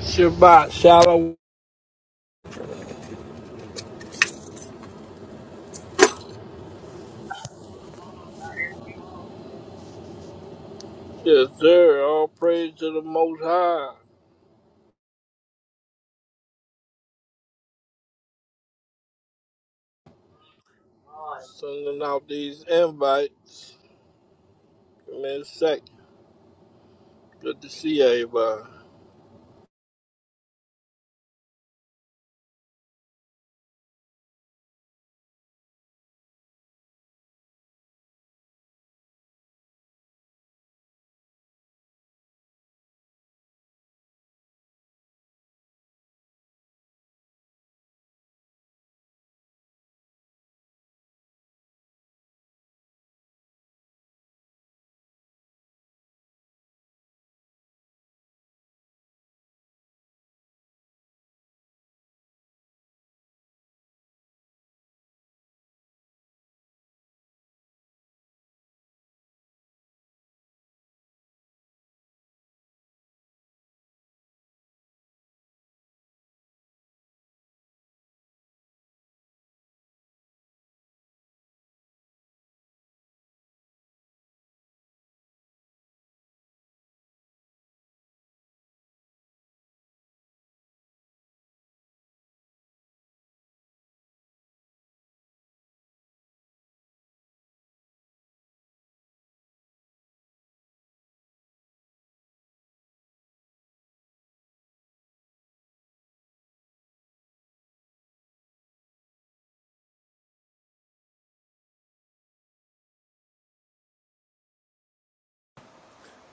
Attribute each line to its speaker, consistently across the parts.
Speaker 1: Shabbat Shalom. Yes, sir. All praise to the Most High. Sending out these invites. Give me a sec. Good to see everybody.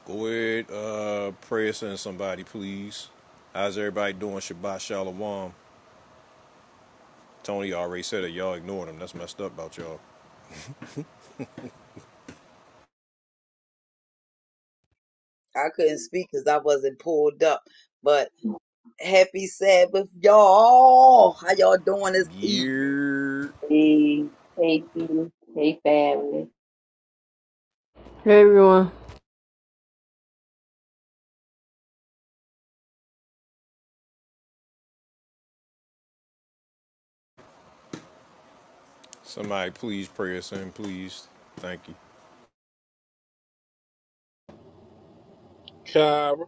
Speaker 2: Go ahead, uh, pray us in somebody, please. How's everybody doing? Shabbat Shalom. Tony already said it. Y'all ignored him. That's messed up about y'all.
Speaker 3: I couldn't speak because I wasn't pulled up. But happy Sabbath, y'all. How y'all doing this evening?
Speaker 2: Yeah.
Speaker 4: Hey, hey, Keita. hey, family.
Speaker 5: Hey everyone.
Speaker 2: Somebody, please pray us in, please. Thank you.
Speaker 1: Kyra,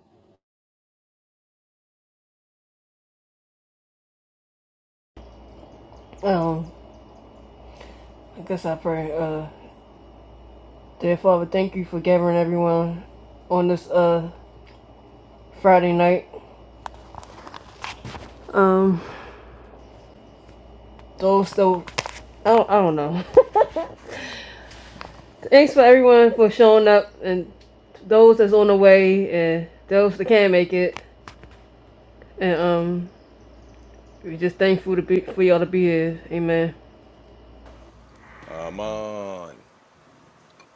Speaker 5: Um, I guess I pray. Uh, dear Father, thank you for gathering everyone on this uh Friday night. Um, those though, I don't, I don't know. Thanks for everyone for showing up and those that's on the way and those that can't make it. And um, we're just thankful to be for y'all to be here. Amen.
Speaker 2: Aman.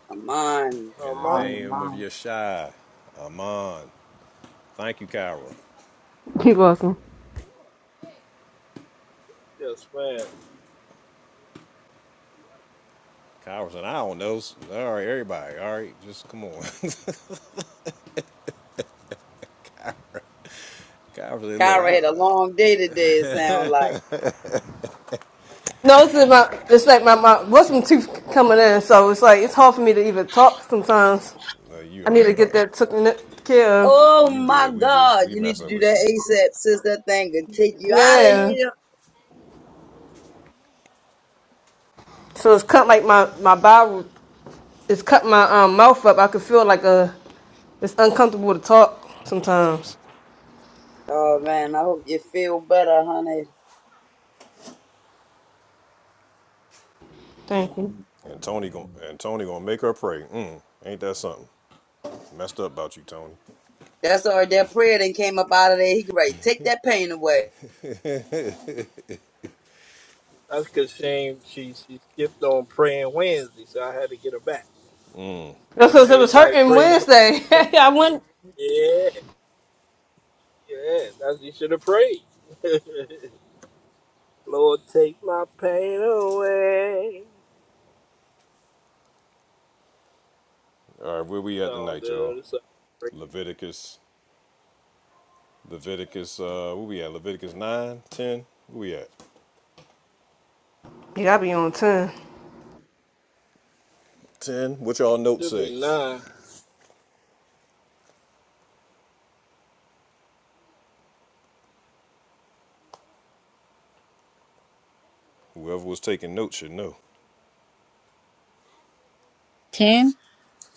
Speaker 3: Come on.
Speaker 1: uh,
Speaker 2: In the
Speaker 1: mom,
Speaker 4: On
Speaker 2: name of
Speaker 4: mom.
Speaker 2: Yeshua. Aman. Thank you, Kyra.
Speaker 5: You're welcome.
Speaker 1: yes, ma'am.
Speaker 2: Kyra said, I don't know. All right, everybody. All right, just come on. Kyra said, look,
Speaker 3: Kyra
Speaker 2: I
Speaker 3: had a
Speaker 2: don't know.
Speaker 3: long day today, it sound like.
Speaker 5: No, it's just my it's like my my wisdom tooth coming in, so it's like it's hard for me to even talk sometimes.
Speaker 2: No, you
Speaker 5: I
Speaker 2: all
Speaker 5: need
Speaker 2: right.
Speaker 5: to get that taken care of.
Speaker 3: Oh
Speaker 2: You
Speaker 3: my
Speaker 2: good. We just,
Speaker 3: God,
Speaker 2: we
Speaker 3: you need to
Speaker 2: messing
Speaker 3: do
Speaker 2: with
Speaker 3: that
Speaker 2: you.
Speaker 3: ASAP, sis. That thing can take you out of
Speaker 5: Yeah.
Speaker 3: here.
Speaker 5: So it's cut like my my bowel, it's cut my um mouth up. I could feel like a it's uncomfortable to talk sometimes.
Speaker 3: Oh man, I hope you feel better, honey.
Speaker 5: Thank you.
Speaker 2: And Tony going and Tony gonna make her pray. Mm, ain't that something? Messed up about you, Tony.
Speaker 3: That's all right. That prayer then came up out of there. He can right, take that pain away.
Speaker 1: That's because she, ain't- she she skipped on praying Wednesday, so I had to get her back.
Speaker 5: That's because it was
Speaker 1: Everybody
Speaker 5: hurting
Speaker 1: prayed Wednesday.
Speaker 5: Wednesday.
Speaker 1: except
Speaker 5: I went.
Speaker 1: Yeah, yeah. That's you should have prayed. Lord, take my pain away. It's
Speaker 2: All right, where we at
Speaker 1: all
Speaker 2: tonight,
Speaker 1: good.
Speaker 2: y'all?
Speaker 1: It's all great.
Speaker 2: Leviticus, Leviticus. Uh, where we at? Leviticus 9, 10. Where we at?
Speaker 5: Yeah, I be on ten.
Speaker 2: 10. What y'all notes
Speaker 1: Should
Speaker 2: say?
Speaker 1: be nine.
Speaker 2: Whoever was taking notes should know.
Speaker 6: 10?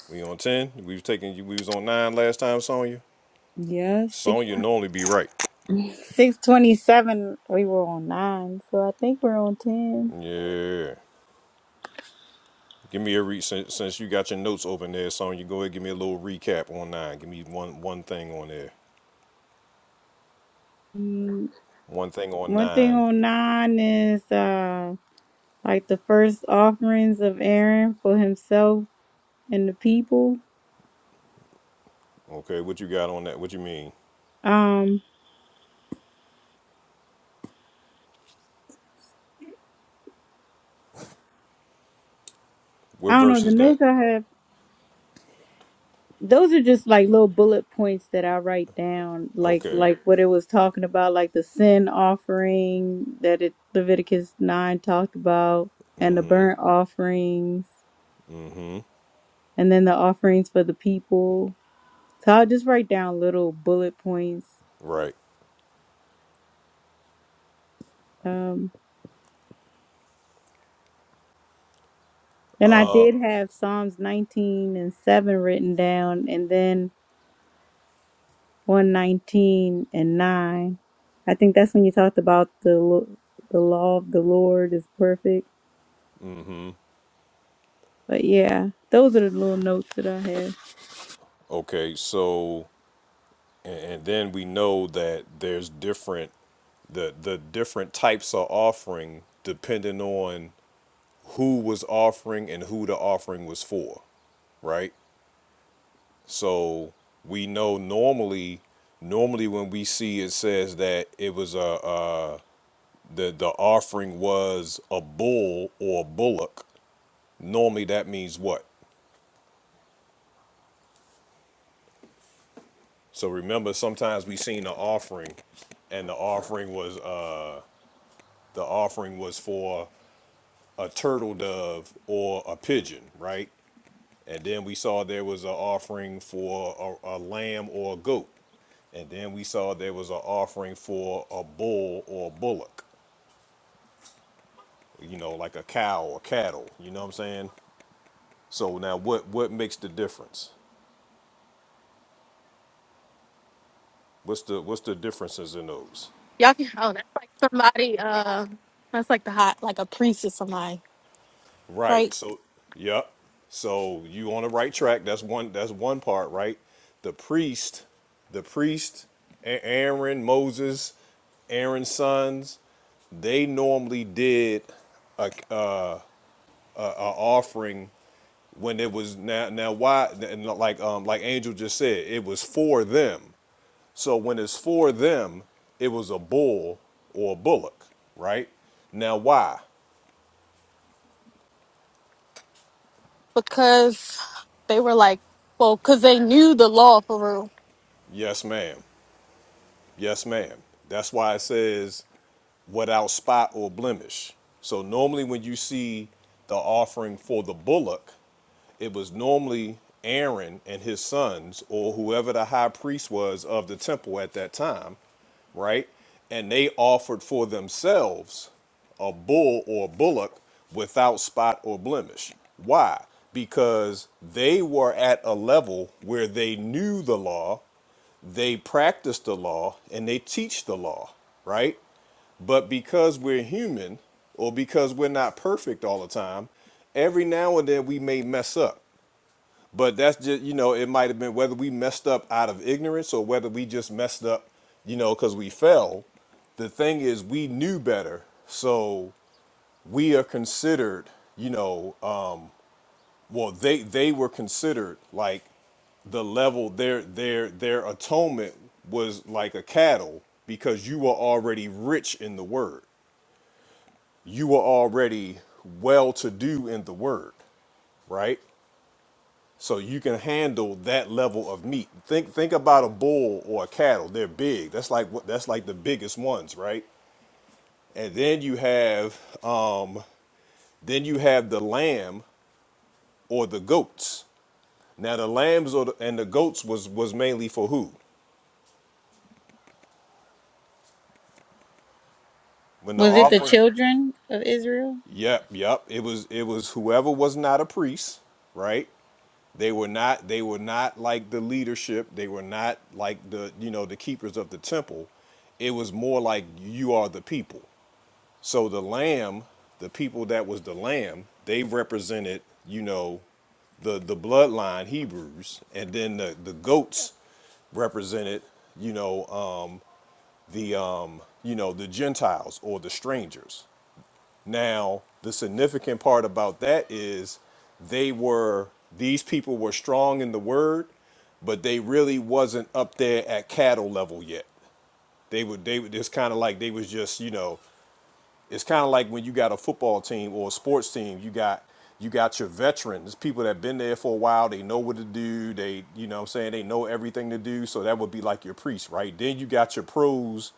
Speaker 2: We on 10? We was taking. We was on 9 last time, Sonya.
Speaker 6: Yeah, six
Speaker 2: Sonya normally be right.
Speaker 6: six twenty seven. We were on nine, so I think we're on ten.
Speaker 2: Yeah. Give me a re since, since you got your notes open there, Sonya. Go ahead, give me a little recap on nine. Give me one one thing on there.
Speaker 6: Mm,
Speaker 2: One thing on
Speaker 6: one thing
Speaker 2: nine.
Speaker 6: on nine is uh like the first offerings of Aaron for himself and the people.
Speaker 2: Okay, what you got on that? What you mean?
Speaker 6: Um,
Speaker 2: What
Speaker 6: I don't
Speaker 2: verse
Speaker 6: know the
Speaker 2: is that?
Speaker 6: notes I have. Those are just like little bullet points that I write down, like
Speaker 2: Okay,
Speaker 6: like what it was talking about, like the sin offering that it Leviticus nine talked about, and the burnt offerings and then the offerings for the people. So I'll just write down little bullet points.
Speaker 2: right.
Speaker 6: Um, and I did have Psalms 19 and 7 written down, and then 119 and 9. I think that's when you talked about the lo- the law of the Lord is perfect. But yeah, those are the little notes that I have.
Speaker 2: Okay, so and, and then we know that there's different the the different types of offering depending on who was offering and who the offering was for, right? So we know normally normally when we see it says that it was a uh, the the offering was a bull or a bullock. Normally that means what? So remember, sometimes we seen the offering, and the offering was uh, the offering was for a turtle dove or a pigeon, right? And then we saw there was an offering for a, a lamb or a goat, and then we saw there was an offering for a bull or a bullock, you know, like a cow or cattle. You know what I'm saying? So now, what what makes the difference? What's the what's the differences in those?
Speaker 7: Y'all can, oh, that's like somebody, uh, that's like the hot, like a priest or somebody,
Speaker 2: Right.
Speaker 7: right?
Speaker 2: So, yep. So you on the right track. That's one. That's one part, right? The priest, the priest, A- Aaron, Moses, Aaron's sons. They normally did a, uh, a offering when it was now. Now why? And like like, um like Angel just said, it was for them. So when it's for them, it was a bull or a bullock, right? Now why?
Speaker 7: Because they were like, well, because they knew the law for real.
Speaker 2: Yes, ma'am. Yes, ma'am. That's why it says without spot or blemish. So normally when you see the offering for the bullock, it was normally Aaron and his sons, or whoever the high priest was of the temple at that time, right? And they offered for themselves a bull or bullock without spot or blemish. Why? Because they were at a level where they knew the law, they practiced the law, and they teach the law, right? But because we're human or because we're not perfect all the time, every now and then we may mess up. But that's just, you know, it might have been whether we messed up out of ignorance or whether we just messed up, you know, because we fell. The thing is, we knew better. So we are considered, you know, um, well, they, they were considered like the level their their their atonement was like a cattle because you were already rich in the word you were already well to do in the word, right? So you can handle that level of meat. Think think about a bull or a cattle. They're big. That's like what that's like the biggest ones, right? And then you have um then you have the lamb or the goats. Now the lambs or the, and the goats was was mainly for who? When the
Speaker 6: Was it the
Speaker 2: offering?
Speaker 6: children of Israel?
Speaker 2: Yep, yep. It was it was whoever was not a priest, right? They were not they were not like the leadership. They were not like the you know the keepers of the temple. It was more like you are the people. So the lamb, the people that was the lamb, they represented you know the the bloodline Hebrews, and then the the goats represented you know um, the um, you know the Gentiles or the strangers. Now, the significant part about that is they were these people were strong in the word, but they really wasn't up there at cattle level yet. They would they would it's kind of like they was just, you know, it's kind of like when you got a football team or a sports team, you got you got your veterans, people that have been there for a while, they know what to do, they you know what I'm saying, they know everything to do, so that would be like your priest, right? Then you got your pros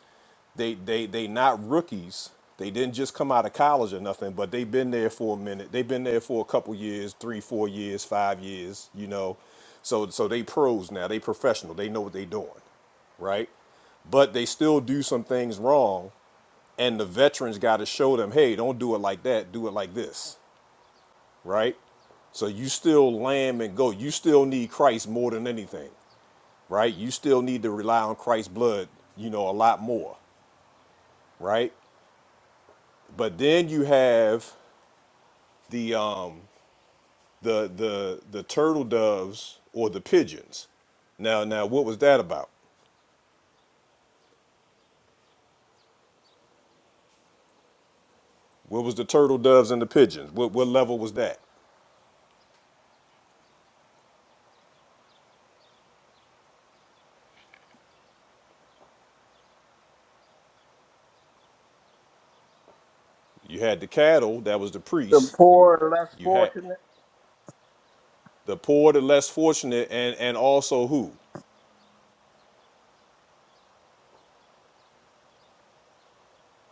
Speaker 2: they they they not rookies. They didn't just come out of college or nothing, but they've been there for a minute. They've been there for a couple years, three, four years, five years, you know. So so they pros now. They professional. They know what they're doing, right? But they still do some things wrong, and the veterans got to show them, hey, don't do it like that. Do it like this, right? So you still lamb and go. You still need Christ more than anything, right? You still need to rely on Christ's blood, you know, a lot more, right? But then you have the um the the the turtle doves or the pigeons. Now now what was that about? What was the turtle doves and the pigeons? What what level was that? You had the cattle, that was the
Speaker 1: the
Speaker 2: priests.
Speaker 1: poor less
Speaker 2: You had
Speaker 1: fortunate?
Speaker 2: the poor, the less fortunate, and and also who?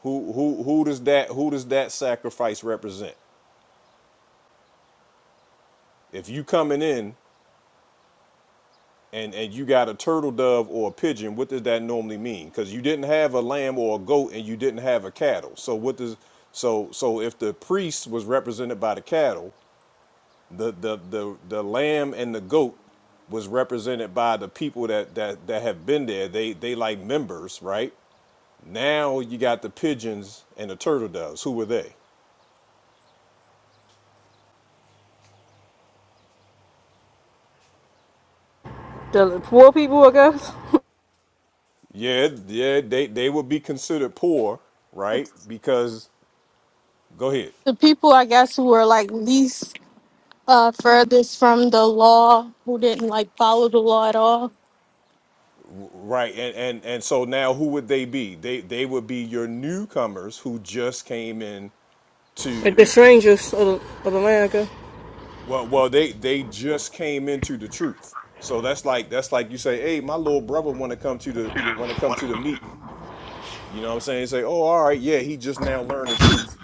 Speaker 2: Who who who does that who does that sacrifice represent? If you coming in and and you got a turtle dove or a pigeon, what does that normally mean? Because you didn't have a lamb or a goat, and you didn't have a cattle. So what does so so if the priest was represented by the cattle, the the the the lamb and the goat was represented by the people that that that have been there. They they like members, right? Now you got the pigeons and the turtle doves. Who were they?
Speaker 5: The poor people, I guess.
Speaker 2: Yeah, yeah, they they would be considered poor, right?
Speaker 7: It's
Speaker 2: Because go ahead.
Speaker 7: the people, I guess, who were like least, uh, furthest from the law, who didn't like follow the law at all.
Speaker 2: Right, and, and and so now who would they be? They they would be your newcomers who just came in
Speaker 5: Like
Speaker 2: to
Speaker 5: the strangers of the, of the land, I guess.
Speaker 2: well well they they just came into the truth. So that's like that's like you say, hey, my little brother want to come to the want to come to the meeting. You know what I'm saying? say, oh, all right, yeah, he just now learned the truth,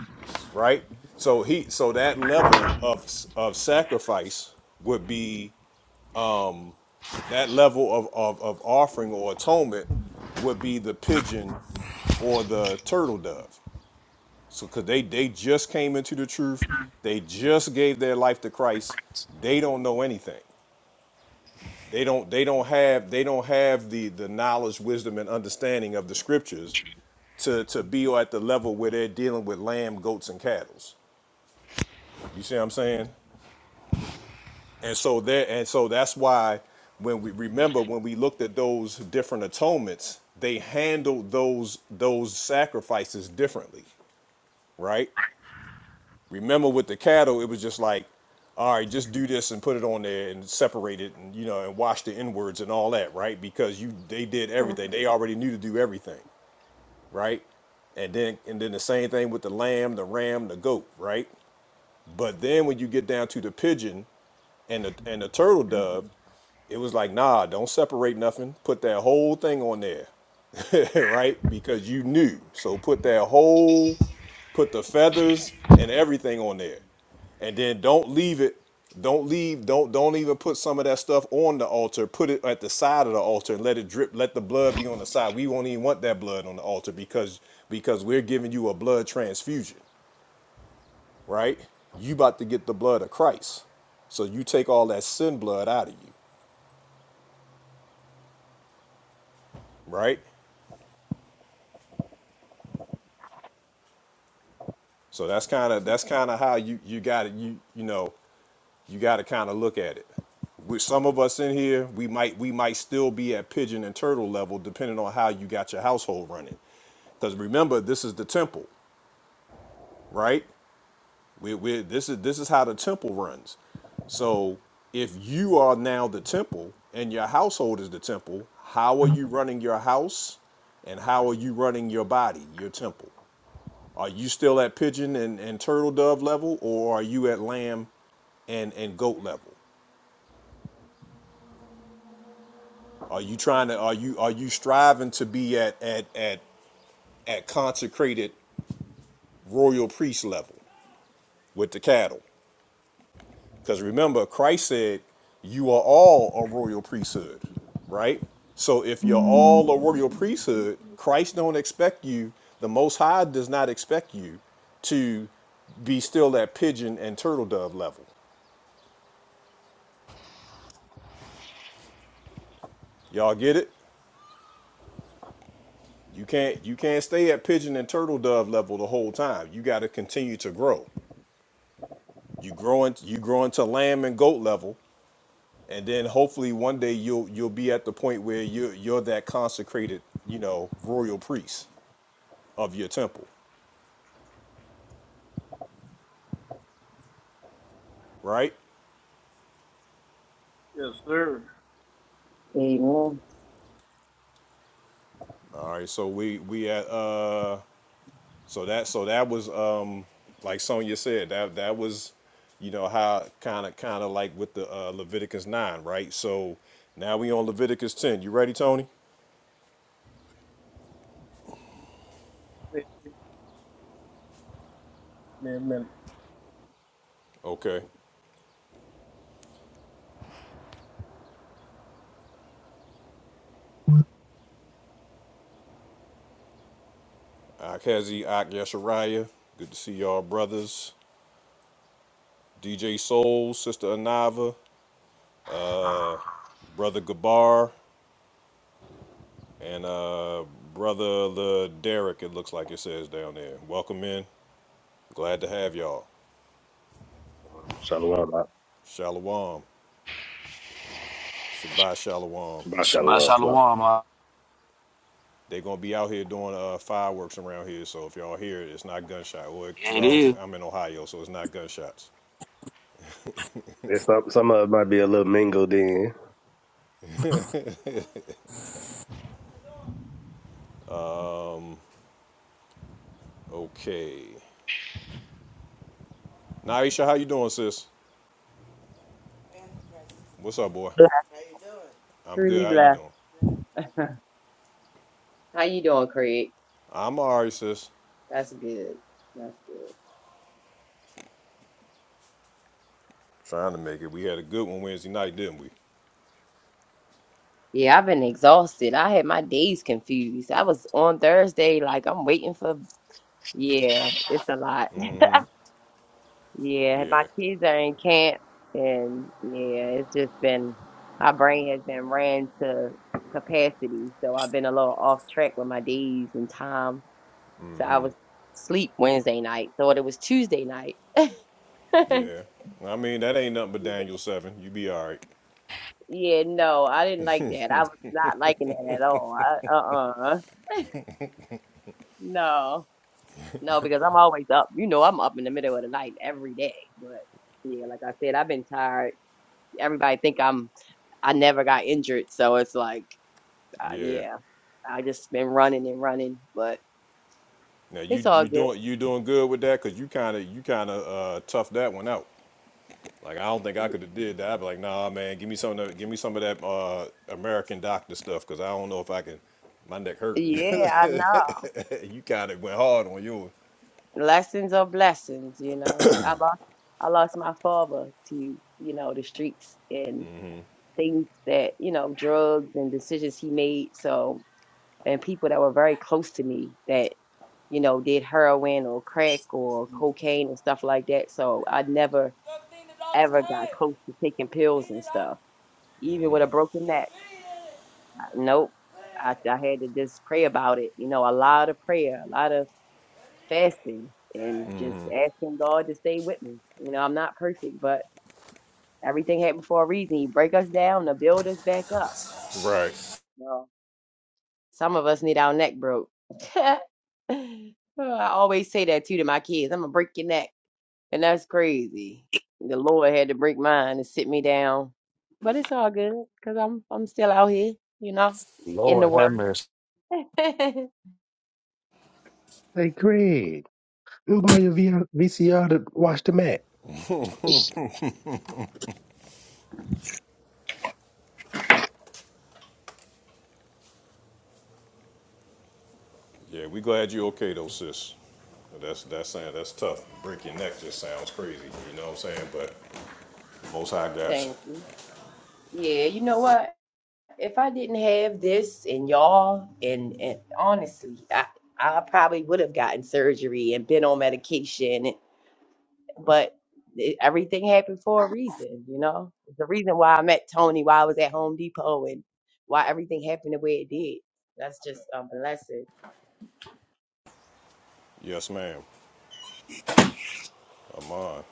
Speaker 2: right? So he so that level of of sacrifice would be that level of of, of offering or atonement would be the pigeon or the turtle dove. So, cause they they just came into the truth, they just gave their life to Christ. They don't know anything. They don't they don't have they don't have the the knowledge, wisdom, and understanding of the scriptures to to be at the level where they're dealing with lamb, goats, and cattle. You see what I'm saying? And so there and so that's why when we remember when we looked at those different atonements, they handled those those sacrifices differently, right? Remember with the cattle, it was just like, all right, just do this and put it on there and separate it and you know and wash the inwards and all that, right? Because you they did everything. They already knew to do everything, right? And then and then the same thing with the lamb, the ram, the goat, right? But then when you get down to the pigeon and the and the turtle dove, it was like, nah, don't separate nothing. Put that whole thing on there, right? Because you knew. So put that whole, put the feathers and everything on there, and then don't leave it. Don't leave. Don't don't even put some of that stuff on the altar. Put it at the side of the altar and let it drip. Let the blood be on the side. We won't even want that blood on the altar because because we're giving you a blood transfusion, right? You about to get the blood of Christ. So you take all that sin blood out of you, right? So that's kind of that's kind of how you you got to you you know you got to kind of look at it. With some of us in here, we might we might still be at pigeon and turtle level, depending on how you got your household running. Because remember, this is the temple, right? We we this is this is how the temple runs. So if you are now the temple and your household is the temple, how are you running your house, and how are you running your body, your temple? Are you still at pigeon and, and turtle dove level, or are you at lamb and, and goat level? Are you trying to are you are you striving to be at at at at consecrated royal priest level with the cattle? Because remember, Christ said, "You are all a royal priesthood," right? So if you're all a royal priesthood, Christ don't expect you. The Most High does not expect you to be still at pigeon and turtle dove level. Y'all get it? You can't you can't stay at pigeon and turtle dove level the whole time. You got to continue to grow. You growing you growing to lamb and goat level, and then hopefully one day you'll you'll be at the point where you're you're that consecrated you know royal priest of your temple, right?
Speaker 1: Yes, sir.
Speaker 4: Amen.
Speaker 2: All right. So we we at uh so that so that was um like Sonya said that that was you know how kind of kind of like with the uh, Leviticus nine, right? So now we on Leviticus ten. You ready, Tony?
Speaker 1: Wait a minute.
Speaker 2: Okay. Akazi Ak Yashariah, good to see y'all brothers. DJ Soul, Sister Anava, Brother Gabar, and uh, Brother the Derek, it looks like it says down there. Welcome in. Glad to have y'all.
Speaker 8: Um, Shalom. uh,
Speaker 2: Shalom. Shabbat Shalom.
Speaker 8: Shabbat
Speaker 9: Shabbat
Speaker 8: Shalom. Shalom.
Speaker 9: shalom. uh,
Speaker 2: They're going to be out here doing uh, fireworks around here, so if y'all hear it, it's not gunshot. Or it-
Speaker 9: It
Speaker 2: Well,
Speaker 9: is.
Speaker 2: I'm in Ohio, so it's not gunshots.
Speaker 8: There's some, some of it might be a little mingled in.
Speaker 2: Okay. Naisha, how you doing, sis? What's up, boy?
Speaker 4: Bless,
Speaker 2: I'm good.
Speaker 4: truly
Speaker 2: How you
Speaker 4: blessed.
Speaker 2: doing?
Speaker 4: How you doing, Craig?
Speaker 2: I'm alright, sis.
Speaker 4: That's good. That's good.
Speaker 2: Trying to make it. We had a good one Wednesday night, didn't we?
Speaker 4: Yeah, I've been exhausted. I had my days confused. I was on Thursday, like I'm waiting for. Yeah, it's a lot. Yeah, my
Speaker 2: Yeah.
Speaker 4: kids are in camp, and yeah, it's just been my brain has been ran to capacity, so I've been a little off track with my days and time. So I was sleep Wednesday night, thought it was Tuesday night.
Speaker 2: Yeah. I mean, that ain't nothing but Daniel seven. You be all right.
Speaker 4: Yeah, no, I didn't like that. I was not liking that at all. I, uh-uh, no, no, because I'm always up. You know, I'm up in the middle of the night every day. But yeah, like I said, I've been tired. Everybody think I'm I never got injured, so it's like. Uh,
Speaker 2: Yeah.
Speaker 4: yeah, I just been running and running, but
Speaker 2: Now you
Speaker 4: it's all
Speaker 2: you
Speaker 4: good.
Speaker 2: doing you doing good with that? Cause you kind of you kind of uh, toughed that one out. Like I don't think I could have did that. I'd be like, nah, man, give me some of that, give me some of that uh, American doctor stuff, cause I don't know if I can. My neck hurt.
Speaker 4: Yeah, I know.
Speaker 2: you kind of went hard on yours.
Speaker 4: Lessons are blessings, you know. I lost, I lost my father to, you know, the streets and things that, you know, drugs and decisions he made. So, and people that were very close to me that, you know, did heroin or crack or cocaine and stuff like that. So I never ever got close to taking pills and stuff, even with a broken neck. Nope. I, I had to just pray about it. You know, a lot of prayer, a lot of fasting, and just asking God to stay with me. You know, I'm not perfect, but everything happened for a reason. He break us down to build us back up.
Speaker 2: Right.
Speaker 4: No. Some of us need our neck broke. Oh, I always say that too to my kids. I'm gonna break your neck, and that's crazy. The Lord had to break mine and sit me down, but it's all good because I'm I'm still out here, you know, in the
Speaker 9: Lord have
Speaker 4: Word.
Speaker 9: mercy.
Speaker 4: Thank
Speaker 8: Hey, Craig, let borrow your VR VCR to watch the match.
Speaker 2: Yeah, we glad you okay though, sis. That's that's saying that's tough. Break your neck just sounds crazy. You know what I'm saying? But most high got you.
Speaker 4: you. Yeah, you know what? If I didn't have this and y'all, and, and honestly, I, I probably would have gotten surgery and been on medication. But it, everything happened for a reason, you know? It's the reason why I met Tony, why I was at Home Depot, and why everything happened the way it did. That's just a blessing.
Speaker 2: Yes, ma'am. I'm on.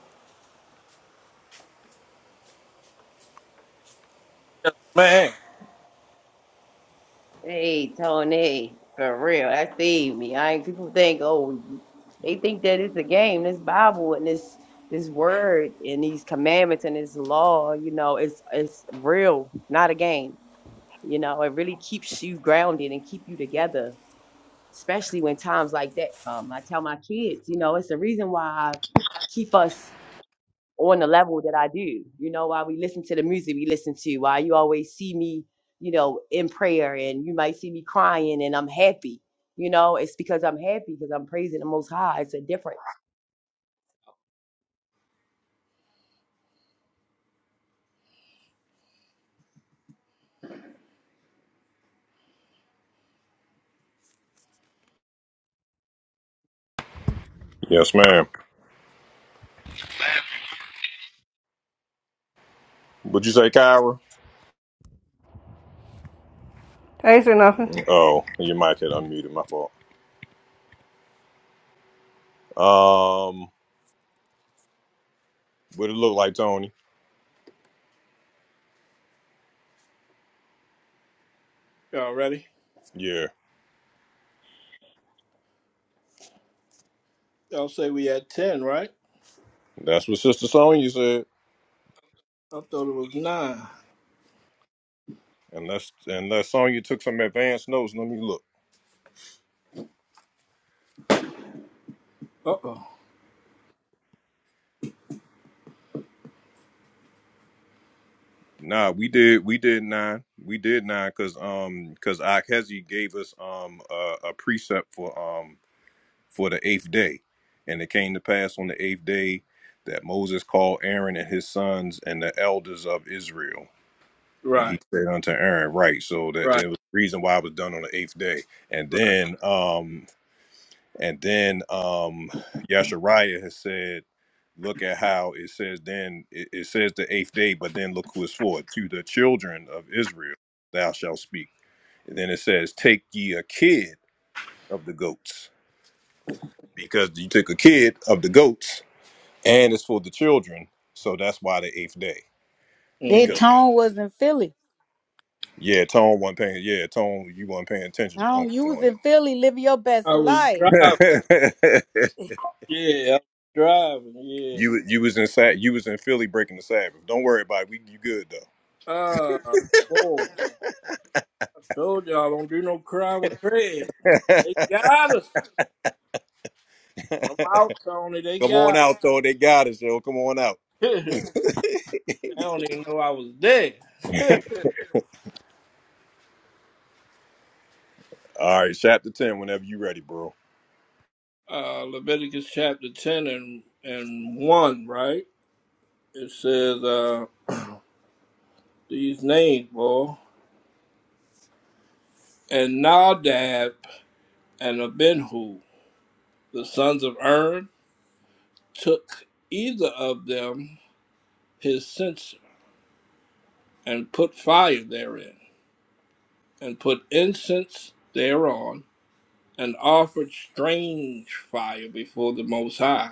Speaker 1: Man,
Speaker 4: Hey, Tony, for real, that saved me. I ain't people think, oh, they think that it's a game. This Bible and this this word and these commandments and this law, you know, it's it's real, not a game. You know, it really keeps you grounded and keep you together, especially when times like that come. I tell my kids, you know, it's the reason why I keep us on the level that I do. You know, while we listen to the music we listen to, why you always see me, you know, in prayer and you might see me crying and I'm happy. You know, it's because I'm happy because I'm praising the most high. It's a different
Speaker 2: Yes, ma'am. Would you say Kyra?
Speaker 5: I ain't say nothing.
Speaker 2: Oh, your mic had unmuted. My fault. Um, what it look like, Tony?
Speaker 1: y'all ready?
Speaker 2: Yeah,
Speaker 1: Y'all say we had 10, right?
Speaker 2: that's what Sister Sonya said.
Speaker 1: I thought it was 9.
Speaker 2: Unless unless Sonya took some advanced notes. Let me look.
Speaker 1: Uh-oh.
Speaker 2: Nah, we did we did nine. We did nine because um because Akhezi gave us um a, a precept for um for the eighth day. And it came to pass on the eighth day that Moses called Aaron and his sons and the elders of Israel. And he
Speaker 1: Right,
Speaker 2: said unto Aaron, right. So that
Speaker 1: right,
Speaker 2: it was the reason why it was done on the eighth day. And
Speaker 1: right.
Speaker 2: then um and then um Yashariah has said, look at how it says then it, it says the eighth day, but then look who it's for. To the children of Israel thou shalt speak. And then it says, Take ye a kid of the goats. Because you took a kid of the goats and it's for the children. So that's why the eighth day.
Speaker 6: Their
Speaker 1: Mm.
Speaker 2: Because
Speaker 6: tone wasn't feeling.
Speaker 2: yeah, Tone wasn't paying. Yeah, Tone, you weren't paying
Speaker 6: I
Speaker 2: attention. do
Speaker 6: don't use
Speaker 2: Tone.
Speaker 6: it, Philly. Live your best
Speaker 1: I was
Speaker 6: life.
Speaker 1: driving. Yeah, I was driving, yeah.
Speaker 2: you you was in Sa- you was in Philly breaking the Sabbath. Don't worry about it. We you good
Speaker 1: Ah, boy. I told y'all, don't do no crime with Craig.
Speaker 2: though.
Speaker 1: They got us. I'm out, Tony. They
Speaker 2: Come on
Speaker 1: got us.
Speaker 2: out though. They got us, yo. Come on out.
Speaker 1: they don't even know I was there.
Speaker 2: All right, chapter ten. Whenever you ready, bro.
Speaker 1: uh, Leviticus chapter 10 and, and 1, right? It says uh, these names, boy. And Nadab and Abihu, the sons of Aaron, took either of them his censer and put fire therein, and put incense thereon, and offered strange fire before the Most High,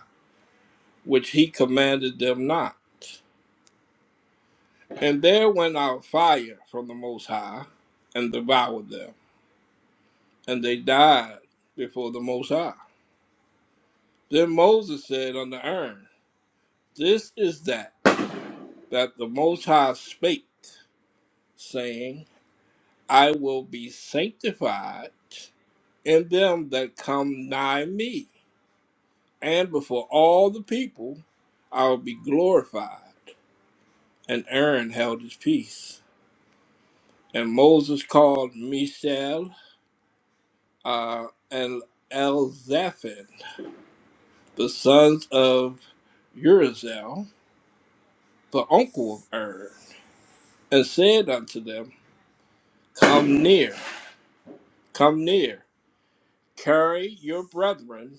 Speaker 1: which he commanded them not. And there went out fire from the Most High, and devoured them, and they died before the Most High. Then Moses said unto Aaron, This is that that the Most High spake, saying, I will be sanctified in them that come nigh me, and before all the people I will be glorified. And Aaron held his peace. And Moses called Mishael uh, and Elzaphan, the sons of Urizel, the uncle of Aaron, and said unto them, Come near. Come near, carry your brethren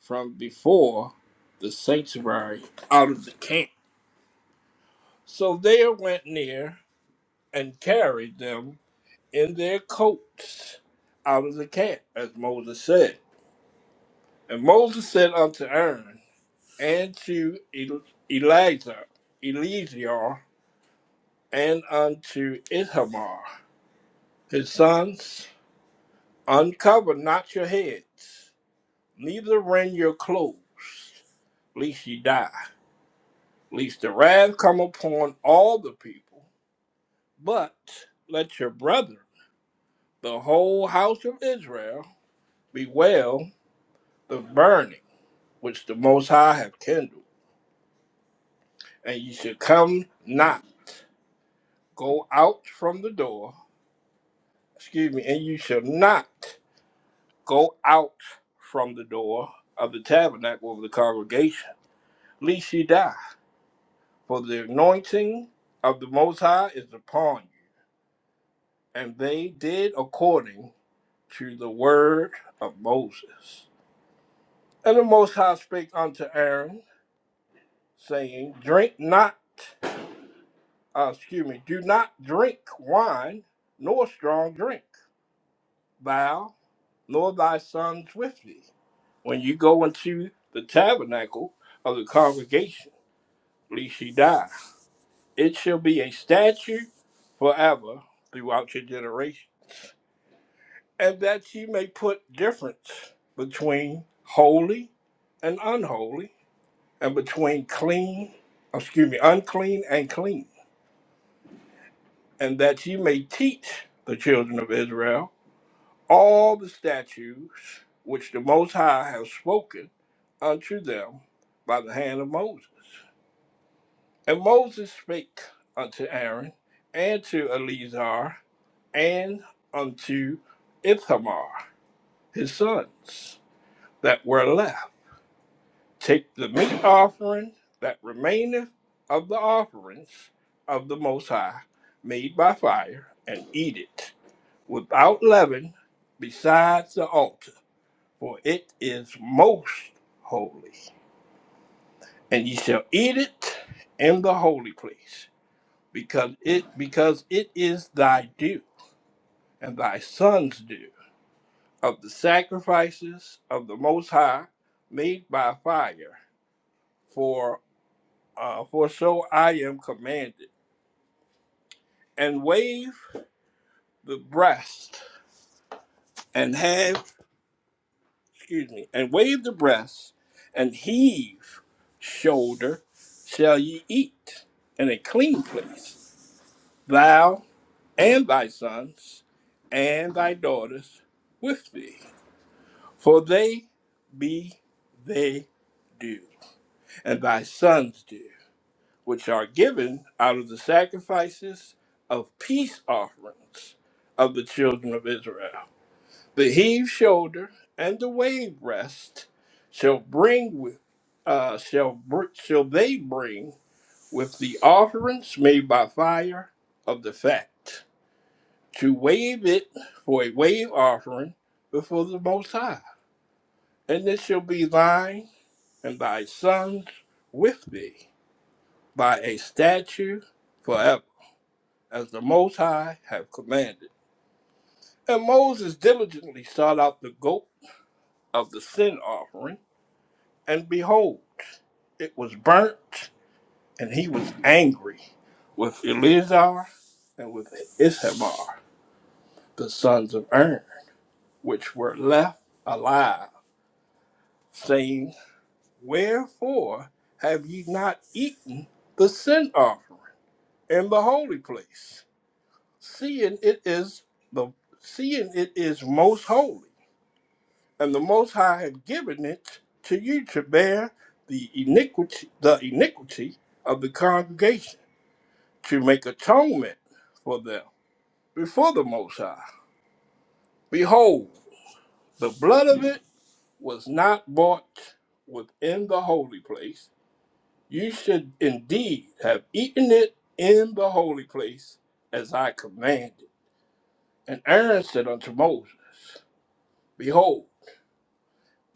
Speaker 1: from before the sanctuary out of the camp. So they went near and carried them in their coats out of the camp, as Moses said. And Moses said unto Aaron and to El- Eleazar, Eleazar, and unto Ithamar, his sons, uncover not your heads, neither rend your clothes, lest ye die. Least the wrath come upon all the people, but let your brother, the whole house of Israel, bewail the burning which the Most High hath kindled. And you shall come not go out from the door, excuse me, and you shall not go out from the door of the tabernacle of the congregation, lest you die. For the anointing of the Most High is upon you. And they did according through the word of Moses. And the Most High spake unto Aaron, saying, Drink not, uh, excuse me, do not drink wine, nor strong drink, thou, nor thy sons with thee. When you go into the tabernacle of the congregation, lest ye die. It shall be a statute forever throughout your generation, and that ye may put difference between holy and unholy, and between clean, excuse me, unclean and clean, and that ye may teach the children of Israel all the statutes which the Most High hath spoken unto them by the hand of Moses. And Moses spake unto Aaron and to Eleazar and unto Ithamar his sons that were left Take the meat offering that remaineth of the offerings of the Most High, made by fire, and eat it without leaven besides the altar, for it is most holy. And ye shall eat it in the holy place, because it because it is thy due and thy son's due of the sacrifices of the Most High made by fire, for uh, for so I am commanded and wave the breast and have, excuse me, and wave the breast and heave shoulder shall ye eat in a clean place, thou and thy sons and thy daughters with thee, for they be they do, and thy sons do, which are given out of the sacrifices of peace offerings of the children of Israel The heave shoulder and the wave rest shall bring with uh, shall br- shall they bring with the offerings made by fire of the fact to wave it for a wave offering before the Most High, and it shall be thine and thy sons with thee by a statute forever, as the Most High have commanded. And Moses diligently sought out the goat of the sin offering And behold, it was burnt, and he was angry with Eleazar and with Ithamar, the sons of Aaron, which were left alive, saying, Wherefore have ye not eaten the sin offering in the holy place, seeing it is the seeing it is most holy, and the Most High have given it to you to bear the iniquity the iniquity of the congregation? to make atonement for them before the Most High. Behold, the blood of it was not bought within the holy place. You should indeed have eaten it in the holy place, as I commanded. And Aaron said unto Moses, Behold,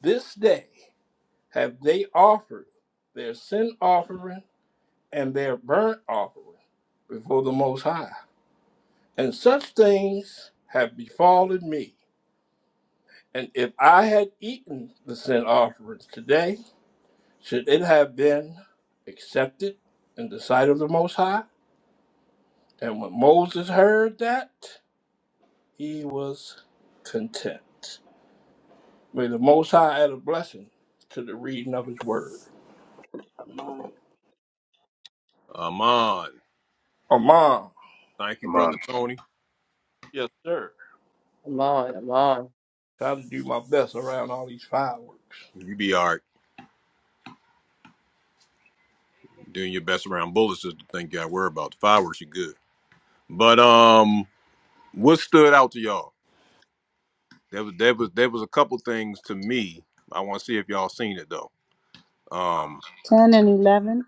Speaker 1: this day have they offered their sin offering and their burnt offering before the Most High. And such things have befallen me And if I had eaten the sin offerings today, should it have been accepted in the sight of the Most High? And when Moses heard that, he was content. May the Most High add a blessing to the reading of his word.
Speaker 3: Come on,
Speaker 2: I'm on.
Speaker 1: Amon.
Speaker 2: Thank you,
Speaker 8: Come
Speaker 2: brother
Speaker 8: on.
Speaker 2: Tony.
Speaker 1: Yes, sir.
Speaker 4: I'm on, I'm on.
Speaker 1: Trying to do my best around all these fireworks.
Speaker 2: You be all right. Doing your best around bullets is the thing you got to worry about. The fireworks, you good. But um, what stood out to y'all? There was there was there was a couple things to me. I want to see if y'all seen it though. Um,
Speaker 6: Ten and eleven.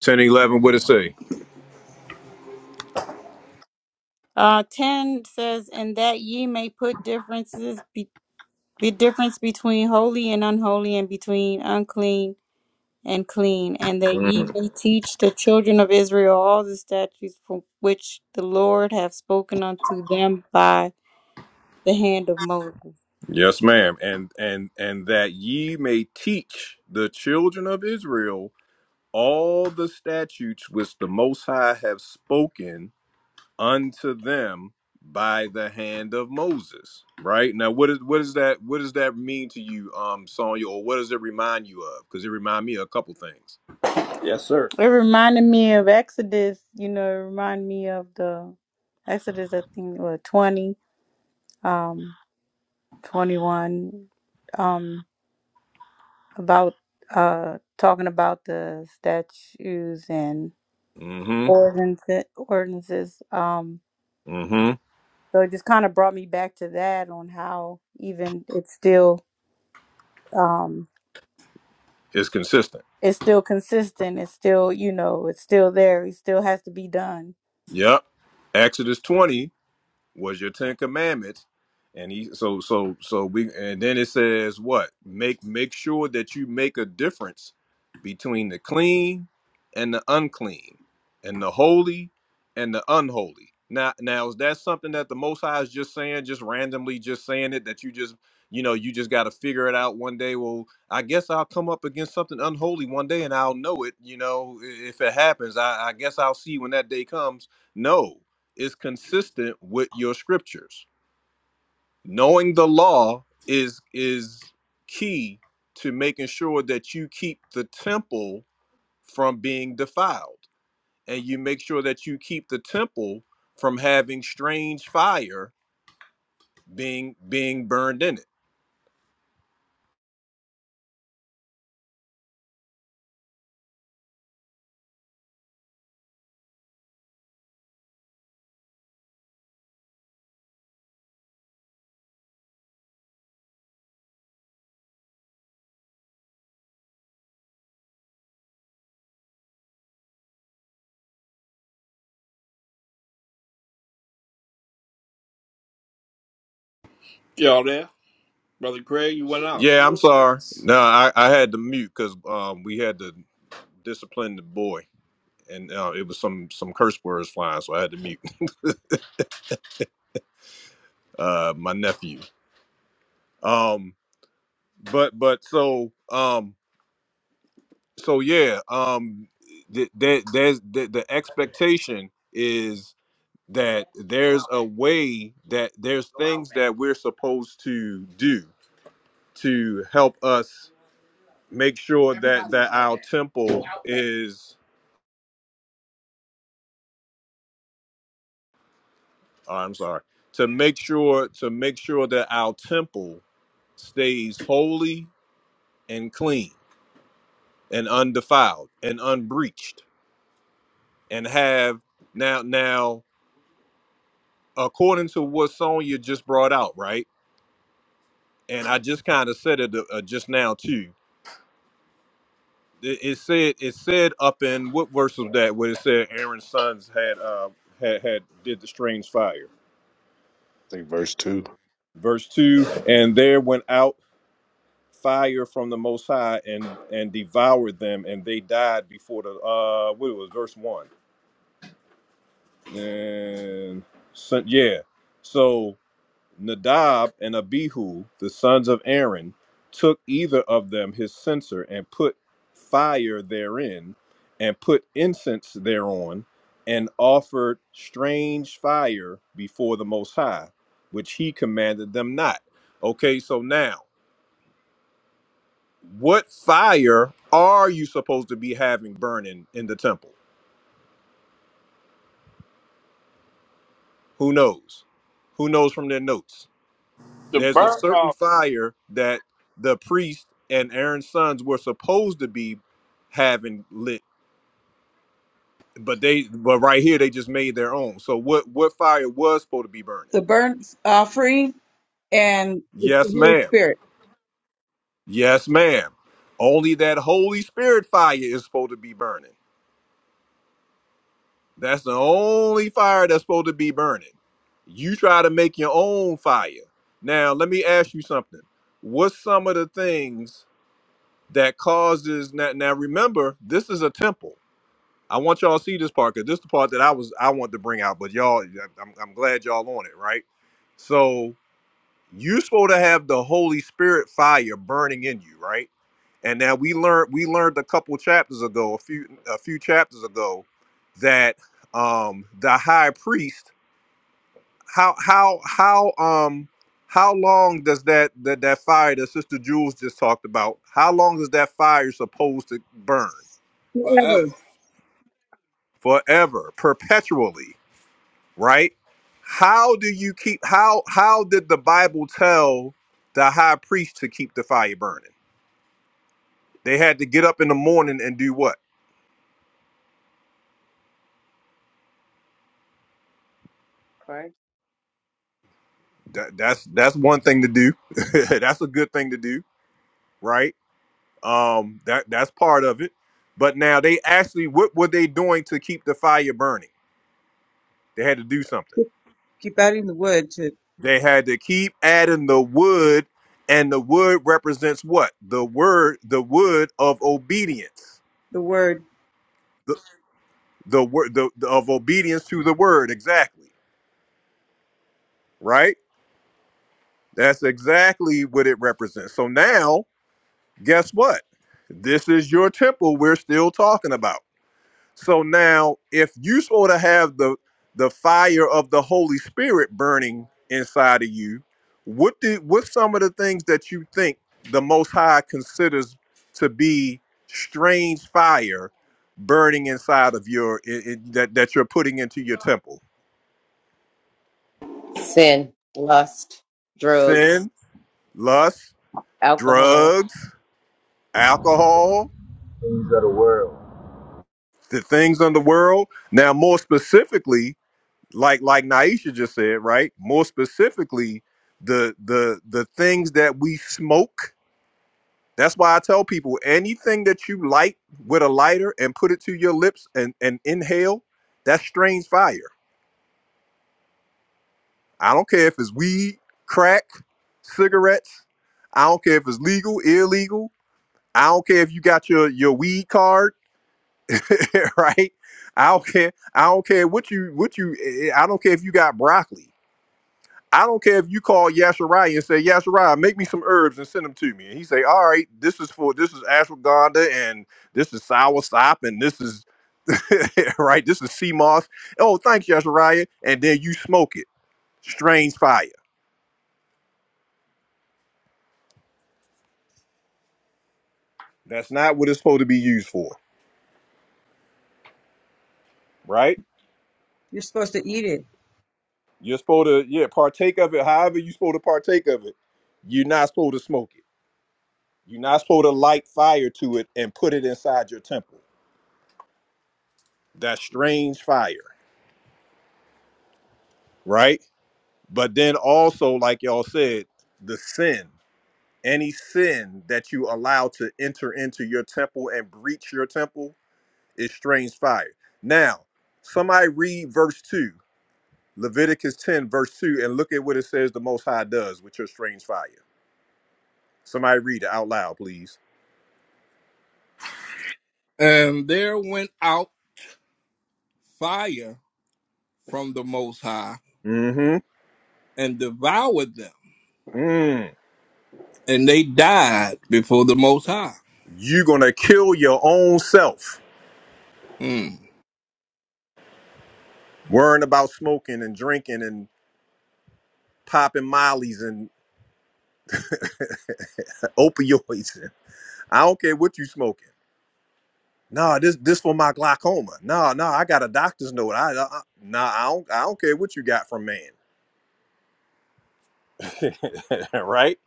Speaker 2: ten eleven. What it say?
Speaker 6: Uh, ten says, "And that ye may put differences be, be difference between holy and unholy, and between unclean." and clean, and that ye
Speaker 2: Mm.
Speaker 6: may teach the children of Israel all the statutes from which the Lord hath spoken unto them by the hand of Moses.
Speaker 2: Yes, ma'am. And and and that ye may teach the children of Israel all the statutes which the Most High have spoken unto them by the hand of Moses. Right now, what is what is that? What does that mean to you, um, Sonya, or what does it remind you of? Because it remind me of a couple things.
Speaker 1: Yes, sir.
Speaker 6: It reminded me of Exodus, you know, it reminded me of the Exodus, I think, what, 20, um, 21, um, about uh, talking about the statues and
Speaker 2: Mm-hmm.
Speaker 6: ordinances, ordinances um,
Speaker 2: Mm-hmm.
Speaker 6: so it just kind of brought me back to that on how even it's still um
Speaker 2: It's consistent.
Speaker 6: it's still consistent it's still you know it's still there it still has to be done
Speaker 2: Yep. Exodus 20 was your Ten Commandments. And he so so so we and then it says what? Make make sure that you make a difference between the clean and the unclean and the holy and the unholy. Now now is that something that the most high is just saying, just randomly just saying it that you just you know, you just gotta figure it out one day. Well, I guess I'll come up against something unholy one day and I'll know it, you know, i- if it happens. I, I guess I'll see when that day comes. No is consistent with your scriptures. Knowing the law is is key to making sure that you keep the temple from being defiled and you make sure that you keep the temple from having strange fire being being burned in it.
Speaker 1: Y'all there? Brother Craig, you went out.
Speaker 2: I'm No, I, I had to mute because um, we had to discipline the boy, and uh, it was some some curse words flying, so I had to mute uh, my nephew. Um, but but so um, so yeah, um, th- there, there's the, the expectation is that there's a way that there's things that we're supposed to do to help us make sure that that our temple is. oh, I'm sorry. To make sure to make sure that our temple stays holy and clean and undefiled and unbreached and have now now according to what Sonya just brought out, right? and I just kind of said it uh, uh, just now too. It, it said it said up in what verse was that where it said Aaron's sons had uh had had did the strange fire.
Speaker 8: I think verse two.
Speaker 2: Verse two, and there went out fire from the Most High and and devoured them, and they died before the uh what was verse one and so, yeah. So Nadab and Abihu, the sons of Aaron, took either of them his censer and put fire therein, and put incense thereon, and offered strange fire before the Most High, which he commanded them not. Okay, so now, what fire are you supposed to be having burning in the temple? Who knows? Who knows from their notes?
Speaker 1: The
Speaker 2: There's a
Speaker 1: burnt
Speaker 2: certain
Speaker 1: off
Speaker 2: fire that the priest and Aaron's sons were supposed to be having lit, but they but right here they just made their own. So what what fire was supposed to be burning?
Speaker 10: the burnt offering, and it's the
Speaker 2: Yes,
Speaker 10: Holy
Speaker 2: ma'am.
Speaker 10: Spirit.
Speaker 2: Yes, ma'am. Only that Holy Spirit fire is supposed to be burning. That's the only fire that's supposed to be burning. You try to make your own fire. Now, let me ask you something. What's some of the things that causes now, now remember, this is a temple I want y'all to see this part because this is the part that I was I want to bring out, but y'all, yeah, I'm, I'm glad y'all on it, right? So you're supposed to have the Holy Spirit fire burning in you, right? And now we learned we learned a couple chapters ago, a few a few chapters ago, that um the high priest, how how how um how long does that that that fire that Sister Jules just talked about? How long is that fire supposed to burn?
Speaker 1: forever.
Speaker 10: Whoever
Speaker 2: Forever, perpetually right? How do you keep how how did the Bible tell the high priest to keep the fire burning? They had to get up in the morning and do what?
Speaker 3: pray.
Speaker 2: That, that's that's one thing to do. that's a good thing to do, right? Um that that's part of it. But now they actually what were they doing to keep the fire burning? They had to do something.
Speaker 10: keep adding the wood to
Speaker 2: They had to keep adding the wood and the wood represents what? The word the wood of obedience
Speaker 10: the word,
Speaker 2: the word the, the- of obedience to the word exactly right that's exactly what it represents so now guess what this is your temple we're still talking about so now if you sort of have the the fire of the holy spirit burning inside of you what did what's some of the things that you think the most high considers to be strange fire burning inside of your i i- that that you're putting into your temple
Speaker 4: Sin, lust, drugs,
Speaker 2: sin lust,
Speaker 4: alcohol.
Speaker 2: drugs, alcohol,
Speaker 11: kings of the world.
Speaker 2: the things of the world. Now, more specifically, like like Naisha just said, right? More specifically, the the the things that we smoke. That's why I tell people anything that you light with a lighter and put it to your lips and, and inhale, that's strange fire. I don't care if it's weed, crack, cigarettes. I don't care if it's legal, illegal. I don't care if you got your your weed card. right? I don't care. I don't care what you what you. eh, eh, I don't care if you got broccoli. I don't care if you call Yasharai and say, Yasharai, make me some herbs and send them to me. And he say, All right, this is for this is ashwagandha and this is soursop and this is right, this is sea moss. Oh, thanks, Yasharai. And then you smoke it. Strange fire. That's not what it's supposed to be used for, right?
Speaker 10: you're supposed to eat it.
Speaker 2: You're supposed to, yeah, partake of it. However, you're supposed to partake of it. You're not supposed to smoke it. You're not supposed to light fire to it and put it inside your temple. That strange fire, right? But then also, like y'all said, the sin, any sin that you allow to enter into your temple and breach your temple is strange fire. Now, somebody read verse 2, Leviticus 10, verse 2, and look at what it says the Most High does with your strange fire. Somebody read it out loud, please.
Speaker 1: And there went out fire from the Most High
Speaker 2: Mm
Speaker 1: and devoured them,
Speaker 2: hmm. Mm.
Speaker 1: and they died before the Most High.
Speaker 2: You're going to kill your own self
Speaker 1: Mm.
Speaker 2: worrying about smoking and drinking and popping mollies and opioids. I don't care what you smoking. Nah, this this for my glaucoma. Nah, nah, I got a doctor's note. I, I nah, I don't I don't care what you got from man. right?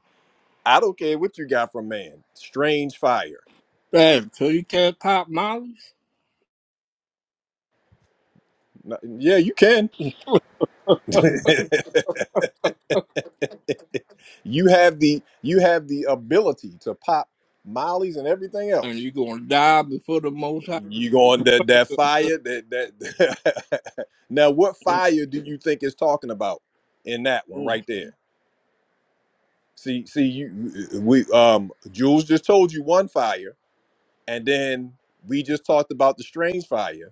Speaker 2: I don't care what you got from man. Strange fire.
Speaker 1: Man, so you can't pop mollies,
Speaker 2: No- Yeah, you can. you have the you have the ability to pop mollies and everything
Speaker 1: and
Speaker 2: else
Speaker 1: you're gonna die before the Most High.
Speaker 2: You going that that fire that that now what fire do you think is talking about in that one
Speaker 1: Mm.
Speaker 2: right there? See, see you uh, we um Jules just told you one fire, and then we just talked about the strange fire,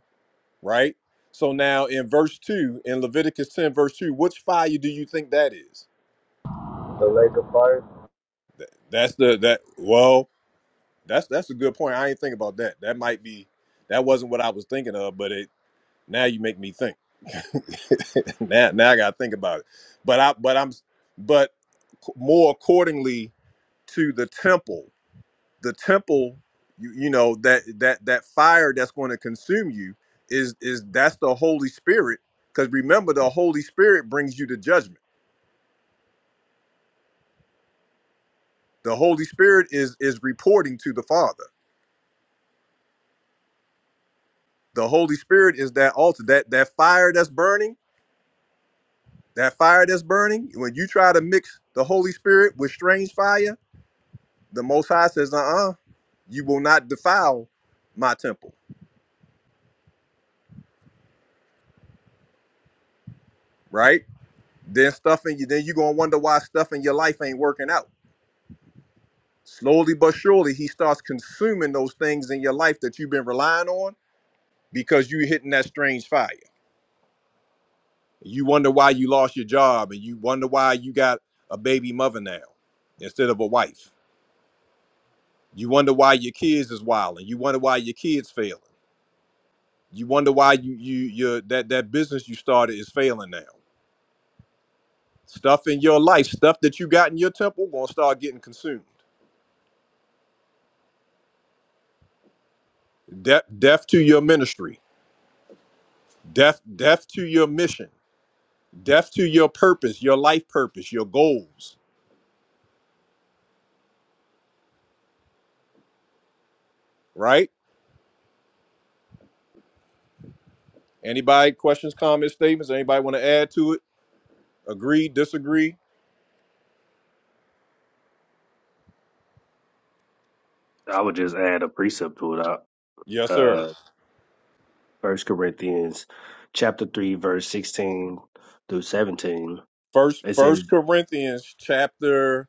Speaker 2: right? So now in verse two in Leviticus 10, verse 2, which fire do you think that is?
Speaker 11: The lake of fire
Speaker 2: That's the that well, that's that's a good point. I ain't think about that. That might be that wasn't what I was thinking of, but it Now you make me think. now, now I gotta think about it. But I, but I'm, but more accordingly to the temple. The temple, you, you know that that that fire that's going to consume you is is that's the Holy Spirit. Because remember, the Holy Spirit brings you to judgment. The Holy Spirit is is reporting to the Father. The Holy Spirit is that altar, that that fire that's burning, that fire that's burning. When you try to mix the Holy Spirit with strange fire the Most High says, "Uh, uh you will not defile my temple." Right? Then stuff in you. Then you gonna wonder why stuff in your life ain't working out. Slowly but surely, he starts consuming those things in your life that you've been relying on because you hitting that strange fire. You wonder why you lost your job, and you wonder why you got a baby mother now instead of a wife. You wonder why your kids is wilding. You wonder why your kids failing. You wonder why you you your that that business you started is failing now Stuff in your life, stuff that you got in your temple, gonna start getting consumed. Death, death to your ministry, death, death to your mission, death to your purpose, your life purpose, your goals. Right? Anybody questions, comments, statements? Anybody want to add to it? Agree, disagree?
Speaker 8: I would just add a precept to it.
Speaker 2: Yes,
Speaker 8: Uh,
Speaker 2: sir.
Speaker 8: First Corinthians chapter three, verse sixteen through seventeen.
Speaker 2: First,
Speaker 8: It says
Speaker 2: First Corinthians chapter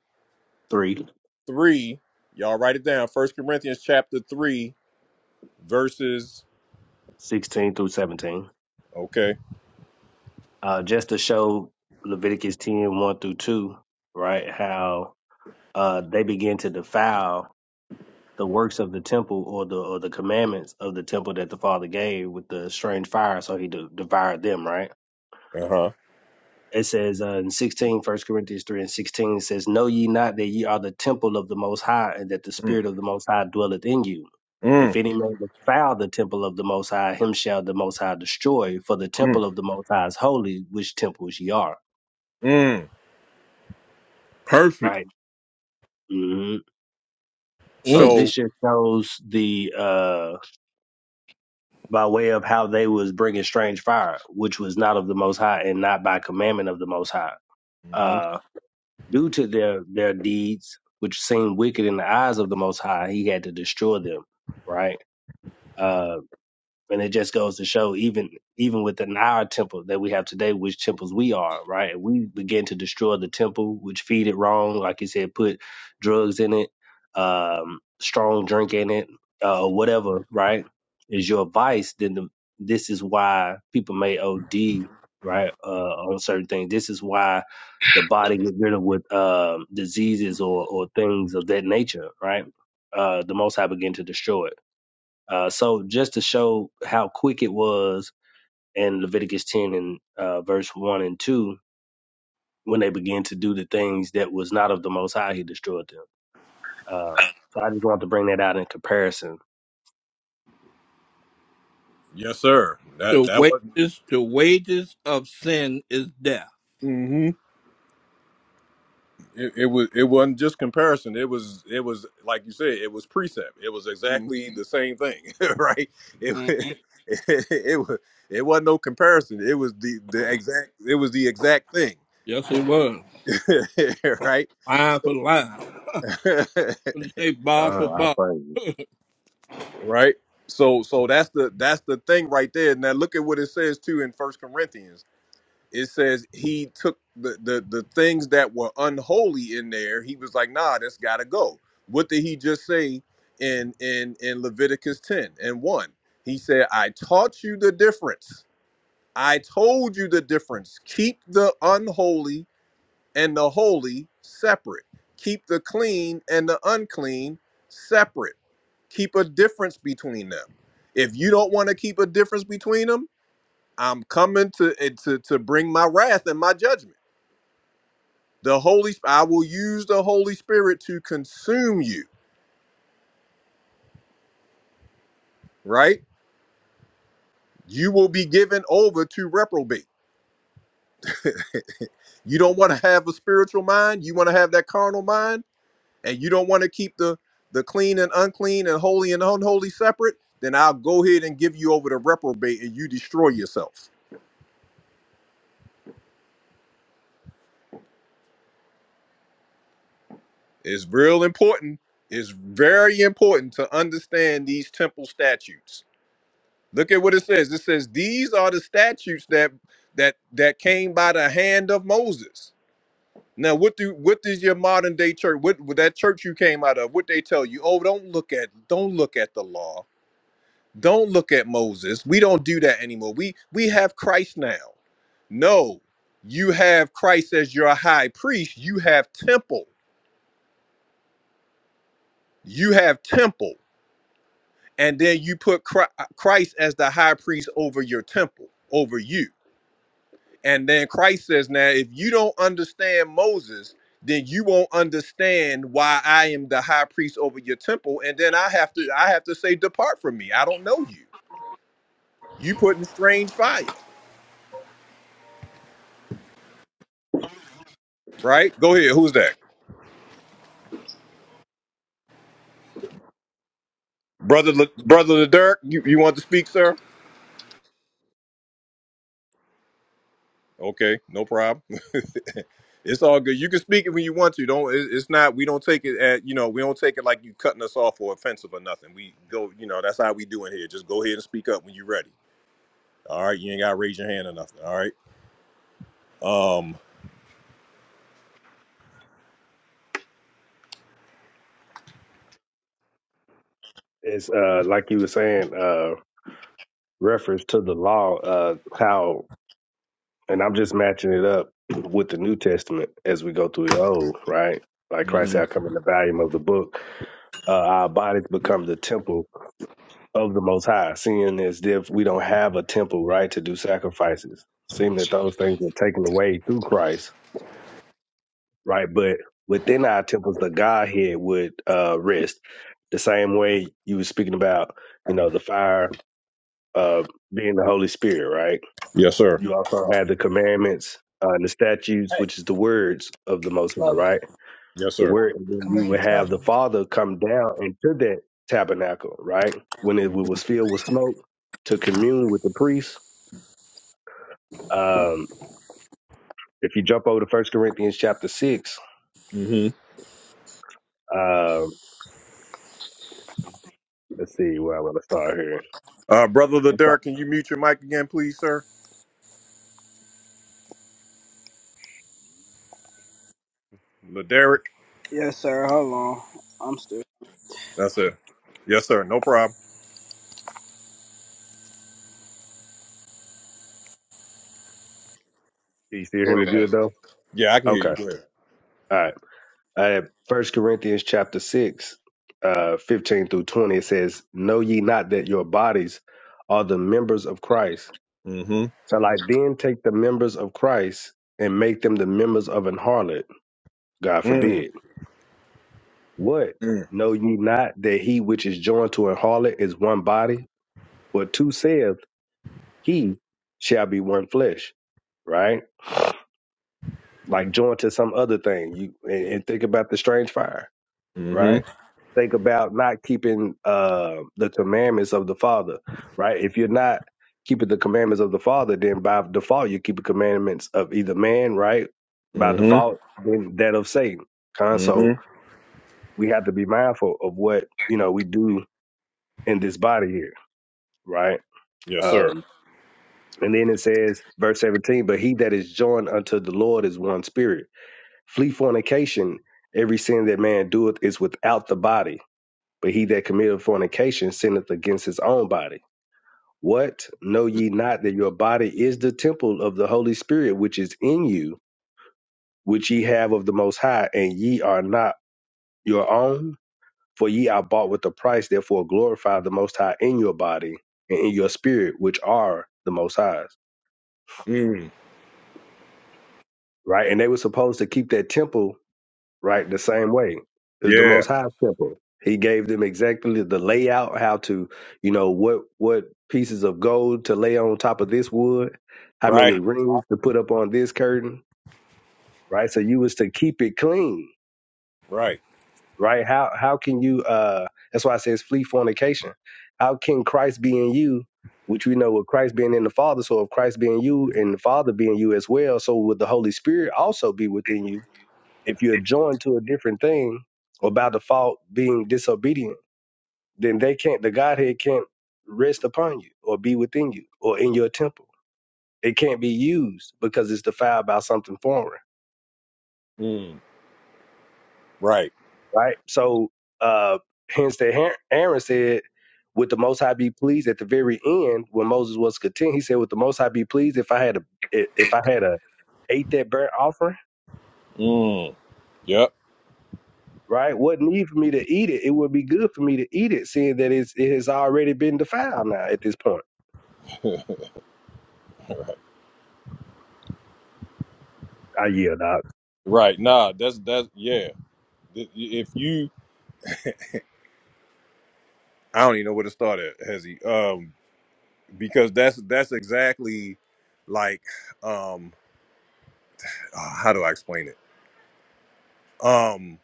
Speaker 8: three,
Speaker 2: three. Y'all write it down. First Corinthians chapter three, verses.
Speaker 8: 16 through 17 it says three sixteen through 17
Speaker 2: Okay.
Speaker 8: Uh, just to show Leviticus ten one through two, right? How uh they begin to defile the works of the temple or the or the commandments of the temple that the Father gave with the strange fire, so he de- devoured them, right?
Speaker 2: Uh huh.
Speaker 8: It says uh, in 16, first Corinthians 3 and 16, it says, Know ye not that ye are the temple of the Most High, and that the
Speaker 2: Mm,
Speaker 8: Spirit of the Most High dwelleth in you? If
Speaker 2: mm,
Speaker 8: any man defile the temple of the Most High, him shall the Most High destroy, for the
Speaker 2: mm,
Speaker 8: temple of the Most High is holy, which temples ye are,
Speaker 2: mm.
Speaker 1: Perfect.
Speaker 8: right? hmm So
Speaker 1: Mm.
Speaker 8: this
Speaker 2: So.
Speaker 8: just shows the. uh. by way of how they was bringing strange fire, which was not of the Most High and not by commandment of the Most High.
Speaker 2: mm-hmm.
Speaker 8: Uh, due to their their deeds, which seemed wicked in the eyes of the Most High, He had to destroy them. Right. Uh, and it just goes to show, even even within our temple that we have today, which temples we are, right? And we begin to destroy the temple, which feed it wrong, like you said, put drugs in it, um, strong drink in it, uh, whatever, right? Is your vice? Then the, this is why people may OD, right, uh, on certain things. This is why the body get rid of with um, diseases or or things of that nature, right? Uh, the Most High begin to destroy it. Uh, so just to show how quick it was in Leviticus 10 and uh, verse 1 and 2, when they began to do the things that was not of the Most High, he destroyed them. Uh, so I just want to bring that out in comparison.
Speaker 2: Yes, sir. That
Speaker 1: The
Speaker 2: that wasn't
Speaker 1: wages, the wages of sin is death.
Speaker 2: hmm it, it was it wasn't just comparison. It was it was like you said. It was precept. It was
Speaker 1: Mm.
Speaker 2: exactly the same thing, right? It it,
Speaker 1: Mhm.
Speaker 2: it was it wasn't no comparison. It was the the exact it was the exact thing,
Speaker 1: Yes, it was
Speaker 2: right?
Speaker 1: line for
Speaker 2: So
Speaker 1: line. They say
Speaker 8: Uh,
Speaker 1: bar for
Speaker 8: I
Speaker 1: bar.
Speaker 8: praise you.
Speaker 2: right. So so that's the that's the thing right there. Now look at what it says too in First Corinthians. it says he took the, the the things that were unholy in there he was like nah that's gotta go what did he just say in in in leviticus 10 and 1 he said i taught you the difference i told you the difference keep the unholy and the holy separate keep the clean and the unclean separate keep a difference between them if you don't want to keep a difference between them I'm coming to to to bring my wrath and my judgment. The Holy I will use the Holy Spirit to consume you, right? You will be given over to reprobate. You don't want to have a spiritual mind, you want to have that carnal mind, and you don't want to keep the the clean and unclean and holy and unholy separate, then I'll go ahead and give you over to reprobate and you destroy yourself. It's real important. It's very important to understand these temple statutes Look at what it says. It says these are the statutes that that that came by the hand of Moses. Now, what do what does your modern day church? What what that church you came out of? What they tell you? Oh, don't look at don't look at the law. Don't look at Moses. We don't do that anymore. We we have Christ now. No, you have Christ as your high priest. You have temple. You have temple, and then you put Chri- Christ as the high priest over your temple, over you. And then Christ says, Now, if you don't understand Moses, then you won't understand why I am the high priest over your temple. And then I have to I have to say, Depart from me. I don't know you. You put in strange fire, right? Go ahead. Who's that? Brother Le, brother the Dirk, you, you want to speak, sir? Okay, no problem. it's all good. You can speak it when you want to. Don't it, it's not we don't take it at you know, we don't take it like you cutting us off or offensive or nothing. We go, you know, that's how we do in here. Just go ahead and speak up when you're ready. All right, you ain't gotta raise your hand or nothing. All right. Um.
Speaker 8: It's uh, like you were saying, uh, reference to the law, uh, how, and I'm just matching it up with the New Testament as we go through the Old, right? Like Christ
Speaker 2: mhm.
Speaker 8: had come in the volume of the book. Uh, our bodies become the temple of the Most High, seeing as if we don't have a temple, right, to do sacrifices, seeing that those things were taken away through Christ, right? But within our temples, the Godhead would uh, rest. The same way you were speaking about, you know, the fire uh, being the Holy Spirit, right?
Speaker 2: Yes, sir.
Speaker 8: You also had the commandments uh, and the statutes,
Speaker 12: Hey,
Speaker 8: which is the words of the Most High,
Speaker 12: Lola,
Speaker 8: right?
Speaker 2: Yes,
Speaker 8: The
Speaker 2: sir.
Speaker 8: word, and then
Speaker 12: come
Speaker 8: you
Speaker 12: back
Speaker 8: would
Speaker 12: and tell
Speaker 8: have the
Speaker 12: him.
Speaker 8: Father come down into that tabernacle, right? When it was filled with smoke to commune with the priest Um, if you jump over to First Corinthians chapter six,
Speaker 2: hmm
Speaker 8: um, let's see where I want to start here.
Speaker 2: Uh, brother
Speaker 8: I'm sorry.
Speaker 2: Laderick, can you mute your mic again, please, sir? Laderick.
Speaker 12: Yes, sir. Hold on. I'm still.
Speaker 2: That's it. Yes, sir. No problem.
Speaker 8: Can you still hear
Speaker 2: Go
Speaker 8: me
Speaker 2: ahead.
Speaker 8: good
Speaker 2: Haz.
Speaker 8: though?
Speaker 2: Yeah, I can hear
Speaker 8: Okay.
Speaker 2: you. Go ahead.
Speaker 8: All right. Uh, First Corinthians chapter six, uh, fifteen through twenty. It says, "Know ye not that your bodies are the members of Christ?
Speaker 2: Mm-hmm.
Speaker 8: Shall I then take the members of Christ and make them the members of an harlot? God
Speaker 2: Mm.
Speaker 8: forbid. What?
Speaker 2: Mm.
Speaker 8: Know ye not that he which is joined to a harlot is one body? For two saith." he shall be one flesh, right? Like joined to some other thing. You and, and think about the strange fire, right?
Speaker 2: Mm-hmm.
Speaker 8: Think about not keeping uh, the commandments of the Father, right? If you're not keeping the commandments of the Father, then by default you keep the commandments of either man, right? By
Speaker 2: Mm-hmm.
Speaker 8: default, then that of Satan. Con- So
Speaker 2: Mm-hmm.
Speaker 8: we have to be mindful of what you know we do in this body here, right?
Speaker 2: Yes, sir.
Speaker 8: Um, And then it says, verse 17, but he that is joined unto the Lord is one spirit. Flee fornication. Every sin that man doeth is without the body, but he that committeth fornication sinneth against his own body. What? Know ye not that your body is the temple of the Holy Spirit which is in you, which ye have of the Most High, and ye are not your own? For ye are bought with a price, therefore glorify the Most High in your body and in your spirit, which are the Most High's.
Speaker 2: Mm.
Speaker 8: Right? And they were supposed to keep that temple right? The same way. It's the
Speaker 2: Yeah.
Speaker 8: most high temple. He gave them exactly the layout, how to, you know, what what pieces of gold to lay on top of this wood, how
Speaker 2: Right.
Speaker 8: many rings to put up on this curtain, right? So you was to keep it clean,
Speaker 2: Right.
Speaker 8: right? How how can you uh that's why it says flee fornication. How can Christ be in you, which we know with Christ being in the Father, so if Christ be in you and the Father being you as well, so would the Holy Spirit also be within you if you're joined to a different thing or by default being disobedient, then they can't, the Godhead can't rest upon you or be within you or in your temple. It can't be used because it's defiled by something foreign,
Speaker 2: Mm. Right.
Speaker 8: right? So, uh, hence that Har- Aaron said, would the Most High be pleased at the very end when Moses was content? He said, would the Most High be pleased if I had a, if I had a, ate that burnt offering?
Speaker 2: Mm. Yep.
Speaker 8: right? What need for me to eat it? It would be good for me to eat it, seeing that it's, it has already been defiled now at this point. I yield out.
Speaker 2: right. Nah. That's that's yeah. Th- If you I don't even know where to start at, Hezzy. Um, because that's that's exactly like um uh, how do I explain it? Um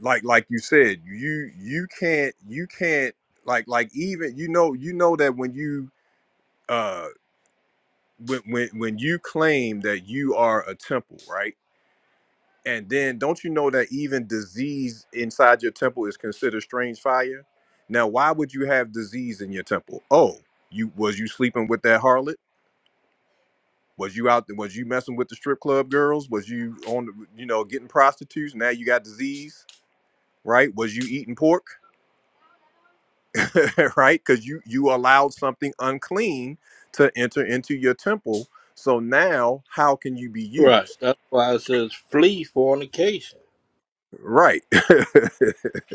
Speaker 2: like like you said, you you can't you can't like like even you know you know that when you uh when when when you claim that you are a temple, right? And then don't you know that even disease inside your temple is considered strange fire? Now, why would you have disease in your temple? Oh, you was you sleeping with that harlot? Was you out? there? Was you messing with the strip club girls? Was you on, the, you know, getting prostitutes? Now you got disease, right? Was you eating pork, right? Because you you allowed something unclean to enter into your temple. So now, how can you be
Speaker 1: Right.
Speaker 2: used,
Speaker 1: That's why it says flee fornication.
Speaker 2: right?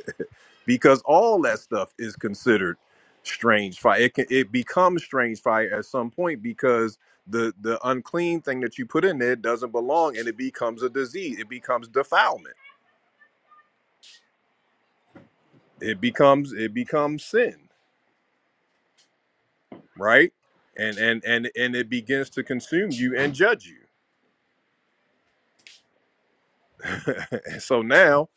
Speaker 2: because all that stuff is considered strange fire. It can it becomes strange fire at some point because the the unclean thing that you put in there doesn't belong, and it becomes a disease. It becomes defilement it becomes it becomes sin right and and and and it begins to consume you and judge you And so now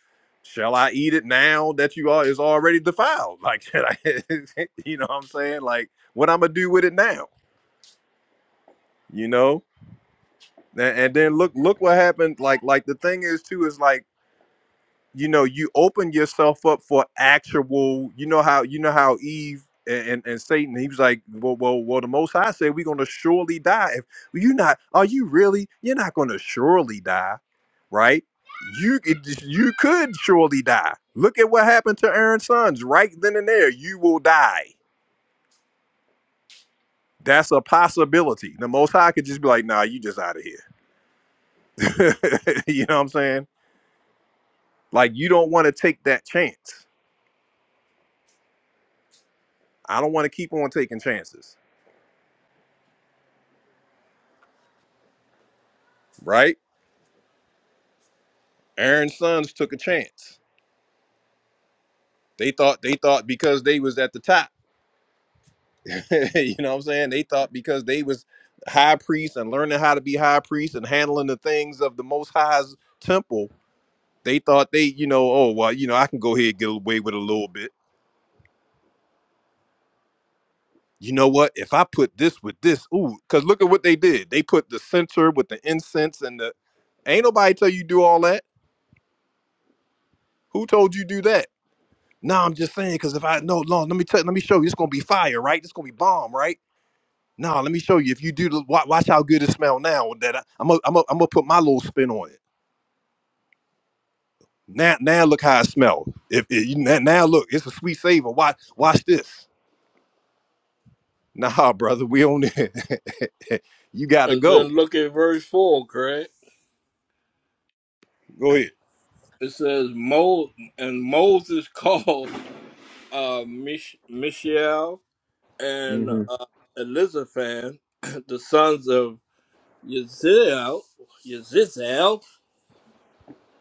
Speaker 2: shall i eat it now that you are is already defiled like should i you know what i'm saying like what i'm gonna do with it now you know and, and then look look what happened like like the thing is too is like you know you open yourself up for actual you know how you know how eve and, and, and satan he was like well, well well the most high said we're gonna surely die if you're not are you really you're not gonna surely die right you could you could surely die look at what happened to aaron's sons right then and there you will die that's a possibility the most high could just be like nah you just out of here you know what i'm saying like you don't want to take that chance i don't want to keep on taking chances right? Aaron's sons took a chance. They thought they thought because they was at the top. you know what I'm saying? They thought because they was high priests and learning how to be high priests and handling the things of the most high's temple, they thought they, you know, oh well, you know, I can go ahead and get away with a little bit. You know what? If I put this with this, ooh, because look at what they did. They put the censer with the incense and the ain't nobody tell you do all that. Who told you do that? No, I'm just saying because if I no, no, let me tell, let me show you. It's gonna be fire, right? It's gonna be bomb, right? No, let me show you. If you do, the, watch, watch how good it smell now. That I, I'm gonna I'm gonna I'm gonna put my little spin on it. Now, now look how it smell. If, if you, now, now look, it's a sweet savor. Watch, watch this. Nah, brother, we on it. you gotta
Speaker 1: And then
Speaker 2: go.
Speaker 1: look at verse four, Craig.
Speaker 2: Go ahead.
Speaker 1: It says Mo and Moses called uh, Mich- Michelle and
Speaker 2: hmm
Speaker 1: uh, Elizaphan, the sons of Yaziel, Yazizel,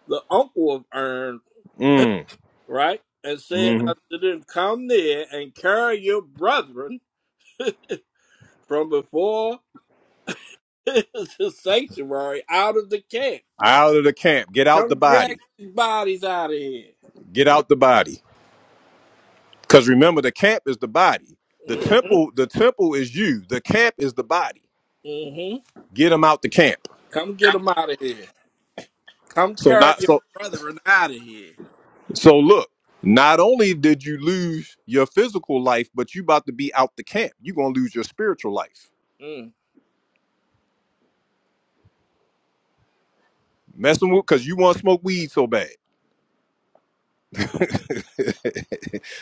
Speaker 1: the uncle of Ern,
Speaker 2: Mm.
Speaker 1: right? And said
Speaker 2: hmm
Speaker 1: unto them, Come near and carry your brethren from before the sanctuary out of the camp.
Speaker 2: Out of the camp. Get out the
Speaker 1: Come drag
Speaker 2: body.
Speaker 1: these bodies out of here.
Speaker 2: Get out the body. Because remember, the camp is the body. The
Speaker 1: hmm
Speaker 2: temple, the temple is you. The camp is the body.
Speaker 1: hmm
Speaker 2: get him out the camp.
Speaker 1: Come get them out of here. Come
Speaker 2: So
Speaker 1: carry
Speaker 2: not
Speaker 1: your
Speaker 2: so
Speaker 1: brethren out of here.
Speaker 2: so look, not only did you lose your physical life, but you about to be out the camp. you gonna lose your spiritual life.
Speaker 1: Mm,
Speaker 2: Messing with cause you wanna smoke weed so bad.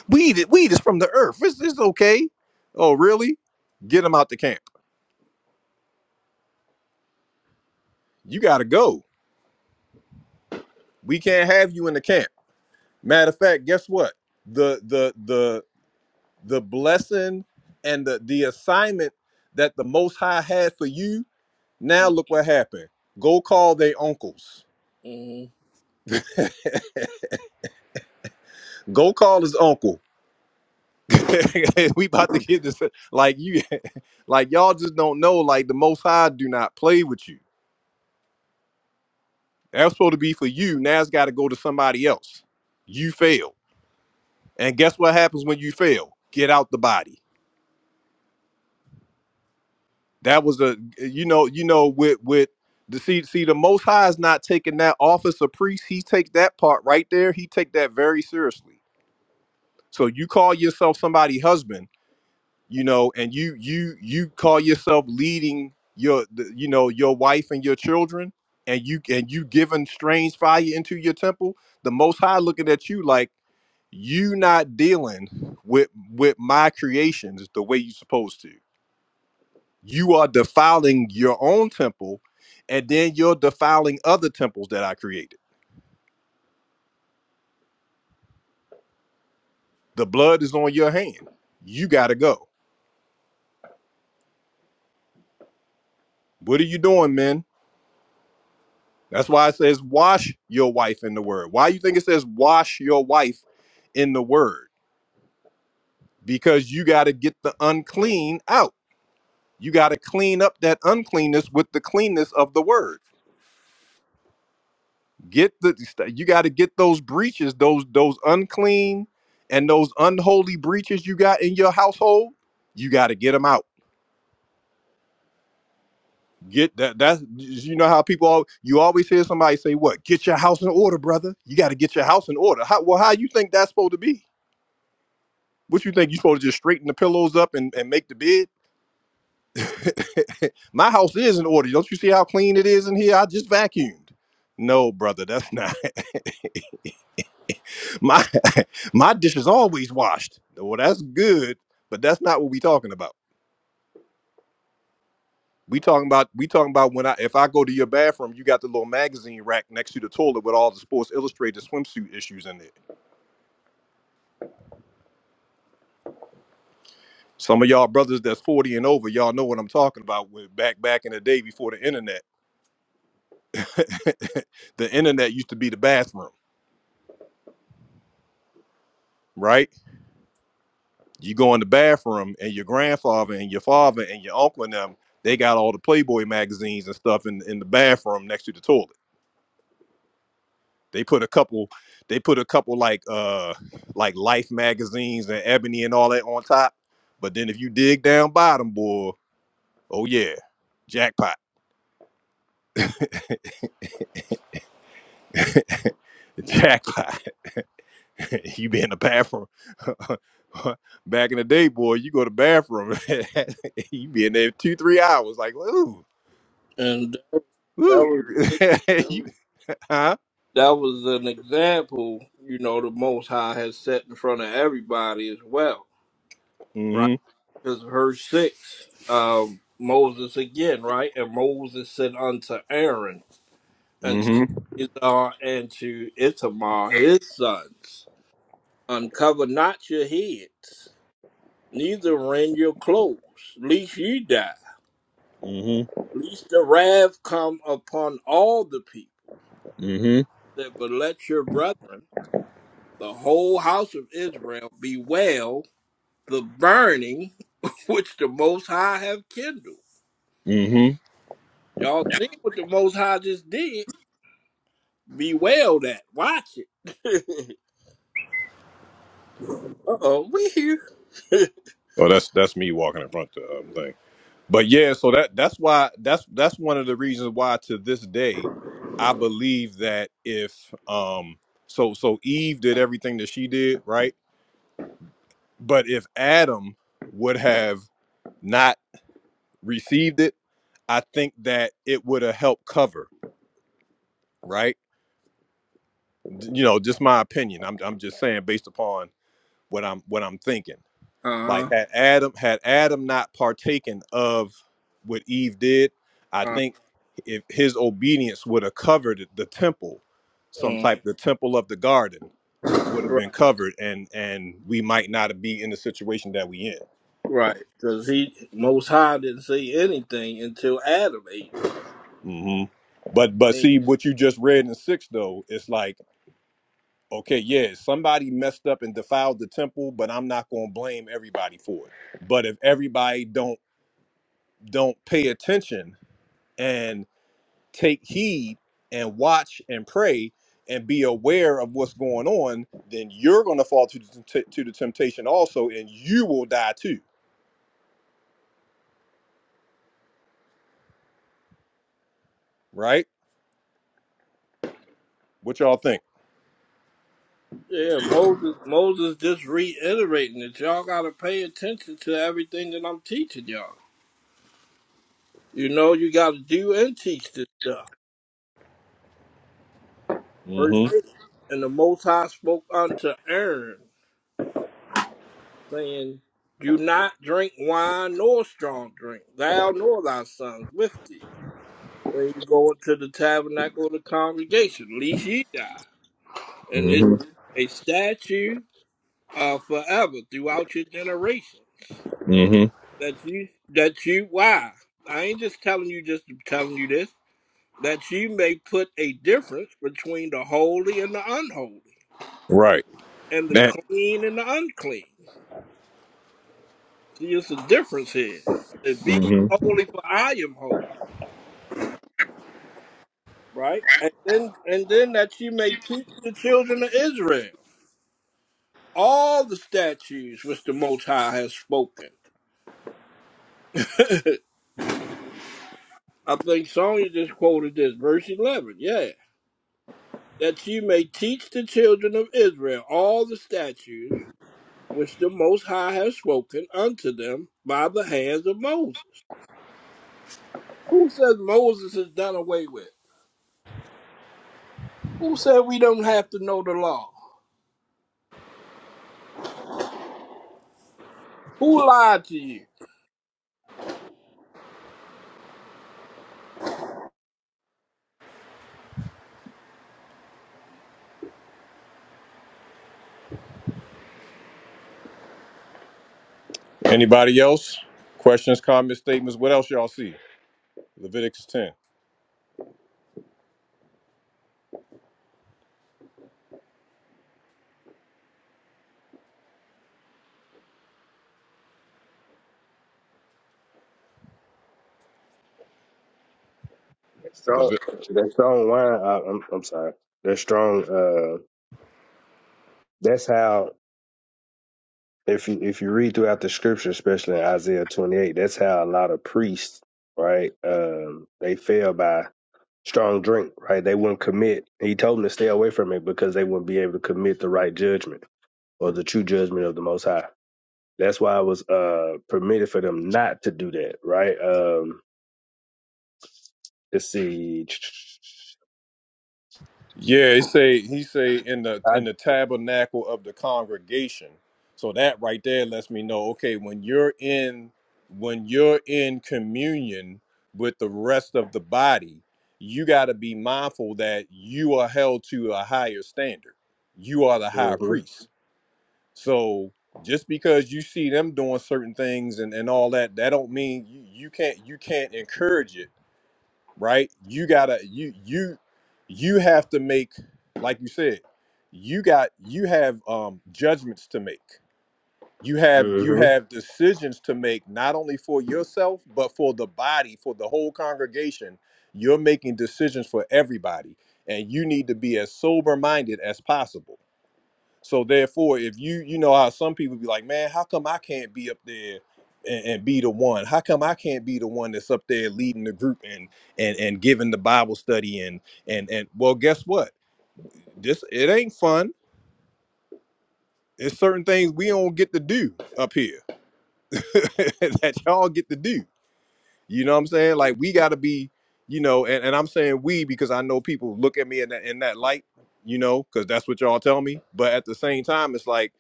Speaker 2: weed is- weed is from the earth. It's, it's okay. Oh, really? Get him out the camp. You gotta go. We can't have you in the camp. Matter of fact, guess what? The the the the blessing and the the assignment that the most high had for you Now
Speaker 1: mm,
Speaker 2: look what happened. Go call their uncles.
Speaker 1: Mm-hmm.
Speaker 2: Go call his uncle. we about to get this. Like you, like y'all just don't know. Like the Most High do not play with you. That's supposed to be for you. Now it's got to go to somebody else. You fail, and guess what happens when you fail? Get out the body. That was a you know you know with with the see see the Most High is not taking that office of priest. He take that part right there. He take that very seriously. So you call yourself somebody husband you know and you you you call yourself leading your the, you know your wife and your children and you and you giving strange fire into your temple the most high looking at you like you not dealing with with my creations the way you supposed to you are defiling your own temple and then you're defiling other temples that i created the blood is on your hand you gotta go what are you doing men? That's why it says wash your wife in the word. Why you think it says wash your wife in the word? Because you got to get the unclean out. You got to clean up that uncleanness with the cleanness of the word. Get the you got to get those breaches, those those unclean and those unholy breaches you got in your household. You got to get them out. Get that that's you know how people all you always hear somebody say what? Get your house in order, brother. You got to get your house in order. How well how you think that's supposed to be? What you think? You supposed to just straighten the pillows up and, and make the bed? My house is in order. Don't you see how clean it is in here? I just vacuumed. No, brother, that's not my my dish is always washed. Well, that's good, but that's not what we talking about. We talking about we talking about when I if I go to your bathroom, you got the little magazine rack next to the toilet with all the Sports Illustrated swimsuit issues in it. Some of y'all brothers that's 40 and over, y'all know what I'm talking about with back back in the day before the internet the internet used to be the bathroom, right? You go in the bathroom and your grandfather and your father and your uncle and them, they got all the Playboy magazines and stuff in, in the bathroom next to the toilet. They put a couple, they put a couple like uh like life magazines and ebony and all that on top. But then if you dig down bottom, boy, oh yeah, jackpot. Jackpot. you be in the bathroom. Back in the day, boy, you go to the bathroom, you be in there two, three hours, like ooh,
Speaker 1: And that
Speaker 2: ooh,
Speaker 1: was
Speaker 2: you, huh?
Speaker 1: that was an example, you know, the Most High has set in front of everybody as well, right?
Speaker 2: Mm-hmm,
Speaker 1: Because verse six, um, Moses again, right? And Moses said unto Aaron and
Speaker 2: mm-hmm,
Speaker 1: to Izar and to Itamar his sons, uncover not your heads, neither rend your clothes, lest ye die,
Speaker 2: mm-hmm,
Speaker 1: lest the wrath come upon all the people.
Speaker 2: mm-hmm,
Speaker 1: That but let your brethren the whole house of Israel bewail the burning which the Most High have kindled.
Speaker 2: mm-hmm.
Speaker 1: Y'all see what the Most High just did? Bewail that. Watch it. uh oh, we here.
Speaker 2: Oh, that's that's me walking in front of the um, thing. But yeah, so that that's why that's that's one of the reasons why to this day, I believe that if um so so Eve did everything that she did right, but if Adam would have not received it, I think that it would have helped cover, right? You know, just my opinion. I'm I'm just saying based upon what I'm what I'm thinking. Like
Speaker 1: uh-huh.
Speaker 2: had Adam had Adam not partaken of what Eve did, I
Speaker 1: Uh,
Speaker 2: think if his obedience would have covered the temple, some
Speaker 1: mm.
Speaker 2: type the temple of the garden would have been
Speaker 1: Right,
Speaker 2: covered and and we might not be in the situation that we
Speaker 1: right. Because he Most High didn't say anything until Adam ate. it.
Speaker 2: in. hmm But but
Speaker 1: And,
Speaker 2: see what you just read in six though, it's like Okay, yeah, somebody messed up and defiled the temple, but I'm not going to blame everybody for it. But if everybody don't don't pay attention and take heed and watch and pray and be aware of what's going on, then you're going to fall to the, t- to the temptation also and you will die too, right? What y'all think?
Speaker 1: yeah, Moses. Moses just reiterating that y'all got to pay attention to everything that I'm teaching y'all. You know, you got to do and teach this stuff. Verse
Speaker 2: Mhm.
Speaker 1: 8 And the Most High spoke unto Aaron, saying, Do not drink wine nor strong drink, thou nor thy sons with thee, when you go into the tabernacle of the congregation, lest ye die. And this
Speaker 2: Mhm.
Speaker 1: a statue uh, forever throughout your generations.
Speaker 2: Mhm.
Speaker 1: That you, that you, why? I ain't just telling you, just telling you this, that you may put a difference between the holy and the unholy,
Speaker 2: Right.
Speaker 1: and the
Speaker 2: That
Speaker 1: clean and the unclean See, it's a difference here. To be ye
Speaker 2: Mhm.
Speaker 1: holy, for I am holy, right? And then, and then that you may teach the children of Israel all the statutes which the Most High has spoken. I think Sonya just quoted this, verse eleven. Yeah, that you may teach the children of Israel all the statutes which the Most High has spoken unto them by the hands of Moses. Who says Moses is done away with? Who said we don't have to know the law? Who lied to you?
Speaker 2: anybody else? Questions, comments, statements, what else y'all see? Leviticus 10.
Speaker 8: So that strong wine, I, I'm, I'm sorry. That strong, uh, that's how, if you, if you read throughout the scripture, especially in Isaiah 28, that's how a lot of priests, right, um, they fell by strong drink, right? They wouldn't commit. He told them to stay away from it because they wouldn't be able to commit the right judgment or the true judgment of the Most High. That's why it was uh permitted for them not to do that, right? Um, let's see.
Speaker 2: Yeah, he say he say in the
Speaker 8: I,
Speaker 2: in the tabernacle of the congregation. So that right there lets me know, okay, when you're in when you're in communion with the rest of the body, you got to be mindful that you are held to a higher standard. You are the high
Speaker 8: mm-hmm,
Speaker 2: priest. So just because you see them doing certain things and, and all that, that don't mean you, you can't you can't encourage it right you gotta you you you have to make like you said you got you have um judgments to make you have you
Speaker 8: mm-hmm,
Speaker 2: have decisions to make not only for yourself but for the body for the whole congregation you're making decisions for everybody and you need to be as sober minded as possible so therefore, if you you know how some people be like, man, how come I can't be up there and, and be the one? How come I can't be the one that's up there leading the group and and and giving the Bible study and and and well, guess what? This it ain't fun. It's certain things we don't get to do up here that y'all get to do. You know what I'm saying? Like we got to be, you know, and, and I'm saying we because I know people look at me in that in that light, you know, because that's what y'all tell me. But at the same time, it's like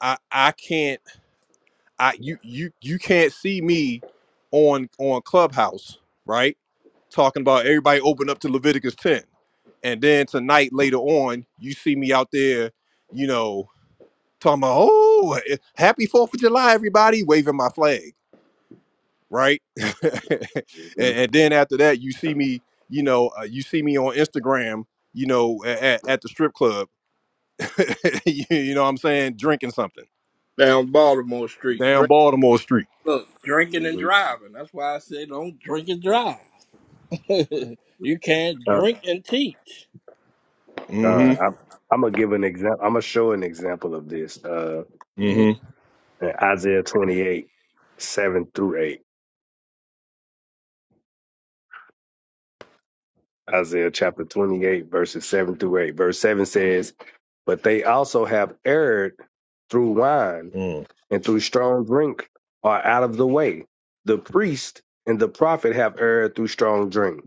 Speaker 2: I I can't. I you you you can't see me on on Clubhouse, right? Talking about everybody open up to Leviticus 10. And then tonight later on, you see me out there, you know, talking about, oh, eh, happy Fourth of July, everybody, waving my flag, right? and, and then after that, you see me, you know, uh, you see me on Instagram, you know, at, at the strip club, you, you know what I'm saying, drinking something
Speaker 1: down Baltimore Street.
Speaker 2: down
Speaker 1: Drink,
Speaker 2: Baltimore Street.
Speaker 1: look, drinking and
Speaker 8: hmm
Speaker 1: driving. That's why I say don't drink and drive.
Speaker 8: hmm
Speaker 1: you can't
Speaker 8: Uh,
Speaker 1: drink and teach.
Speaker 8: uh,
Speaker 2: Mm-hmm.
Speaker 8: I'm, I'm gonna give an example. I'm gonna show an example of this. Uh,
Speaker 1: Mhm.
Speaker 2: Mm-hmm.
Speaker 8: in Isaiah 28, seven through eight. Isaiah chapter 28, verses seven through eight. Verse seven says, "But they also have erred through wine."
Speaker 2: Mm.
Speaker 8: and through strong drink are out of the way. The priest and the prophet have erred through strong drink.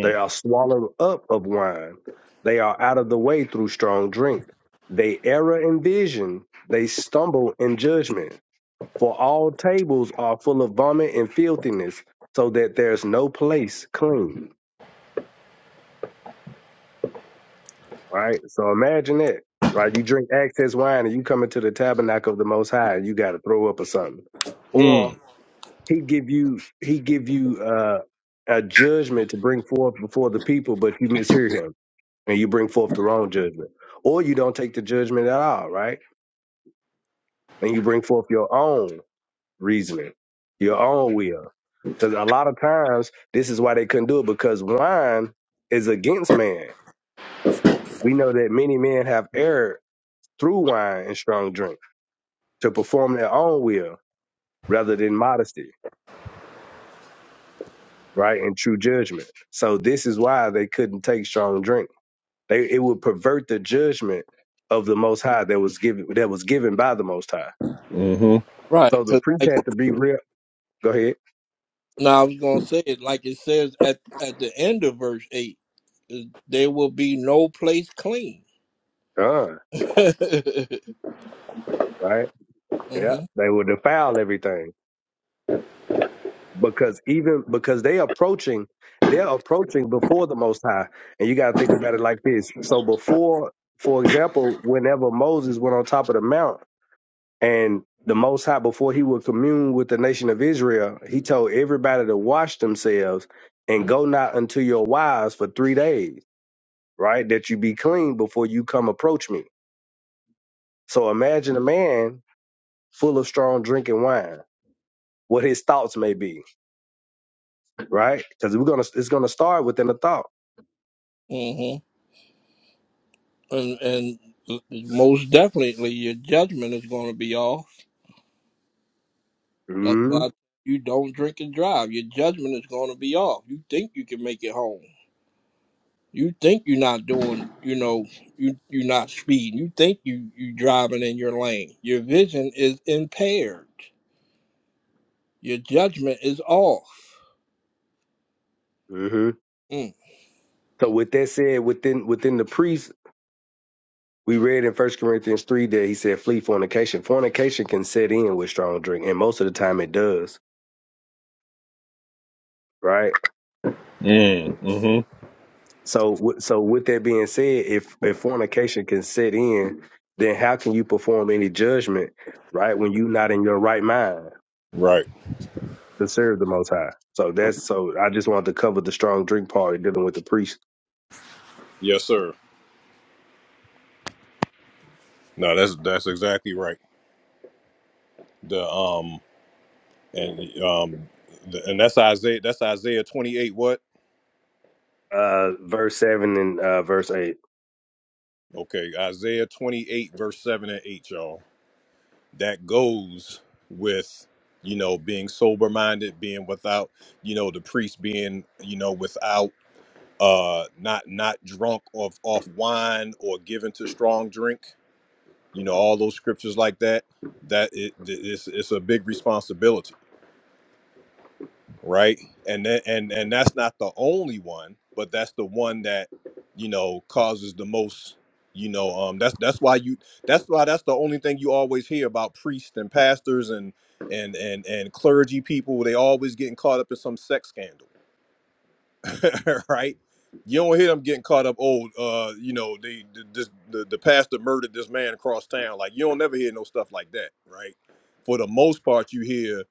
Speaker 8: They are swallowed up of wine. They are out of the way through strong drink. They err in vision. They stumble in judgment. For all tables are full of vomit and filthiness, so that there's no place clean. Right? So imagine that. Right? You drink excess wine and you come into the tabernacle of the Most High and you got to throw up or something. Or
Speaker 2: mm,
Speaker 8: he give you he give you uh, a judgment to bring forth before the people, but you mishear him and you bring forth the wrong judgment, or you don't take the judgment at all, right? And you bring forth your own reasoning, your own will, because a lot of times this is why they couldn't do it because wine is against man. We know that many men have erred through wine and strong drink to perform their own will rather than modesty, right, and true judgment. So this is why they couldn't take strong drink They it would pervert the judgment of the Most High that was given that was given by the Most High.
Speaker 2: mm-hmm,
Speaker 1: Right.
Speaker 8: So the
Speaker 1: Cause
Speaker 8: priests
Speaker 1: like
Speaker 8: had to be real. Go ahead.
Speaker 1: now I was gonna say it like it says at at the end of verse eight. is, There will be no place clean.
Speaker 8: Uh,
Speaker 1: hmm
Speaker 8: right. Yeah. They would defile everything because even because they approaching they're approaching before the Most High, and you got to think about it like this. So before, for example, whenever Moses went on top of the mount and the Most High, before he would commune with the nation of Israel, he told everybody to wash themselves and go not unto your wives for three days. right? That you be clean before you come approach me. So imagine a man full of strong drinking wine, what his thoughts may be, right? Because we're gonna it's gonna start within the thought.
Speaker 1: hmm And and most definitely your judgment is gonna be off. That's
Speaker 8: Mm-hmm.
Speaker 1: why you don't drink and drive. Your judgment is gonna be off. You think you can make it home. you think you're not doing you know you you're not speeding you think you you driving in your lane your vision is impaired your judgment is off
Speaker 8: hmm
Speaker 1: Mm.
Speaker 8: So with that said, within within the priest, we read in First Corinthians three that he said, "Flee fornication." Fornication can set in with strong drink, and most of the time it does, right?
Speaker 2: mm, mm-hmm.
Speaker 8: So with- so with that being said, if if fornication can set in, then how can you perform any judgment, right? When you're not in your right mind
Speaker 2: Right.
Speaker 8: to serve the Most High. So that's so. I just wanted to cover the strong drink part dealing with the priest.
Speaker 2: Yes, sir. No, that's that's exactly right. The um and um the, and that's Isaiah that's Isaiah 28 what?
Speaker 8: Uh, verse seven and uh, verse eight.
Speaker 2: Okay, Isaiah 28 verse 7 and 8, y'all. That goes with you know being sober minded, being without, you know, the priest being, you know, without uh not not drunk off off wine or given to strong drink you know all those scriptures like that that it, it's, it's a big responsibility right and then, and and that's not the only one but that's the one that you know causes the most you know um that's that's why you that's why that's the only thing you always hear about priests and pastors and and and and clergy people they always getting caught up in some sex scandal right? You don't hear them getting caught up. Oh, uh, you know, they the, this, the the pastor murdered this man across town. Like you don't never hear no stuff like that, right? For the most part, you hear,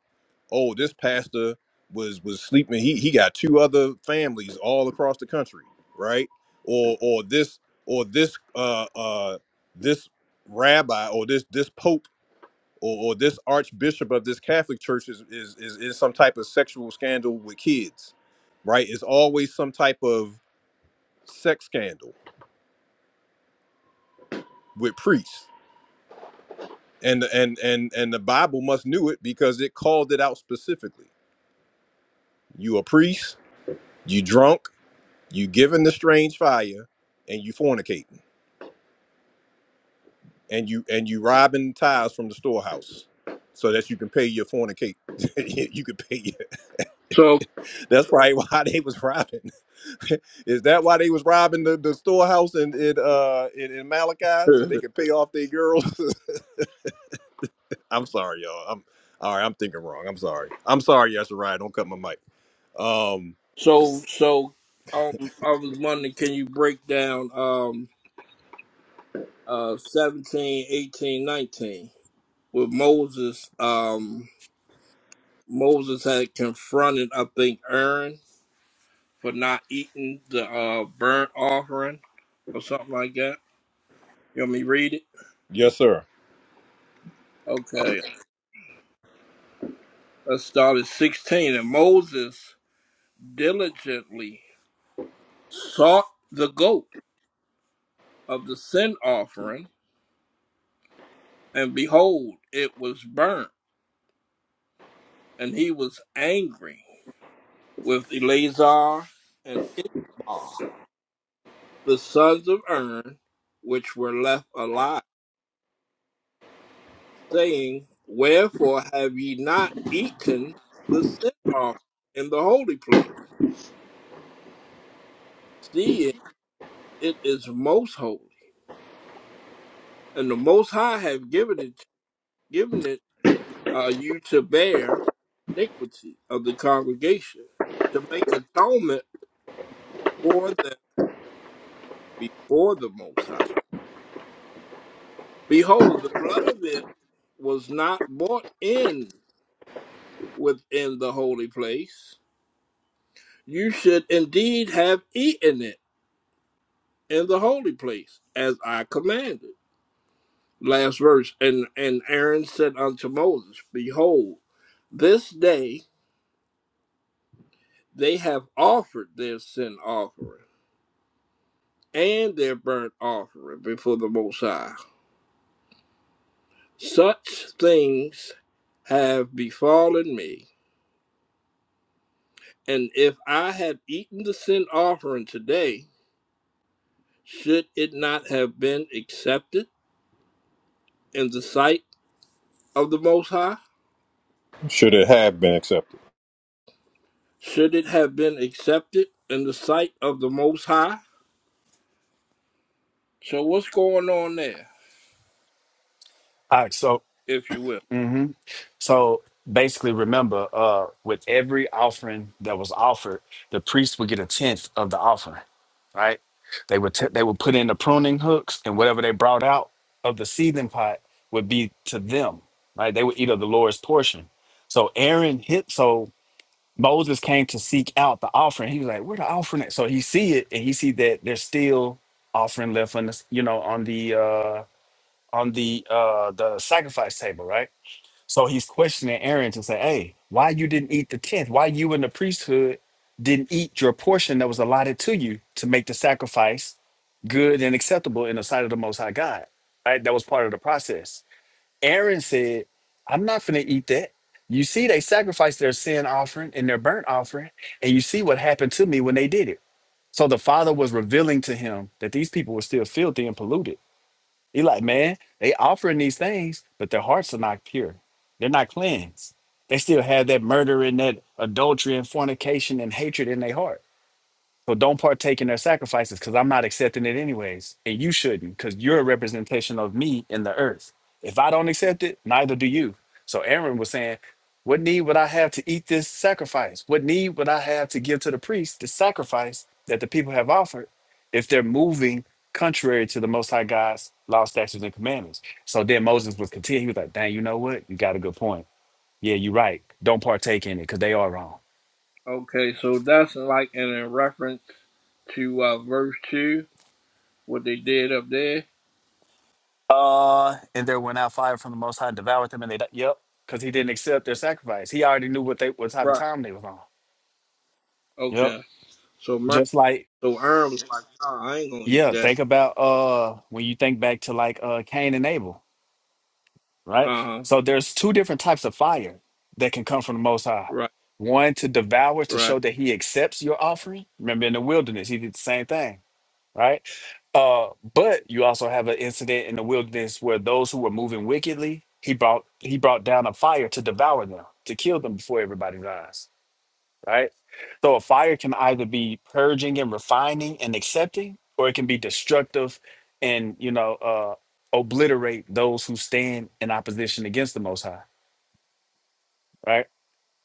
Speaker 2: oh, this pastor was was sleeping. He he got two other families all across the country, right? Or or this or this uh uh this rabbi or this this pope or, or this archbishop of this Catholic church is, is is in some type of sexual scandal with kids, right? It's always some type of sex scandal with priests, and and and and the Bible must knew it because it called it out specifically. You a priest, you drunk, you giving the strange fire, and you fornicating, and you and you robbing tithes from the storehouse. So that you can pay your fornicate, you could pay. Your,
Speaker 1: so
Speaker 2: that's probably why they was robbing. Is that why they was robbing the, the storehouse in in, uh, in in Malachi so they could pay off their girls? I'm sorry, y'all. I'm all right. I'm thinking wrong. I'm sorry. I'm sorry, Yashirai. Don't cut my mic. Um,
Speaker 1: so so um, i was wondering can you break down um uh seventeen, eighteen, nineteen, 18 with moses um moses had confronted i think aaron for not eating the uh burnt offering or something like that you want me to read it
Speaker 2: Yes, sir.
Speaker 1: Okay, let's start at 16. And Moses diligently sought the goat of the sin offering, and behold, it was burnt. And he was angry with Eleazar and Ishmael, the sons of Aaron, which were left alive, saying, Wherefore have ye not eaten the sin offering in the holy place, seeing it is most holy, and the Most High have given it given it are you to bear iniquity of the congregation, to make atonement for them before the Most High. Behold, the blood of it was not brought in within the holy place. You should indeed have eaten it in the holy place, as I commanded. Last verse, and, and Aaron said unto Moses, Behold, this day they have offered their sin offering and their burnt offering before the Most High. Such things have befallen me, and if I had eaten the sin offering today, should it not have been accepted in the sight of the Most High?
Speaker 2: Should it have been accepted?
Speaker 1: Should it have been accepted in the sight of the Most High? So, what's going on there,
Speaker 9: All right. So,
Speaker 1: if you will?
Speaker 9: hmm so basically, remember, uh, with every offering that was offered, the priest would get a tenth of the offering. Right? They would t- they would put in the pruning hooks, and whatever they brought out of the seething pot would be to them. Right? They would eat of the Lord's portion. So Aaron hit. So Moses came to seek out the offering. He was like, "Where the offering?" At? So he see it, and he see that there's still offering left on the, you know, on the uh on the uh the sacrifice table, right? So he's questioning Aaron to say, "Hey, why you didn't eat the tenth? Why you in the priesthood didn't eat your portion that was allotted to you to make the sacrifice good and acceptable in the sight of the Most High God?" Right? That was part of the process. Aaron said, I'm not going to eat that. You see, they sacrificed their sin offering and their burnt offering, and you see what happened to me when they did it. So the father was revealing to him that these people were still filthy and polluted. He like, man, they offering these things, but their hearts are not pure. They're not cleansed. They still have that murder and that adultery and fornication and hatred in their heart. So don't partake in their sacrifices because I'm not accepting it anyways. And you shouldn't because you're a representation of me in the earth. If I don't accept it, neither do you. So Aaron was saying, What need would I have to eat this sacrifice? What need would I have to give to the priest the sacrifice that the people have offered if they're moving contrary to the Most High God's law, statutes, and commandments? So then Moses was content. He was like, Dang, you know what? You got a good point. Yeah, you're right. Don't partake in it because they are wrong.
Speaker 1: Okay, so that's like in a reference to uh, verse 2, what they did up there.
Speaker 9: Uh, and there went out fire from the Most High, devoured them, and they died. Yep, because he didn't accept their sacrifice. He already knew what they what type of
Speaker 1: Right.
Speaker 9: time they was on. Yep,
Speaker 1: Okay. So, mercy
Speaker 9: just like
Speaker 1: So Aaron was like, nah, I ain't gonna eat
Speaker 9: yeah.
Speaker 1: that.
Speaker 9: Think about uh when you think back to like uh Cain and Abel, right?
Speaker 1: Uh huh.
Speaker 9: So there's two different types of fire that can come from the Most High.
Speaker 1: Right,
Speaker 9: One to devour to
Speaker 1: right.
Speaker 9: show that He accepts your offering. Remember in the wilderness, He did the same thing right? Uh, but you also have an incident in the wilderness where those who were moving wickedly, he brought he brought down a fire to devour them, to kill them before everybody's eyes, right? So a fire can either be purging and refining and accepting, or it can be destructive and you know uh, obliterate those who stand in opposition against the Most High, right?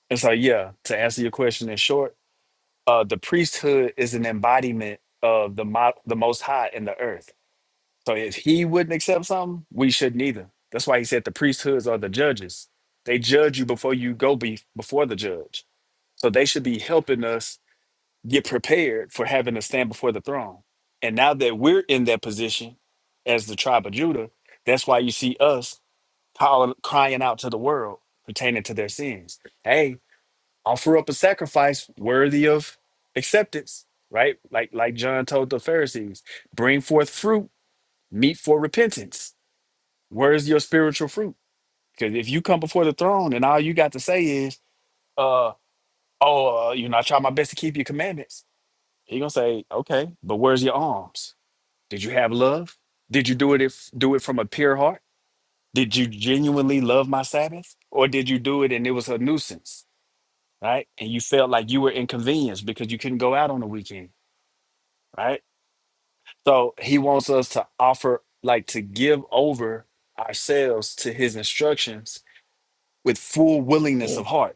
Speaker 9: And so, yeah, to answer your question in short, uh, the priesthood is an embodiment of the mo- the Most High in the earth So if he wouldn't accept something, we shouldn't either. That's why he said the priesthoods are the judges. They judge you before you go be before the judge. So they should be helping us get prepared for having to stand before the throne. And now that we're in that position as the tribe of Judah, that's why you see us calling, crying out to the world pertaining to their sins. Hey, offer up a sacrifice worthy of acceptance, right? Like like John told the Pharisees, bring forth fruit, meet for repentance Where's your spiritual fruit? Because if you come before the throne and all you got to say is, uh, oh, uh, you know, I try my best to keep your commandments, He gonna say, okay, but where's your alms? Did you have love? Did you do it if do it from a pure heart? Did you genuinely love my Sabbath? Or did you do it and it was a nuisance? Right? And you felt like you were inconvenienced because you couldn't go out on the weekend, right? So he wants us to offer, like to give over ourselves to his instructions with full willingness
Speaker 1: Mm,
Speaker 9: of heart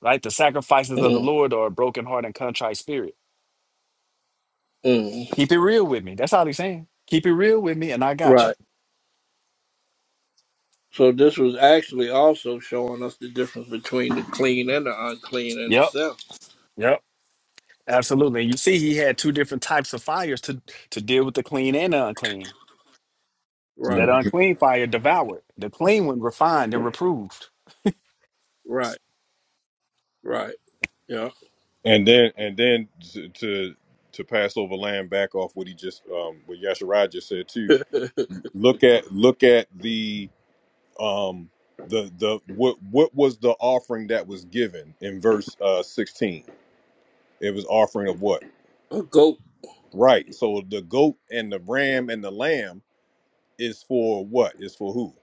Speaker 9: right? The sacrifices of the
Speaker 1: mm,
Speaker 9: Lord are a broken heart and contrite spirit.
Speaker 1: mm.
Speaker 9: Keep it real with me. That's all he's saying. Keep it real with me, and I got you.
Speaker 1: Right. So this was actually also showing us the difference between the clean and the unclean in
Speaker 9: Yep,
Speaker 1: itself.
Speaker 9: yep, absolutely. And you see, he had two different types of fires to to deal with the clean and the unclean.
Speaker 1: Right,
Speaker 9: That
Speaker 2: Mhm.
Speaker 9: unclean fire devoured. The clean one refined and reproved.
Speaker 1: right, right. Yeah.
Speaker 2: And then and then to to, to pass over land back off what he just um what Yasharaj just said too.
Speaker 1: a
Speaker 2: Look at look at the um the the what what was the offering that was given in verse uh 16 it was offering of what
Speaker 1: goat
Speaker 2: Right. So the goat and the ram and the lamb is for what? Is for who?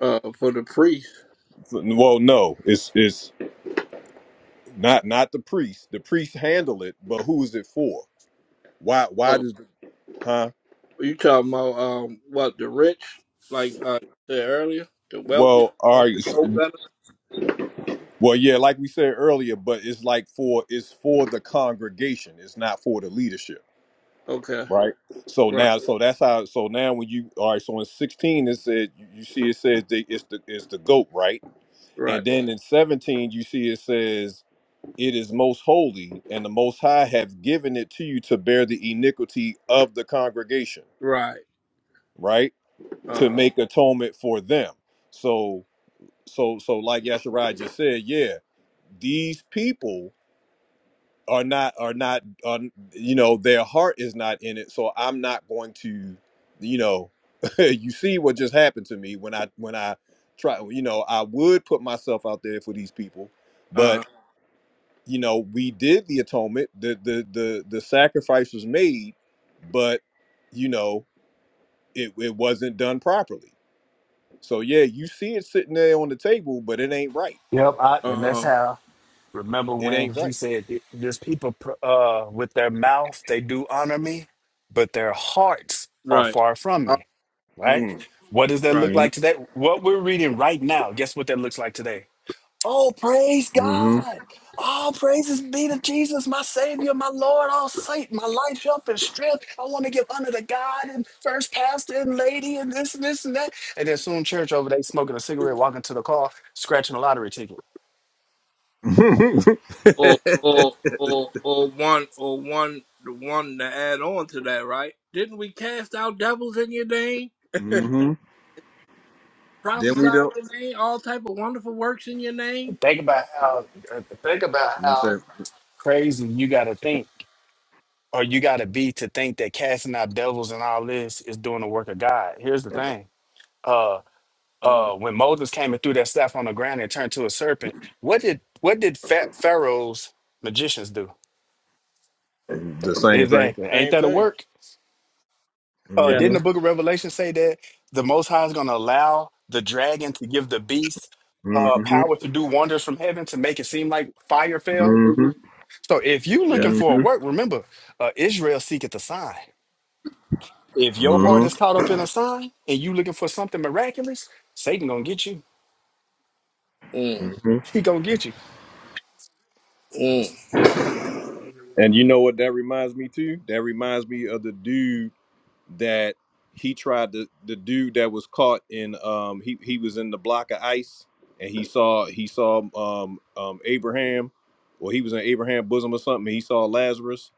Speaker 1: uh, for the priest.
Speaker 2: Well, no, it's it's not not the priest. The priest handle it, but who is it for? Why why
Speaker 1: Oh,
Speaker 2: does huh?
Speaker 1: you talking about um what the rich, like uh you said earlier, the wealthy
Speaker 2: Well, all
Speaker 1: ones
Speaker 2: right.
Speaker 1: that
Speaker 2: s-
Speaker 1: know better?
Speaker 2: Well, yeah, like we said earlier, but it's like for it's for the congregation. It's not for the leadership,
Speaker 1: Okay.
Speaker 2: right? So
Speaker 1: Right,
Speaker 2: now, so that's how. So now, when you all right, so in sixteen it said you see it says they, it's the it's the goat, right?
Speaker 1: right,
Speaker 2: And then in seventeen you see it says it is most holy, and the Most High have given it to you to bear the iniquity of the congregation,
Speaker 1: right.
Speaker 2: right?
Speaker 1: Uh
Speaker 2: To
Speaker 1: huh.
Speaker 2: make atonement for them. So, so, so, like Yasharai just said, yeah, these people are not are not, are, you know, their heart is not in it. So I'm not going to, you know, you see what just happened to me when I when I try, you know, I would put myself out there for these people,
Speaker 1: Uh huh.
Speaker 2: but. you know we did the atonement the the the, the sacrifice was made but you know it, it wasn't done properly so yeah you see it sitting there on the table but it ain't right
Speaker 9: Yep, I, and
Speaker 1: Uh
Speaker 9: that's
Speaker 1: huh.
Speaker 9: how. Remember
Speaker 2: it
Speaker 9: when
Speaker 2: ain't
Speaker 9: he
Speaker 2: right
Speaker 9: said, "Th- "This people, pr- uh, with their mouth they do honor me, but their hearts are
Speaker 1: Right.
Speaker 9: far from
Speaker 1: Uh,
Speaker 9: me." right?
Speaker 2: Mm,
Speaker 9: What does that
Speaker 1: Right.
Speaker 9: look like
Speaker 2: mm,
Speaker 9: today? What we're reading right now, guess what that looks like today? Oh, praise
Speaker 2: mm-hmm.
Speaker 9: God. All praises be to Jesus, my Savior, my Lord, all saint, my life, help, and strength. I want to give honor to God and first pastor and lady and this and this and that. And then soon church over there smoking a cigarette, walking to the car, scratching a lottery ticket.
Speaker 1: or or or or one or one the one to add on to that, right? Didn't we cast out devils in your name,
Speaker 2: hmm Then
Speaker 1: prophesy
Speaker 2: we don't
Speaker 1: in your name, all type of wonderful works in your name?
Speaker 9: Think about how uh, think about
Speaker 2: you say
Speaker 9: how crazy you gotta think or you gotta be to think that casting out devils and all this is doing the work of God. Here's the thing. uh, uh,
Speaker 1: Mm,
Speaker 9: when Moses came and threw that staff on the ground and turned to a serpent, what did what did fat Pharaoh's magicians do?
Speaker 2: the same thing.
Speaker 9: Exactly. Ain't
Speaker 1: same
Speaker 9: that a
Speaker 1: thing.
Speaker 9: work? Uh,
Speaker 1: Yeah,
Speaker 9: didn't
Speaker 2: Mm-hmm.
Speaker 9: the book of Revelation say that the Most High is going to allow the dragon to give the beast
Speaker 2: hmm
Speaker 9: uh,
Speaker 2: hmm
Speaker 9: power to do wonders from heaven to make it seem like fire fell?
Speaker 2: hmm
Speaker 9: So if you looking
Speaker 1: yeah.
Speaker 9: for a work, remember, uh, Israel seeketh a sign. If your
Speaker 1: Right.
Speaker 9: heart
Speaker 2: hmm
Speaker 9: is caught up in a sign and you looking for something miraculous, Satan going to get you.
Speaker 1: Mm,
Speaker 2: hmm
Speaker 9: He going to get you.
Speaker 1: mm.
Speaker 2: and you know what that reminds me too that reminds me of the dude that he tried to the dude that was caught in um he he was in the block of ice and he saw he saw um um Abraham or he was in Abraham's bosom or something he saw Lazarus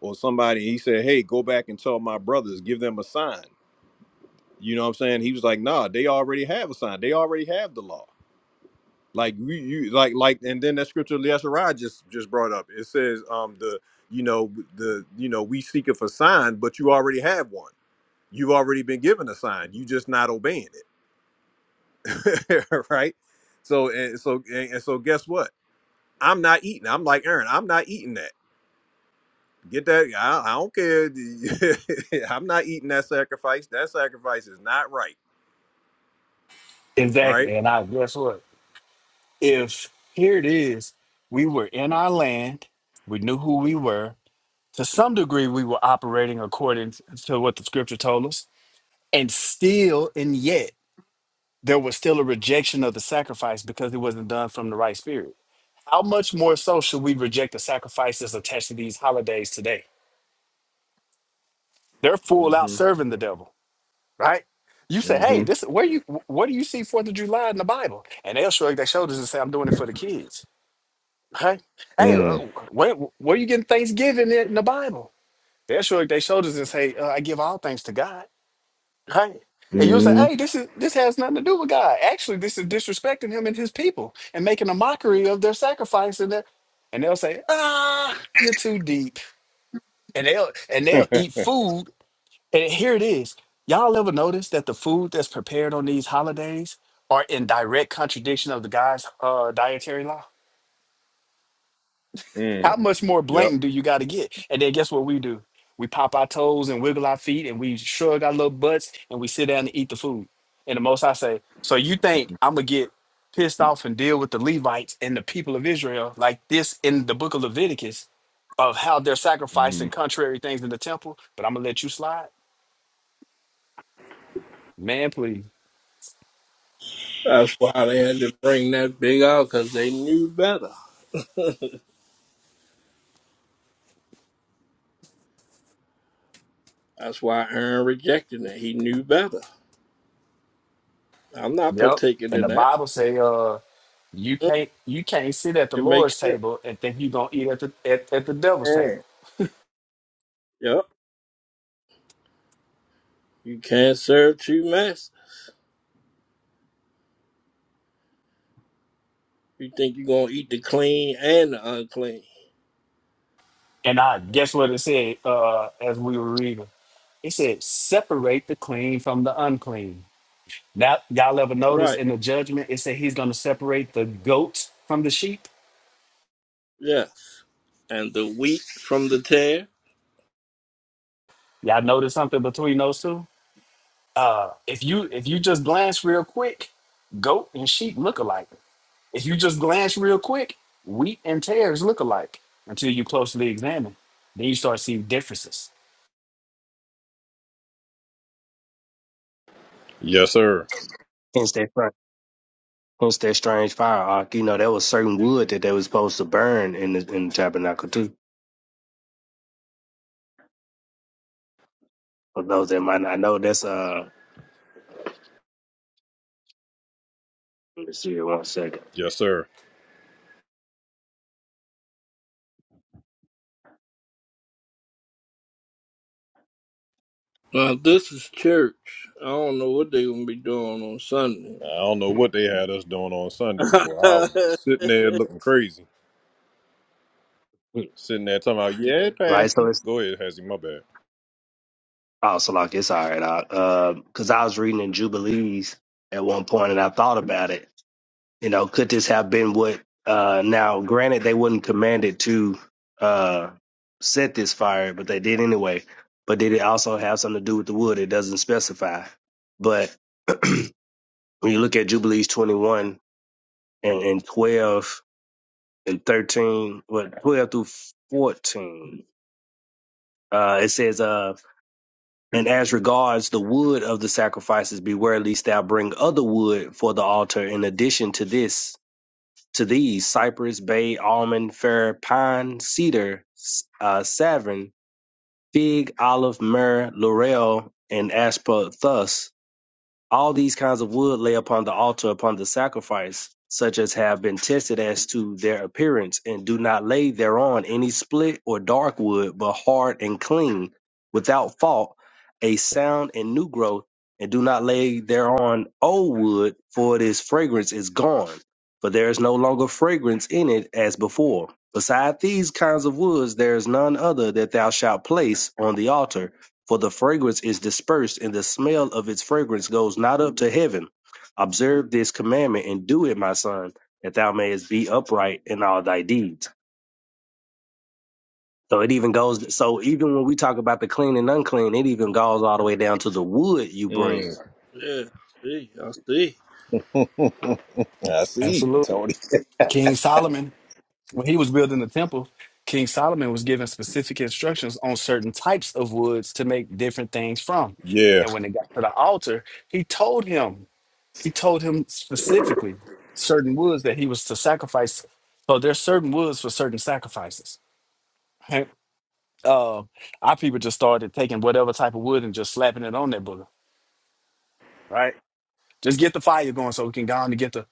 Speaker 2: or somebody he said hey go back and tell my brothers give them a sign you know what I'm saying he was like nah they already have a sign they already have the law like we you like like and then that scripture Yeshua just just brought up it says um the you know the you know we seek it for sign but you already have one you've already been given a sign you just not obeying it right so and so and, and so guess what i'm not eating i'm like aaron i'm not eating that get that i, I don't care i'm not eating that sacrifice that sacrifice is not right right
Speaker 9: Exactly. And I guess what? if here it is, we were in our land, we knew who we were. To some degree, we were operating according to what the scripture told us, and still, and yet, there was still a rejection of the sacrifice because it wasn't done from the right spirit. How much more so should we reject the sacrifices attached to these holidays today? They're full out
Speaker 2: mm-hmm
Speaker 9: serving the devil, right? You say, "Hey,
Speaker 2: mm-hmm
Speaker 9: this where you wh- what do you see Fourth of July in the Bible?" And they'll shrug their shoulders and say, "I'm doing it for the kids." Hey, hey, uh,
Speaker 2: mm
Speaker 9: where where you getting Thanksgiving at in the Bible? They'll shrug their shoulders and say, uh, "I give all things to God." Hey,
Speaker 2: hmm
Speaker 9: and you'll say,
Speaker 2: mm
Speaker 9: "Hey, this is this has nothing to do with God. Actually, this is disrespecting Him and His people and making a mockery of their sacrifice." And their, and they'll say, "Ah, you're too deep." And they'll and they'll eat food. And here it is. Y'all ever notice that the food that's prepared on these holidays are in direct contradiction of the God's uh, dietary law?
Speaker 2: hmm mm mm
Speaker 9: How
Speaker 2: mm.
Speaker 9: much more
Speaker 2: yep
Speaker 9: blatant do you got to get? And then guess what we do? We pop our toes and wiggle our feet and we shrug our little butts and we sit down and eat the food. And the most I say, so you think I'm going to get pissed off and deal with the Levites and the people of Israel like this in the book of Leviticus of how they're sacrificing
Speaker 2: mm.
Speaker 9: contrary things in the temple, but I'm going to let you slide? Man, please.
Speaker 1: That's why they had to bring that big out because they knew better. That's why Aaron rejected it. He knew better. I'm not
Speaker 9: Yep.
Speaker 1: partaking
Speaker 9: And
Speaker 1: in
Speaker 9: the
Speaker 1: that.
Speaker 9: Bible say, uh, you
Speaker 1: Mm,
Speaker 9: can't you can't sit at the
Speaker 1: It makes
Speaker 9: Lord's
Speaker 1: sense.
Speaker 9: table and think you're gonna eat at the at, at the devil's table.
Speaker 1: Mm. Yep. You can't serve two masters. You think you're going to eat the clean and the unclean.
Speaker 9: And I guess what it said uh, as we were reading. It said, "Separate the clean from the unclean." Now, y'all ever notice
Speaker 1: Right.
Speaker 9: in the judgment it said he's going to separate the goats from the sheep.
Speaker 1: Yes. And the wheat from the tare.
Speaker 9: Y'all notice something between those two? Uh, if you if you just glance real quick, goat and sheep look alike. If you just glance real quick, wheat and tares look alike until you closely examine. Then you start seeing differences.
Speaker 2: yes sir
Speaker 8: Hence that, fir- hence that strange fire. Ark. You know, there was certain wood that they was supposed to burn in the in the tabernacle too. For those that might not know, that's uh. Let me see here one second.
Speaker 2: yes sir
Speaker 1: Now, this is church. I don't know what they going to be doing on Sunday.
Speaker 2: i don't know what they had us doing on sunday boy i was sitting there looking crazy sitting there talking about yeah
Speaker 8: Right. So
Speaker 2: pastor
Speaker 8: it's
Speaker 2: go ahead Hazzy, my bad
Speaker 8: oh, so like it's all right. Because I, uh, 'cause I was reading in Jubilees at one point, and I thought about it You know, could this have been what? Uh, now, granted, they was not commanded to uh, set this fire, but they did anyway. But did it also have something to do with the wood? It doesn't specify. But when you look at Jubilees 21 and, and 12 and 13, what 12 through 14, uh, it says, uh, and as regards the wood of the sacrifices, beware lest thou bring other wood for the altar in addition to this To these, cypress, bay, almond, fir, pine, cedar, s- uh, savin, fig, olive, myrrh, laurel, and asper thus. All these kinds of wood lay upon the altar upon the sacrifice, such as have been tested as to their appearance, and do not lay thereon any split or dark wood, but hard and clean, without fault, a sound and new growth, and do not lay thereon old wood, for it is fragrance is gone, for there is no longer fragrance in it as before. Beside these kinds of woods there is none other that thou shalt place on the altar for the fragrance is dispersed, and the smell of its fragrance goes not up to heaven. Observe this commandment and do it, my son, that thou mayest be upright in all thy deeds. So it even goes. So even when we talk about the clean and unclean, it even goes all the way down to the wood you bring.
Speaker 1: yeah. See, I see.
Speaker 9: Absolutely. King Solomon when he was building the temple, King Solomon was given specific instructions on certain types of woods to make different things from.
Speaker 2: Yeah.
Speaker 9: And when it got to the altar, he told him, he told him specifically certain woods that he was to sacrifice. So there's certain woods for certain sacrifices. Right? Uh, our people just started taking whatever type of wood and just slapping it on that booger, right? Just get the fire going so we can go on to get the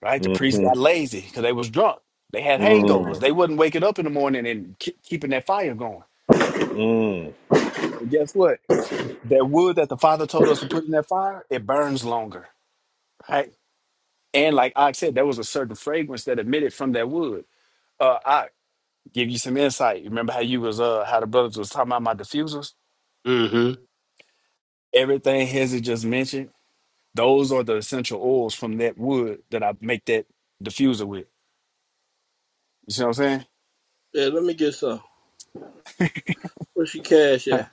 Speaker 9: right. The priest
Speaker 2: hmm
Speaker 9: got lazy because they was drunk. They had hangovers.
Speaker 2: Mm.
Speaker 9: They wasn't waking up in the morning and ke- keeping that fire going
Speaker 2: Mm.
Speaker 9: And guess what? That wood that the father told us to put in that fire, it burns longer, right? And like I said, there was a certain fragrance that emitted from that wood. Uh, I give you some insight. Remember how you was uh how the brothers was talking about my diffusers?
Speaker 8: hmm
Speaker 9: Everything Hezzy just mentioned, those are the essential oils from that wood that I make that diffuser with. You see what I'm saying?
Speaker 1: Yeah, let me get some. Where's your cash at?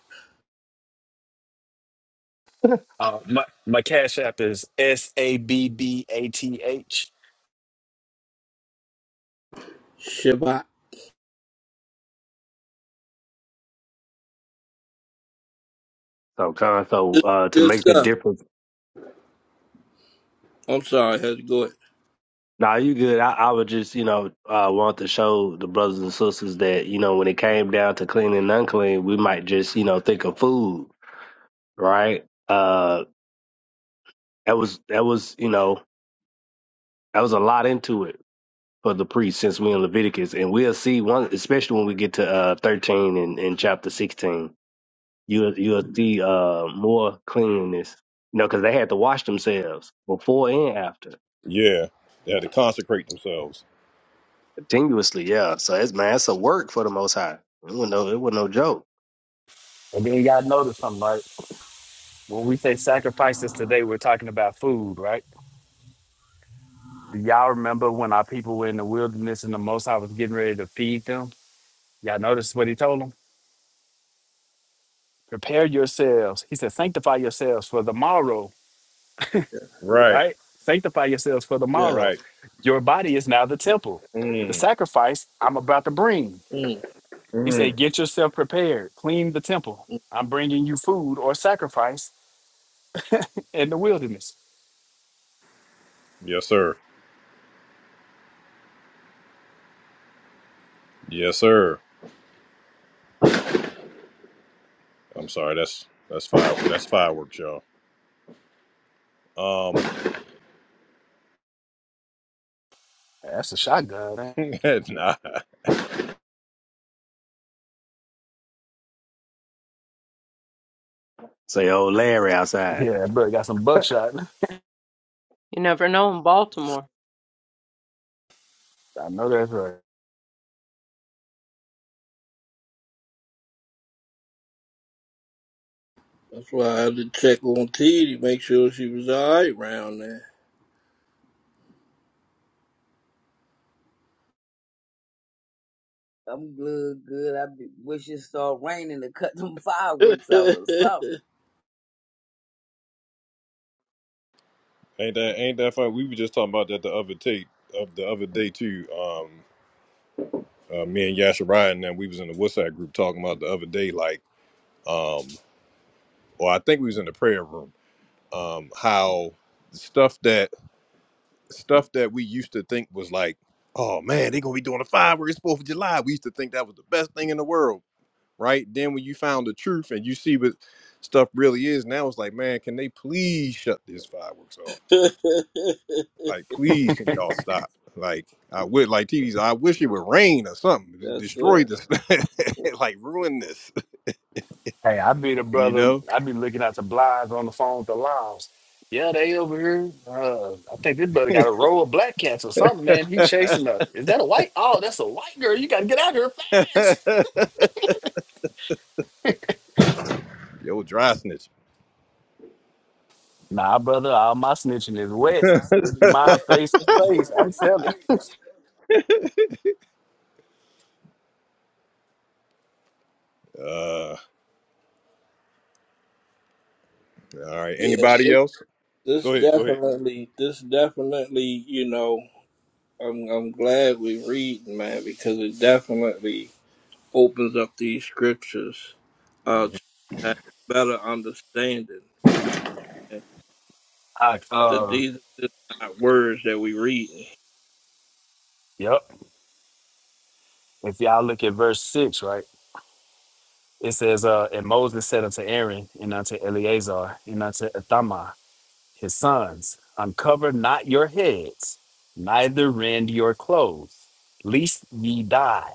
Speaker 9: Uh, my, my cash app is S A B B A T H.
Speaker 1: Shabbat.
Speaker 8: So, kind so
Speaker 1: This is
Speaker 8: uh, to
Speaker 1: good
Speaker 8: make the
Speaker 1: stuff.
Speaker 8: difference.
Speaker 1: I'm sorry, I had to go ahead.
Speaker 8: Now you good. I, I would just you know uh, want to show the brothers and sisters that you know when it came down to clean and unclean, we might just you know think of food, right? Uh, That was that was you know that was a lot into it for the priest since we're in Leviticus, and we'll see one especially when we get to uh, thirteen and, and chapter sixteen. You'll you'll see uh, more cleanliness, you know, because they had to wash themselves before and after
Speaker 2: Yeah. They had to consecrate themselves.
Speaker 8: continuously. Yeah, so it's man, it's a work for the Most High. It was no it was no joke.
Speaker 9: And then you gotta notice something, right? When we say sacrifices today, we're talking about food, right? Do y'all remember when our people were in the wilderness and the Most High was getting ready to feed them? Y'all notice what he told them? Prepare yourselves. He said, sanctify yourselves for the morrow,
Speaker 1: Yeah.
Speaker 2: Right.
Speaker 9: right? Sanctify yourselves for the
Speaker 1: Yeah.
Speaker 9: morrow.
Speaker 2: Right.
Speaker 9: Your body is now the temple. The
Speaker 2: Mm.
Speaker 9: sacrifice I'm about to bring.
Speaker 1: yeah. Mm.
Speaker 9: He said,
Speaker 2: Mm.
Speaker 9: get yourself prepared. Clean the temple.
Speaker 1: mm.
Speaker 9: I'm bringing you food or sacrifice in the wilderness.
Speaker 2: Yes, sir. Yes, sir. I'm sorry. That's that's fire. That's fireworks, y'all. Um,
Speaker 9: That's a shotgun. man.
Speaker 2: nah,
Speaker 8: Say, old Larry outside.
Speaker 9: Yeah, bro, got some buckshot.
Speaker 13: You never know in Baltimore.
Speaker 9: I know that's right.
Speaker 1: That's why I had to check on T to make sure she was all right around there.
Speaker 3: I'm good, good. I be, wish it started raining to cut them fireworks out or something.
Speaker 2: ain't that ain't that fun? We were just talking about that the other day, of the other day too. Um, uh, me and Yasha Ryan, and then we was in the Woodside group talking about the other day, like, um, or I think we was in the prayer room. Um, how stuff that stuff that we used to think was like, oh man, they're gonna be doing a fireworks Fourth of July. We used to think that was the best thing in the world, right? Then when you found the truth and you see what stuff really is, now it's like, man, can they please shut this fireworks off? Like, please, can y'all stop? Like, I would like TVs. I wish it would rain or something,
Speaker 1: Yes,
Speaker 2: destroy
Speaker 1: sir.
Speaker 2: this, like ruin this,
Speaker 9: Hey, I be the
Speaker 2: you
Speaker 9: brother.
Speaker 2: know?
Speaker 9: I be looking out the blinds on the phone to Limes. Yeah, they over here. Uh, I think this brother got a row of black cats or something, man. He chasing us. Is that a white? Oh, that's a white girl. You gotta get out here fast.
Speaker 2: Yo, dry snitch.
Speaker 9: Nah, brother. All my snitching is west. I do mine face to face. I'm telling.
Speaker 2: Uh, all right.
Speaker 1: Yeah,
Speaker 2: Anybody
Speaker 1: this,
Speaker 2: else?
Speaker 1: this
Speaker 2: Go ahead. Go ahead.
Speaker 1: definitely, this definitely, you know, I'm I'm glad we read, man, because it definitely opens up these scriptures uh,
Speaker 2: Mhm.
Speaker 1: to have better understanding. You know, and
Speaker 9: I,
Speaker 1: that
Speaker 9: uh,
Speaker 1: these are just not words that we read.
Speaker 9: yep. If y'all look at verse six, right, it says, "Uh, and Moses said unto Aaron and unto Eleazar and unto Ithamar." his sons, uncover not your heads, neither rend your clothes, lest ye die,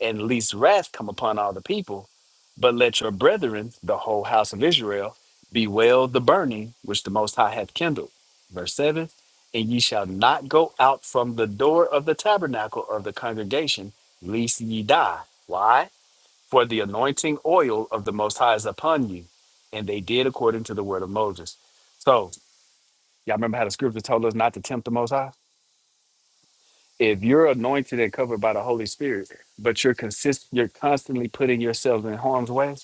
Speaker 9: and lest wrath come upon all the people. But let your brethren, the whole house of Israel, bewail the burning which the Most High hath kindled. Verse 7 And ye shall not go out from the door of the tabernacle of the congregation, lest ye die. Why? For the anointing oil of the Most High is upon you. And they did according to the word of Moses. So, Y'all remember how the scripture told us not to tempt the Most High? If you're anointed and covered by the Holy Spirit, but you're consist, you're constantly putting yourselves in harm's way,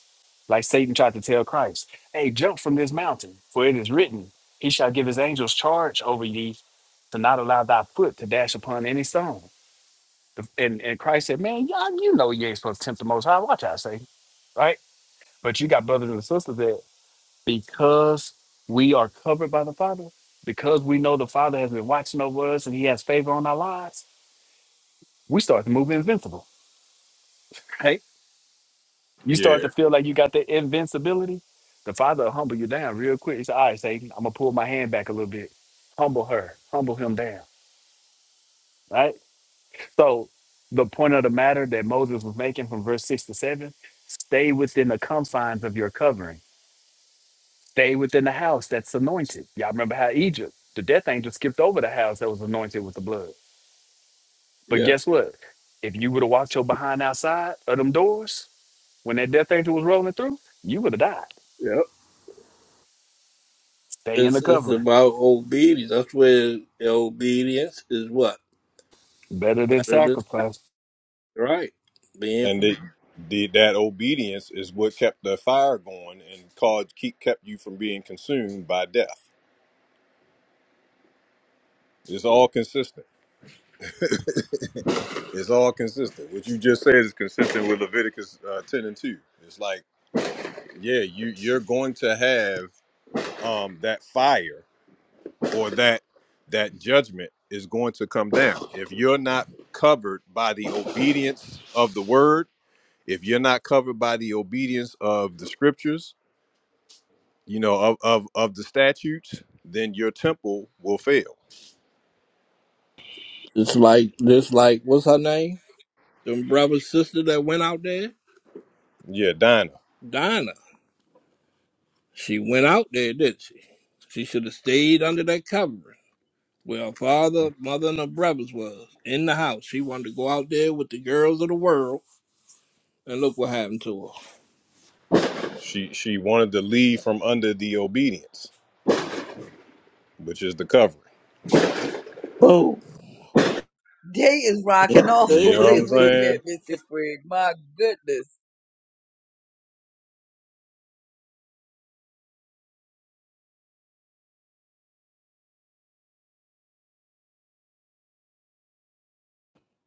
Speaker 9: like Satan tried to tell Christ, "Hey, jump from this mountain, for it is written, He shall give His angels charge over thee to not allow thy foot to dash upon any stone." The- And and Christ said, "Man, y'all, you know you ain't supposed to tempt the Most High. Watch out, Satan, right?" But you got brothers and sisters there. because we are covered by the Father, because we know the Father has been watching over us and He has favor on our lives, we start to move invincible, right? You
Speaker 2: Yeah.
Speaker 9: start to feel like you got that invincibility. The Father will humble you down real quick. He said, All right, Satan, I'm going to pull my hand back a little bit. Humble her, humble him down, right? So, the point of the matter that Moses was making from verse 6 to 7 stay within the confines of your covering Stay within the house that's anointed. Y'all remember how Egypt, the death angel skipped over the house that was anointed with the blood. But
Speaker 1: Yeah,
Speaker 9: guess what? If you would have walked your behind outside of them doors when that death angel was rolling through, you would have died.
Speaker 1: yep.
Speaker 9: Stay in
Speaker 1: It's
Speaker 9: the
Speaker 1: it's
Speaker 9: covering.
Speaker 1: about obedience. That's where obedience is what
Speaker 9: Better than
Speaker 1: better than
Speaker 9: sacrifice.
Speaker 1: right. Being
Speaker 2: and it, the, that obedience is what kept the fire going and caused keep kept you from being consumed by death. It's all consistent. it's all consistent. What you just said is consistent with Leviticus uh, ten and two. It's like, yeah, you you're going to have um, that fire or that that judgment is going to come down if you're not covered by the obedience of the word. If you're not covered by the obedience of the scriptures, you know, of, of, of the statutes, then your temple will fail.
Speaker 1: it's like just like what's her name? Them brother sister that went out there.
Speaker 2: Yeah, Dinah.
Speaker 1: Donna, she went out there, didn't she? She should have stayed under that covering where her father, mother, and her brothers was in the house. She wanted to go out there with the girls of the world, and look what happened to her.
Speaker 2: She she wanted to leave from under the obedience, which is the covering.
Speaker 1: Boom.
Speaker 3: Day is
Speaker 1: Yeah,
Speaker 3: rocking off
Speaker 2: You
Speaker 3: over
Speaker 2: know what
Speaker 3: there
Speaker 2: I'm
Speaker 1: it
Speaker 3: with you
Speaker 1: is.
Speaker 3: at,
Speaker 2: saying?
Speaker 3: Mrs. Craig. My goodness.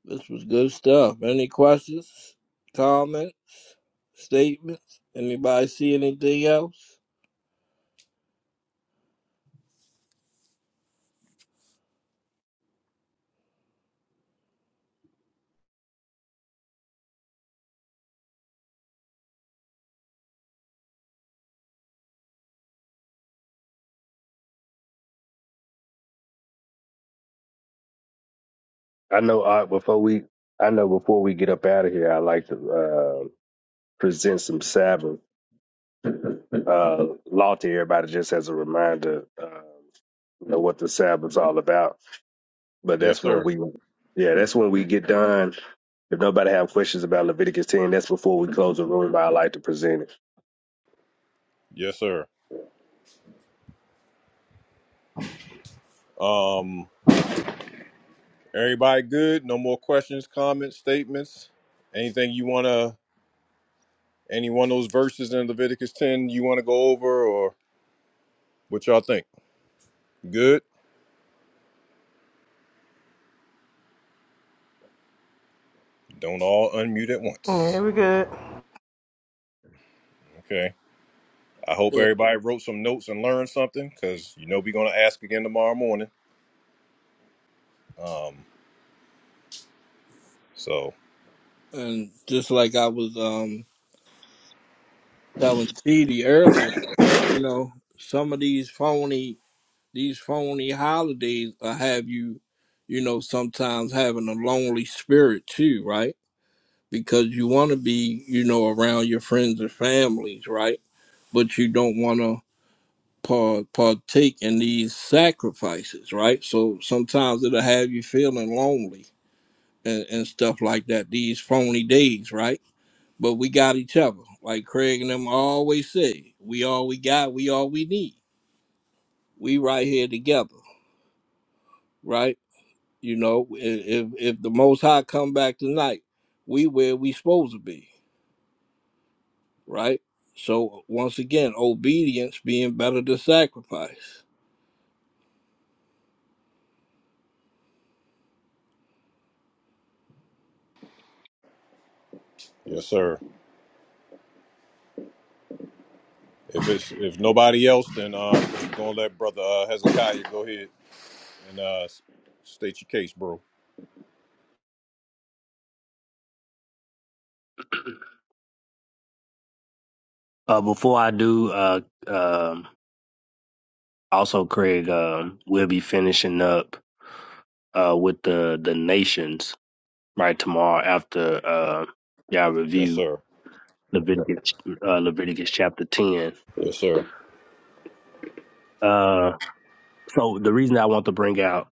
Speaker 1: this was good stuff. Any questions, comments, statements? Anybody see anything else?
Speaker 8: I know. Art, before we, I know before we get up out of here, I like to uh, present some Sabbath. uh, law to everybody just as a reminder, uh, you know, what the Sabbath's all about. But
Speaker 2: Yes,
Speaker 8: that's when
Speaker 2: sir.
Speaker 8: we, yeah, that's when we get done. If nobody have questions about Leviticus 10, that's before we close the room. But I like to present it.
Speaker 2: Yes, sir. Um, everybody good? No more questions, comments, statements. Anything you wanna Any one of those verses in Leviticus 10 you want to go over or what y'all think? Good? Don't all unmute at
Speaker 5: Yeah,
Speaker 2: once.
Speaker 5: we good.
Speaker 2: Okay. I hope
Speaker 1: Yeah.
Speaker 2: everybody wrote some notes and learned something because you know we're going to ask again tomorrow morning. Um, so,
Speaker 1: And just like I was um telling T D earlier, you know, some of these phony These phony holidays will have you, you know, sometimes having a lonely spirit too, right? Because you want to be, you know, around your friends and families, right? But you don't want to par- partake in these sacrifices, right? So sometimes it'll have you feeling lonely and, and stuff like that, these phony days, right? But we got each other. Like Craig and them always say, we all we got, we all we need. We right here together, right? You know, i- if if the Most High come back tonight, we where we supposed to be, right? So once again, obedience being better than sacrifice.
Speaker 2: yes, sir. If it's if nobody else, then um, we're going to let Brother uh, Hezekiah go ahead and uh, s- state your case, bro.
Speaker 8: Uh, before I do, uh, um, also Craig, um, we'll be finishing up uh, with the the nations right tomorrow after uh, y'all
Speaker 2: Yes,
Speaker 8: review
Speaker 2: sir.
Speaker 8: Leviticus uh, Leviticus chapter ten.
Speaker 2: Yes, sir.
Speaker 8: Uh, so the reason I want to bring out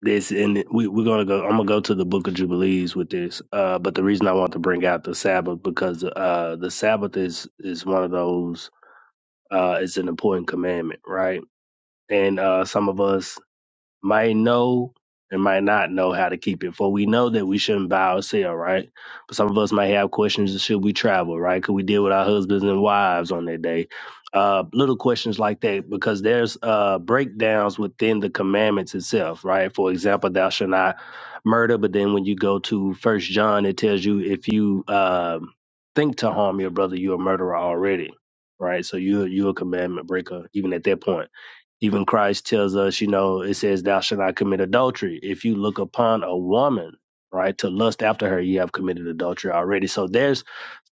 Speaker 8: this and we, we're gonna go i'm gonna go to the book of jubilees with this uh but the reason i want to bring out the sabbath because uh the sabbath is is one of those uh it's an important commandment right and uh some of us might know and might not know how to keep it. For we know that we shouldn't buy or sell, right? But some of us might have questions: Should we travel, right? Could we deal with our husbands and wives on that day? Uh, little questions like that, because there's uh, breakdowns within the commandments itself, right? For example, thou shalt not murder. But then when you go to First John, it tells you if you um think to harm your brother, you're a murderer already, right? So you you're a commandment breaker even at that point even Christ tells us, you know, it says, Thou shalt not commit adultery. If you look upon a woman, right, to lust after her, you have committed adultery already. So there's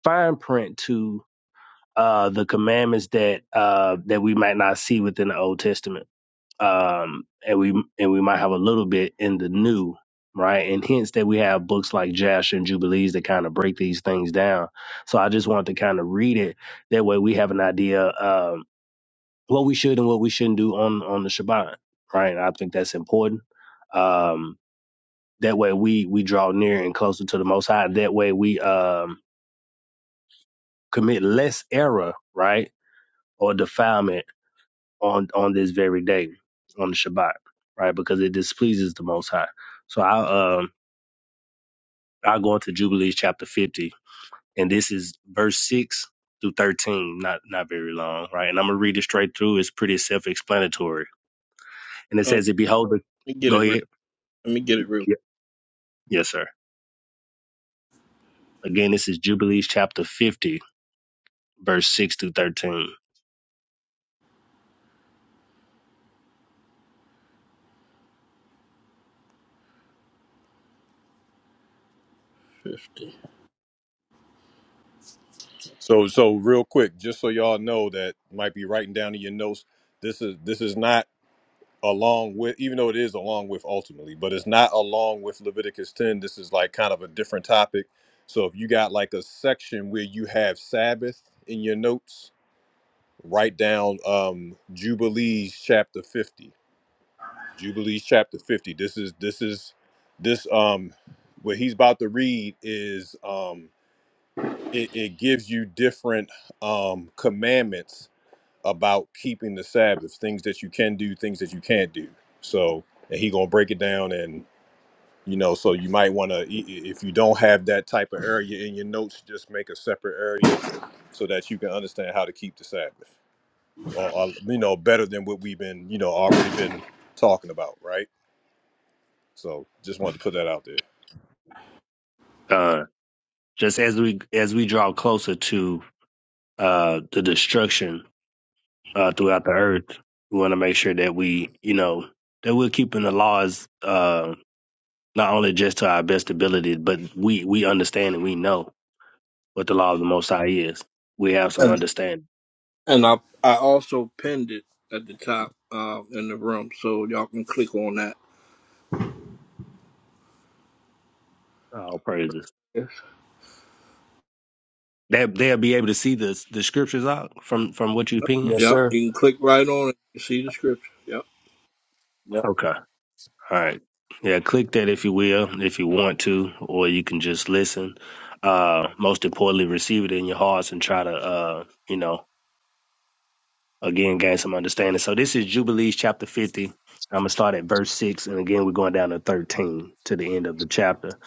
Speaker 8: fine print to uh, the commandments that uh, that we might not see within the Old Testament, um, and we and we might have a little bit in the New, right? And hence that we have books like Jasher and Jubilees that kind of break these things down. So I just want to kind of read it that way we have an idea. Um, what we should and what we shouldn't do on on the Shabbat, right? I think that's important. Um, that way we we draw near and closer to the Most High. That way we um, commit less error, right, or defilement on on this very day on the Shabbat, right? Because it displeases the Most High. So I um I go into Jubilees chapter fifty, and this is verse six through thirteen. Not not very long, right? And I'm gonna read it straight through. It's pretty self explanatory, and it
Speaker 1: Uh, let
Speaker 8: says, "It behold, the-
Speaker 1: me get
Speaker 8: go
Speaker 1: it. Real,
Speaker 8: ahead."
Speaker 1: let me get it real.
Speaker 8: Yes, sir. Again, this is Jubilees chapter 50, verse 6 to 13.
Speaker 1: Fifty.
Speaker 2: So, so real quick, just so y'all know that might be writing down in your notes. This is this is not along with even though it is along with ultimately but it's not along with leviticus 10 this is like kind of a different topic so if you got like a section where you have sabbath in your notes write down um jubilees chapter 50 jubilees chapter 50 this is this is this um what he's about to read is um it, it gives you different um commandments about keeping the Sabbath, things that you can do, things that you can't do. So, and he gonna break it down, and you know, so you might want to, if you don't have that type of area in your notes, just make a separate area so that you can understand how to keep the Sabbath, or, or you know, better than what we've been, you know, already been talking about, right? So, just wanted to put that out there.
Speaker 8: Uh, just as we as we draw closer to uh, the destruction uh, throughout the earth, we want to make sure that we, you know, that we're keeping the laws uh, not only just to our best ability, but we we understand and we know what the law of the Most High is. We have some
Speaker 1: And,
Speaker 8: understanding.
Speaker 1: and I I also pinned it at the top uh, in the room, so y'all can click on that.
Speaker 8: All praises.
Speaker 1: Yes.
Speaker 8: They they'll be able to see the the scriptures out from from what you're pinging.
Speaker 9: Yes,
Speaker 1: Yep,
Speaker 9: sir.
Speaker 1: you can click right on it. You see the scripture. Yep.
Speaker 9: Yep.
Speaker 8: Okay. All right. Yeah, click that if you will, if you want to, or you can just listen. Uh, most importantly, receive it in your hearts and try to, uh, you know, again, gain some understanding. So this is Jubilees chapter 50. I'm going to start at verse 6. And again, we're going down to 13 to the end of the chapter.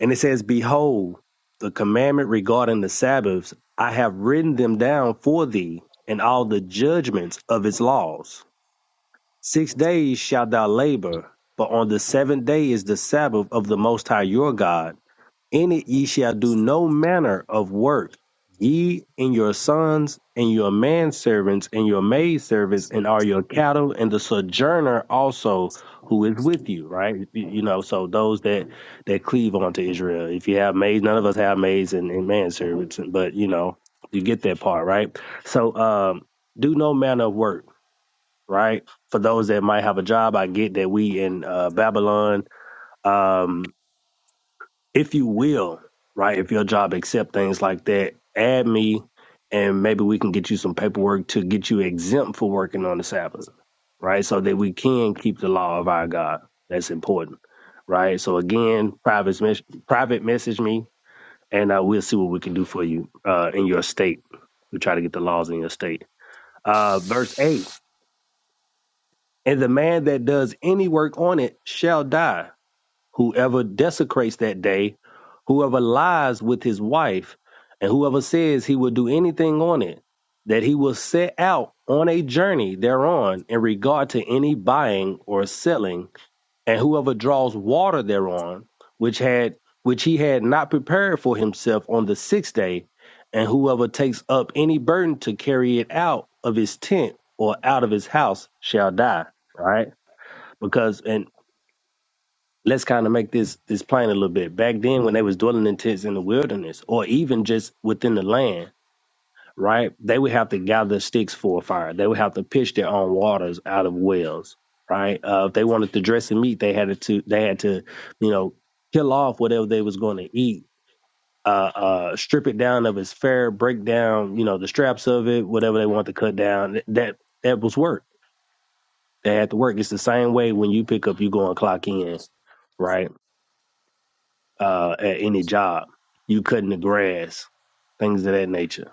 Speaker 8: And it says, Behold, the commandment regarding the Sabbaths, I have written them down for thee and all the judgments of its laws. Six days shalt thou labor, but on the seventh day is the Sabbath of the Most High your God. In it ye shall do no manner of work, ye and your sons, and your manservants, and your maidservants, and all your cattle, and the sojourner also who is with you, right? You you know, so those that, that cleave unto Israel. If you have maids, none of us have maids and, and manservants, but you know, you get that part, right? So um, do no manner of work right? For those that might have a job, I get that we in uh, Babylon, um, if you will, right? If your job accept things like that, add me, and maybe we can get you some paperwork to get you exempt for working on the Sabbath, right? So that we can keep the law of our God. That's important, right? So again, private mes- private message me, and uh, we'll see what we can do for you uh, in your state. We try to get the laws in your state. Uh, verse eight. And the man that does any work on it shall die. Whoever desecrates that day, whoever lies with his wife, and whoever says he will do anything on it, that he will set out on a journey thereon in regard to any buying or selling, and whoever draws water thereon, which had which he had not prepared for himself on the sixth day, and whoever takes up any burden to carry it out of his tent or out of his house shall die. Right? because and let's kind of make this this plain a little bit back then when they was dwelling in tents in the wilderness or even just within the land right they would have to gather sticks for a fire they would have to pitch their own waters out of wells right uh, if they wanted to dress the meat they had to they had to you know kill off whatever they was going to eat uh, uh, strip it down of its fare, break down, you know, the straps of it, whatever they want to cut down. That that was work. They had to work. It's the same way when you pick up, you go and clock in, right? uh, at any job. You cutting the grass, things of that nature,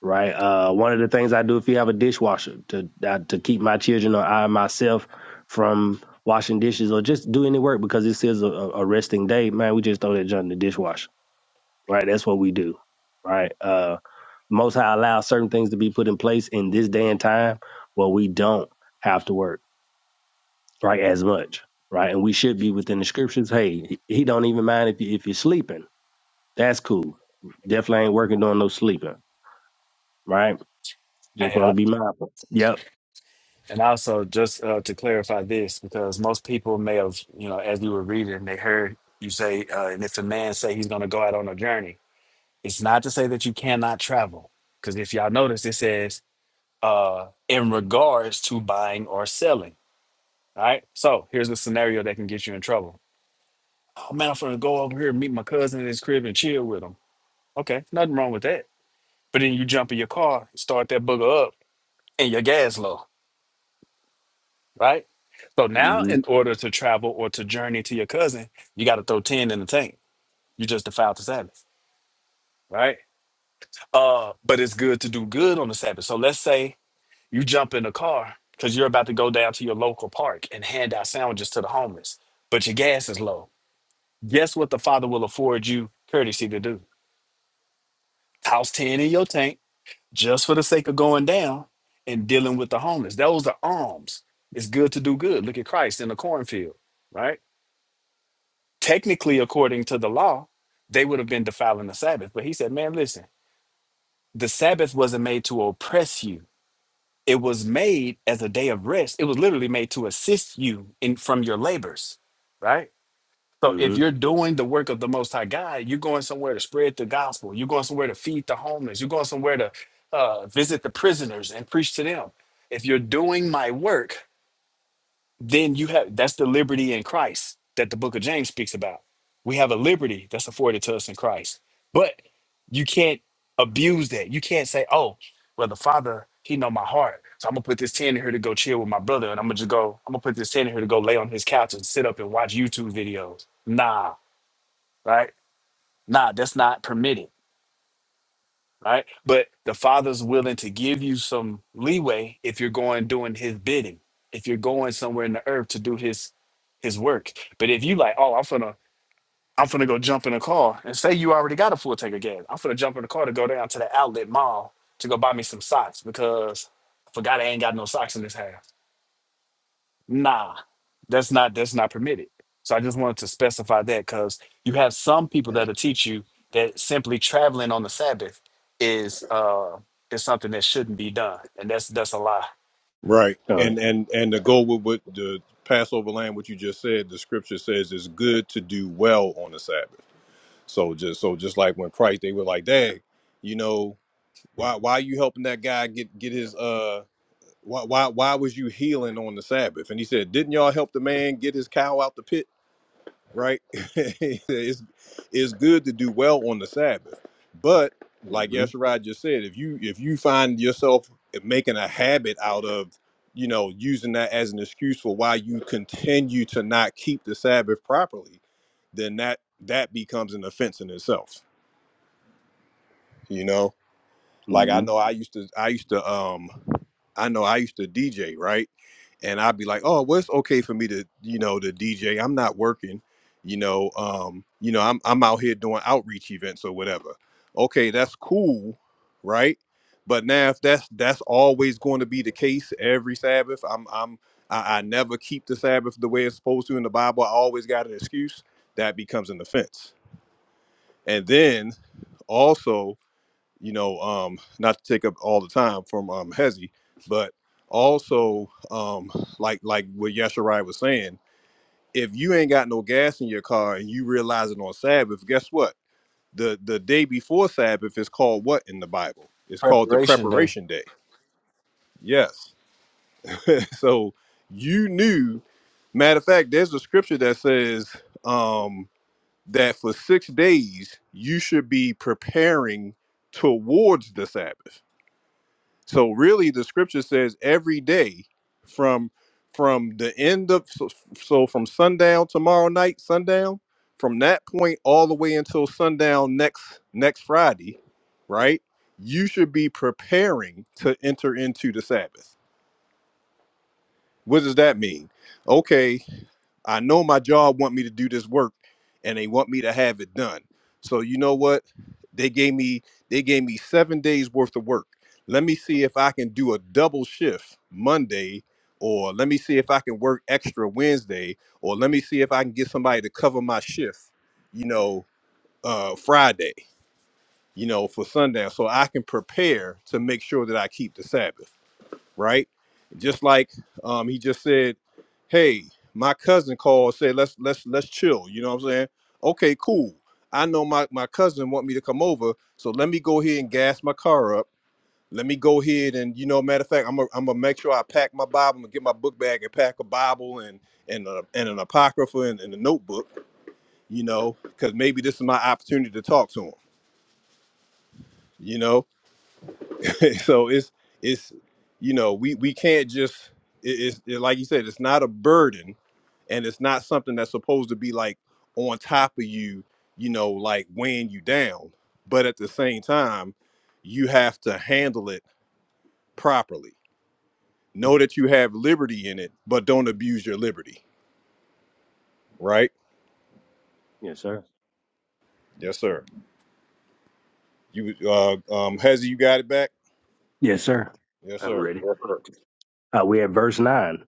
Speaker 8: right? Uh, one of the things I do if you have a dishwasher to uh, to keep my children or I myself from washing dishes or just do any work because this is a, a resting day, man. We just throw that junk in the dishwasher, right? That's what we do, right? Uh, Most High allows certain things to be put in place in this day and time where we don't have to work, right, as much. Right, and we should be within the scriptures. Hey, he he don't even mind if you if you're sleeping that's cool. Definitely ain't working on no sleeping, right? Just want to
Speaker 9: Yeah.
Speaker 8: be mindful. Yep.
Speaker 9: And also, just uh, to clarify this, because most people may have, you know, as you were reading, they heard you say, uh, and if a man say he's going to go out on a journey, it's not to say that you cannot travel. Because if y'all notice, it says uh, in regards to buying or selling. All right. So here's a scenario that can get you in trouble. Oh man, I'm gonna go over here and meet my cousin in his crib and chill with him. Okay, nothing wrong with that. But then you jump in your car, start that booger up, and your gas low, right? So now,
Speaker 8: Mm-hmm.
Speaker 9: in order to travel or to journey to your cousin, you got to throw ten in the tank. You just defiled the Sabbath, right? Uh, but it's good to do good on the Sabbath. So let's say You jump in the car because you're about to go down to your local park and hand out sandwiches to the homeless, but your gas is low. Guess what the father will afford you courtesy to do? House 10 in your tank just for the sake of going down and dealing with the homeless. Those are alms. It's good to do good. Look at Christ in the cornfield, right? Technically, according to the law, they would have been defiling the Sabbath. But he said, man, listen, the Sabbath wasn't made to oppress you. It was made as a day of rest. It was literally made to assist you in from your labors, right? So if you're
Speaker 8: Mm-hmm.
Speaker 9: doing the work of the Most High God, you're going somewhere to spread the gospel. You're going somewhere to feed the homeless. You're going somewhere to uh, visit the prisoners and preach to them. If you're doing my work, then you have that's the liberty in Christ that the book of James speaks about. We have a liberty that's afforded to us in Christ. But you can't abuse that. You can't say, oh, well, the Father, he know my heart. So I'm gonna put this 10 in here to go chill with my brother, and I'm gonna just go, I'm gonna put this 10 in here to go lay on his couch and sit up and watch YouTube videos. Nah, right? Nah, that's not permitted. Right. But the father's willing to give you some leeway if you're going doing his bidding, if you're going somewhere in the earth to do his his work. But if you like, oh, I'm finna, I'm finna go jump in a car, and say you already got a full tank of gas, I'm finna jump in the car to go down to the outlet mall to go buy me some socks because I forgot I ain't got no socks in this house. Nah, that's not that's not permitted. So I just wanted to specify that because you have some people that'll teach you that simply traveling on the Sabbath is uh is something that shouldn't be done, and that's that's a lie.
Speaker 2: Right,
Speaker 8: All right.
Speaker 2: and and and to go with what the Passover lamb, what you just said, the scripture says it's good to do well on the Sabbath. So just so just like when Christ, they were like, "Dang, you know, why why you helping that guy get get his uh why why why was you healing on the Sabbath?" And he said, "Didn't y'all help the man get his cow out the pit?" Right? He said, it's it's good to do well on the Sabbath, but like
Speaker 8: Mm-hmm.
Speaker 2: Yesharai just said, if you if you find yourself making a habit out of you know using that as an excuse for why you continue to not keep the Sabbath properly, then that that becomes an offense in itself you know like i
Speaker 8: Mm-hmm.
Speaker 2: know i used to i used to um i know i used to dj right and i'd be like oh well it's okay for me to you know to dj i'm not working you know um you know i'm, I'm out here doing outreach events or whatever okay that's cool right but now if that's that's always going to be the case every sabbath i'm i'm I, I never keep the sabbath the way it's supposed to in the bible i always got an excuse that becomes an offense and then also you know, um, not to take up all the time from um, Hezzy, but also um, like like what Yasharai was saying, if you ain't got no gas in your car and you realize it on Sabbath, guess what? The the day before Sabbath is called what in the Bible? It's called the
Speaker 9: Preparation day.
Speaker 2: preparation day. Yes. so you knew. Matter of fact, there's a scripture that says um, that for six days you should be preparing towards the Sabbath So really, the scripture says every day from from the end of so, so from sundown tomorrow night, sundown from that point all the way until sundown next next Friday, right? You should be preparing to enter into the Sabbath. What does that mean? Okay, I know my job want me to do this work and they want me to have it done. So you know what? They gave me they gave me 7 days worth of work. Let me see if I can do a double shift Monday or let me see if I can work extra Wednesday or let me see if I can get somebody to cover my shift, you know, uh Friday, you know, for sundown so I can prepare to make sure that I keep the Sabbath right? Just like um, he just said, "Hey, my cousin called, said let's let's let's chill." You know what I'm saying? Okay, cool. I know my my cousin want me to come over, so let me go ahead and gas my car up. Let me go ahead and you know, matter of fact, I'm gonna I'm gonna make sure I pack my Bible and get my book bag and pack a Bible and and a, and an apocrypha and, and a notebook, you know, because maybe this is my opportunity to talk to him, you know so it's it's you know we we can't just it, it's it, like you said it's not a burden and it's not something that's supposed to be like on top of you you know like weighing you down but at the same time you have to handle it properly know that you have liberty in it but don't abuse your liberty right
Speaker 8: Yes, sir.
Speaker 2: yes sir you uh um hezzy you got it back
Speaker 8: Yes, sir.
Speaker 2: yes
Speaker 8: I'm
Speaker 2: sir
Speaker 8: ready. Uh, we're at verse 9.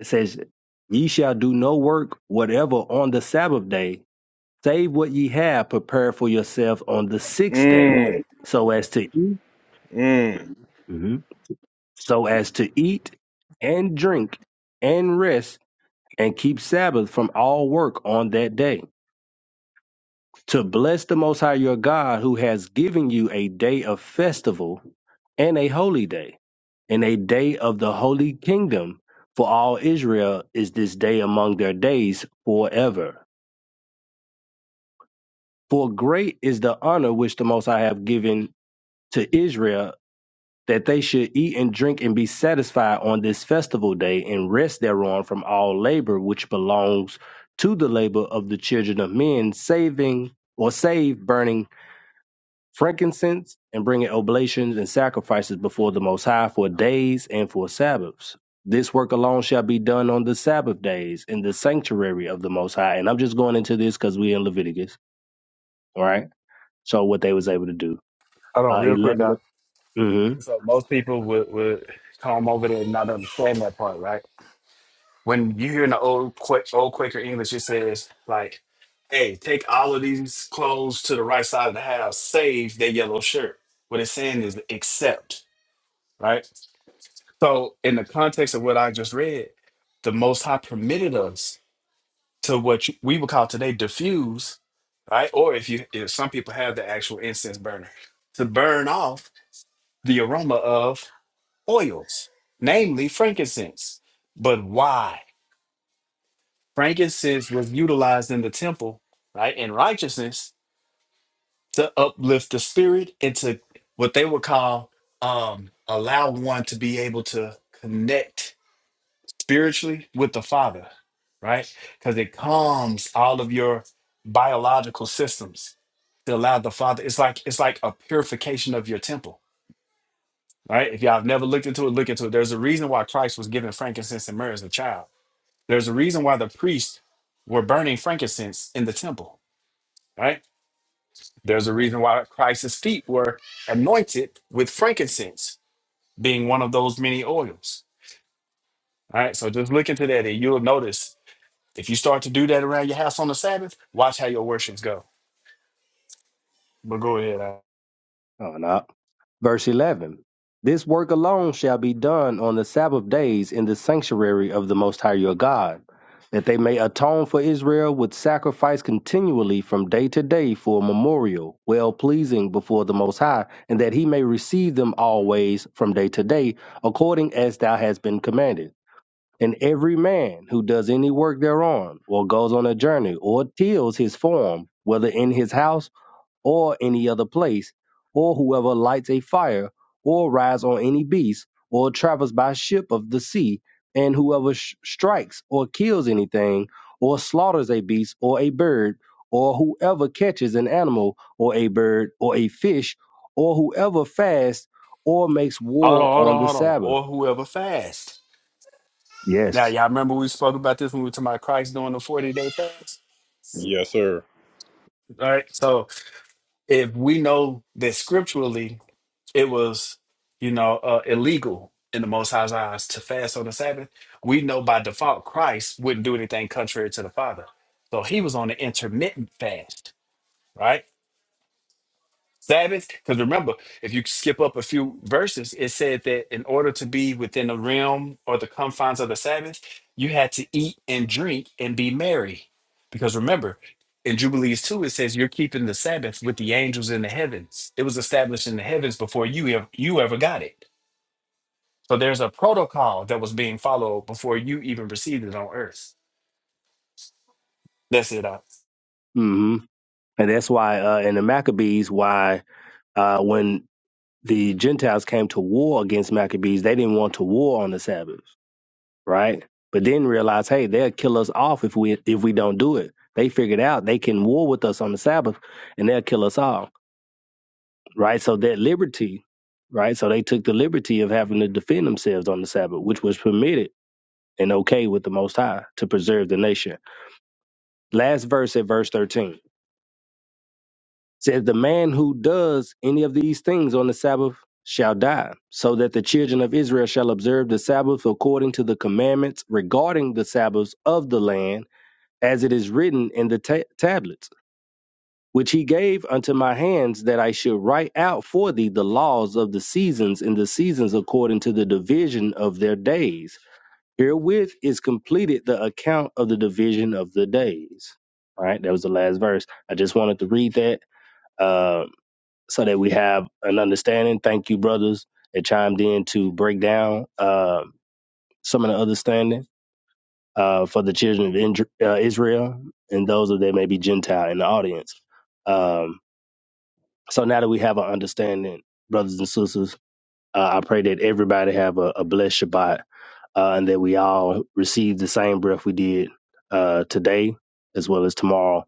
Speaker 8: It says, Ye shall do no work whatever on the Sabbath day, save what ye have prepared for yourself on the sixth day,
Speaker 2: mm,
Speaker 8: so as to eat,
Speaker 2: mm.
Speaker 8: hmm so as to eat and drink and rest and keep Sabbath from all work on that day. to bless the Most High your God who has given you a day of festival and a holy day, and a day of the holy kingdom for all Israel is this day among their days forever. For great is the honor which the Most High have given to Israel that they should eat and drink and be satisfied on this festival day and rest thereon from all labor which belongs to the labor of the children of men, saving or save burning frankincense, and bringing oblations and sacrifices before the Most High for days and for Sabbaths. This work alone shall be done on the Sabbath days in the sanctuary of the Most High. And I'm just going into this because we're in Leviticus, all right? So what they was able to do.
Speaker 9: Hold on,
Speaker 8: Uh,
Speaker 9: real quick.
Speaker 8: 11.
Speaker 9: So most people would, would come over there and not understand that part, right? When you hear in the old Qua- old Quaker English, it says like, "Hey, take all of these clothes to the right side of the house, save that yellow shirt." What it's saying is accept, right? So in the context of what I just read, the Most High permitted us to what you- we would call today diffuse, right? Or if you, if some people have the actual incense burner to burn off the aroma of oils, namely frankincense. But why? Frankincense was utilized in the temple, right, in righteousness to uplift the spirit and to what they would call um, allow one to be able to connect spiritually with the Father, right? Because it calms all of your biological systems to allow the Father. It's like it's like a purification of your temple, right? If y'all have never looked into it, look into it. There's a reason why Christ was given frankincense and myrrh as a child There's a reason why the priests were burning frankincense in the temple, right? There's a reason why Christ's feet were anointed with frankincense, being one of those many oils. All right, so just look into that, and you'll notice if you start to do that around your house on the Sabbath, watch how your worships go. But go ahead. Al.
Speaker 8: Oh, no. Verse 11 This work alone shall be done on the Sabbath days in the sanctuary of the Most High your God, that they may atone for Israel with sacrifice continually from day to day for a memorial, well pleasing before the Most High, and that he may receive them always from day to day, according as thou hast been commanded. And every man who does any work thereon, or goes on a journey, or tills his farm, whether in his house, or any other place, or whoever lights a fire, or rides on any beast, or travels by ship of the sea, and whoever sh- strikes or kills anything, or slaughters a beast or a bird, or whoever catches an animal or a bird or a fish, or whoever fasts or makes
Speaker 9: Hold
Speaker 8: war
Speaker 9: on, hold
Speaker 8: on
Speaker 9: on,
Speaker 8: the
Speaker 9: hold on.
Speaker 8: Sabbath.
Speaker 9: Or whoever fasts. Now,
Speaker 8: Yes.
Speaker 9: y'all remember we spoke about this when we were talking about Christ doing the 40 day fast?
Speaker 2: yes sir
Speaker 9: All right, so if we know that scripturally it was, you know, uh, illegal in the Most High's eyes to fast on the Sabbath, we know by default Christ wouldn't do anything contrary to the Father. So he was on an intermittent fast, right? Sabbath, because remember, if you skip up a few verses, it said that in order to be within the realm or the confines of the Sabbath, you had to eat and drink and be merry. Because remember, in Jubilees 2, it says you're keeping the Sabbath with the angels in the heavens. It was established in the heavens before you ever, you ever got it so there's a protocol that was being followed before you even received it on earth. That's it. I,
Speaker 8: hmm And that's why uh, in the Maccabees, why uh, when the Gentiles came to war against Maccabees, they didn't want to war on the Sabbath. right? But then realize, hey, they'll kill us off if we if we don't do it. They figured out they can war with us on the Sabbath, and they'll kill us all, right? So that liberty, right? So they took the liberty of having to defend themselves on the Sabbath, which was permitted and okay with the Most High to preserve the nation. Last verse at verse thirteen says, "The man who does any of these things on the Sabbath." Shall die, so that the children of Israel shall observe the Sabbath according to the commandments regarding the Sabbaths of the land as it is written in the ta- tablets, which he gave unto my hands, that I should write out for thee the laws of the seasons and the seasons according to the division of their days. Herewith is completed the account of the division of the days. All right, that was the last verse. I just wanted to read that uh, so that we have an understanding. Thank you, brothers, that chimed in to break down uh, some of the understanding uh, for the children of Indr- uh, Israel and those of that may be Gentile in the audience. Um, so now that we have an understanding, brothers and sisters, uh, I pray that everybody have a, a blessed Shabbat uh, and that we all receive the same breath we did uh, today as well as tomorrow,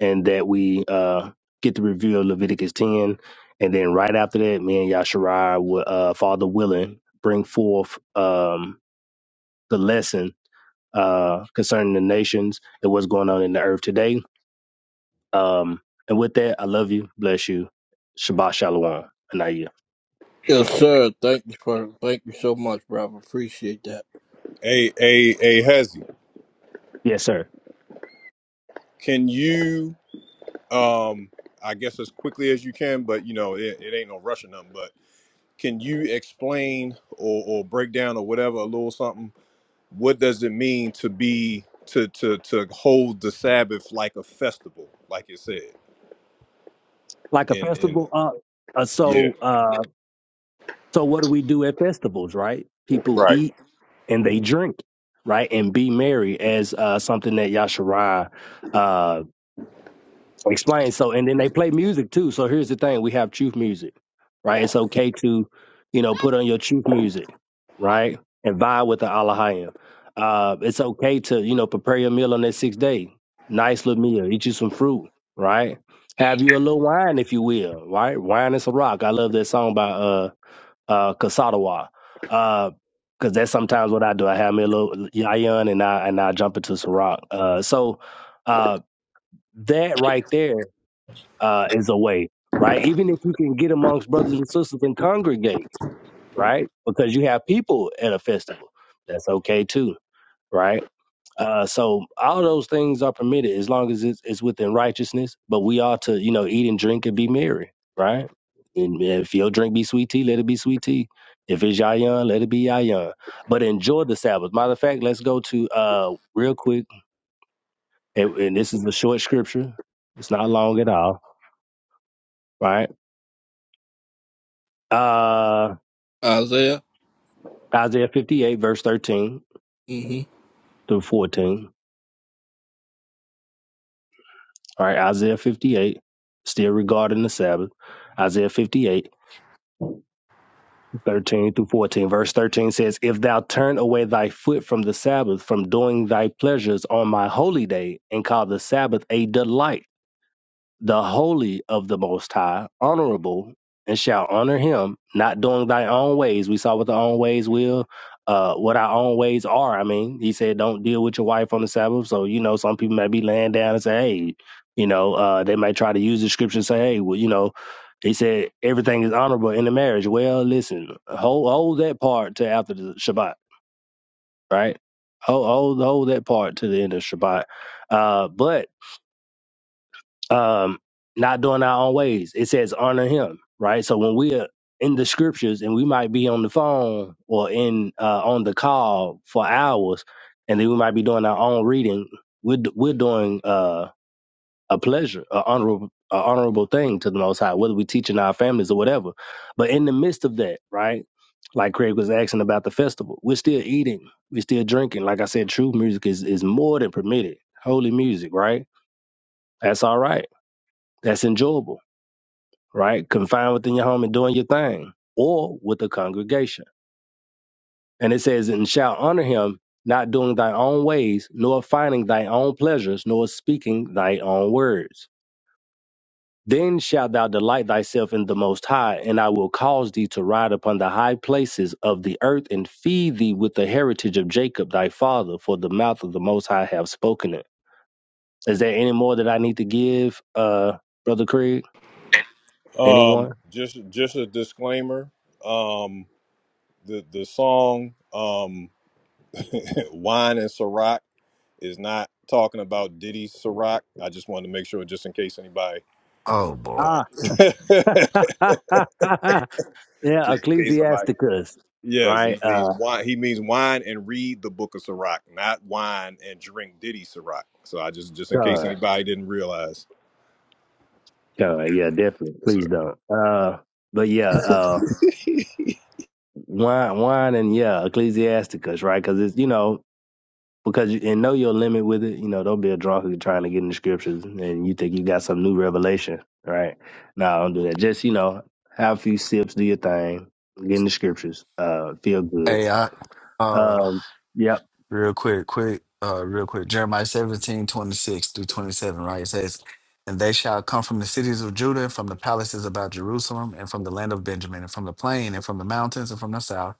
Speaker 8: and that we uh, get the review of Leviticus 10. And then right after that, me and Yasharai will, uh, Father willing, bring forth um, the lessons uh, concerning the nations and what's going on in the earth today. Um, and with that, I love you, bless you, Shabbat Shalom, Anaya.
Speaker 1: Yes, sir. Thank you for thank you so much, brother. Appreciate that.
Speaker 2: hey hey hey hezzy
Speaker 8: Yes, sir.
Speaker 2: can you Um, I guess as quickly as you can, but you know, it, it ain't no rush or nothing. But can you explain or, or break down or whatever a little something? What does it mean to be to to to hold the Sabbath like a festival, like it said?
Speaker 8: Like a
Speaker 2: And and
Speaker 8: festival. Uh, uh,
Speaker 2: yeah,
Speaker 8: so, uh, so what do we do at festivals, right? People
Speaker 2: right.
Speaker 8: eat and they drink, right, and be merry as uh, something that Yasharai uh, explain. So, and then they play music too. So here's the thing: we have truth music, right? It's okay to, you know, put on your truth music, right, and vibe with the Alahayim. Uh, it's okay to, you know, prepare your meal on that sixth day. Nice little meal. Eat you some fruit, right? Have you a little wine if you will, right? Wine is a rock. I love that song by uh uh Kasadawa. Uh because that's sometimes what I do. I have me a little yayan and I and I jump into some rock. Uh so uh that right there uh, is a way, right? Even if you can get amongst brothers and sisters and congregate, right? Because you have people at a festival, that's okay too, right? Uh, so all those things are permitted as long as it's, it's within righteousness. But we ought to, you know, eat and drink and be merry, right? And if your drink be sweet tea, let it be sweet tea. If it's yayan, let it be yayan. But enjoy the Sabbath. Matter of fact, let's go to uh real quick, and, and this is a short scripture. It's not long at all, right? Uh
Speaker 1: Isaiah.
Speaker 8: Isaiah 58, verse 13
Speaker 1: Mm-hmm.
Speaker 8: through 14. All right, Isaiah 58, still regarding the Sabbath. Isaiah 58, 13 through 14. Verse 13 says, If thou turn away thy foot from the Sabbath, from doing thy pleasures on my holy day, and call the Sabbath a delight, the holy of the Most High, honorable, and shall honor him, not doing thy own ways. We saw what the own ways will, uh, what our own ways are. I mean, he said, don't deal with your wife on the Sabbath. So, you know, some people may be laying down and say, hey, you know, uh, they might try to use the scripture and say, hey, well, you know, he said everything is honorable in the marriage. Well, listen, hold hold that part to after the Shabbat, right? Hold hold, hold that part to the end of Shabbat. Uh, but um, not doing our own ways. It says honor him, right? So when we're in the scriptures and we might be on the phone or in uh, on the call for hours, and then we might be doing our own reading. We're d- we're doing uh, a pleasure, a honorable, a honorable thing to the Most High, whether we teaching our families or whatever. But in the midst of that, right? Like Craig was asking about the festival, we're still eating, we're still drinking. Like I said, true music is is more than permitted. Holy music, right? That's all right. That's enjoyable right? Confined within your home and doing your thing, or with a congregation. And it says, and shall honor him, not doing thy own ways, nor finding thy own pleasures, nor speaking thy own words. Then shalt thou delight thyself in the Most High, and I will cause thee to ride upon the high places of the earth, and feed thee with the heritage of Jacob thy father, for the mouth of the Most High have spoken it. Is there any more that I need to give, uh, Brother Craig?
Speaker 2: Um,
Speaker 8: Anyone?
Speaker 2: just just a disclaimer. Um, the the song um, "Wine and Ciroc" is not talking about Diddy Ciroc. I just wanted to make sure, just in case anybody.
Speaker 9: Oh boy.
Speaker 8: Ah.
Speaker 2: Uh,
Speaker 8: Yeah,
Speaker 2: Just in case somebody.
Speaker 8: Ecclesiasticus,
Speaker 2: Yes,
Speaker 8: right?
Speaker 2: he means
Speaker 8: Uh,
Speaker 2: wine. He means wine and read the book of Sirach, not wine and drink Diddy Sirach. So I just just in case
Speaker 8: God,
Speaker 2: anybody didn't realize.
Speaker 8: God, yeah, definitely.
Speaker 2: Yes,
Speaker 8: Please
Speaker 2: sir.
Speaker 8: don't. Uh, but yeah, uh, wine, wine, and yeah, Ecclesiasticus, right? Because it's you know because you and know your limit with it. You know, don't be a drunk who's trying to get in the scriptures and you think you got some new revelation, right? No, don't do that. Just you know, have a few sips, do your thing, get in the scriptures, uh, feel good.
Speaker 9: Hey, I uh
Speaker 8: Um, yep.
Speaker 9: Real quick, quick, uh, real quick. Jeremiah 17 26 through 27, right? It says, And they shall come from the cities of Judah, and from the palaces about Jerusalem, and from the land of Benjamin, and from the plain, and from the mountains, and from the south,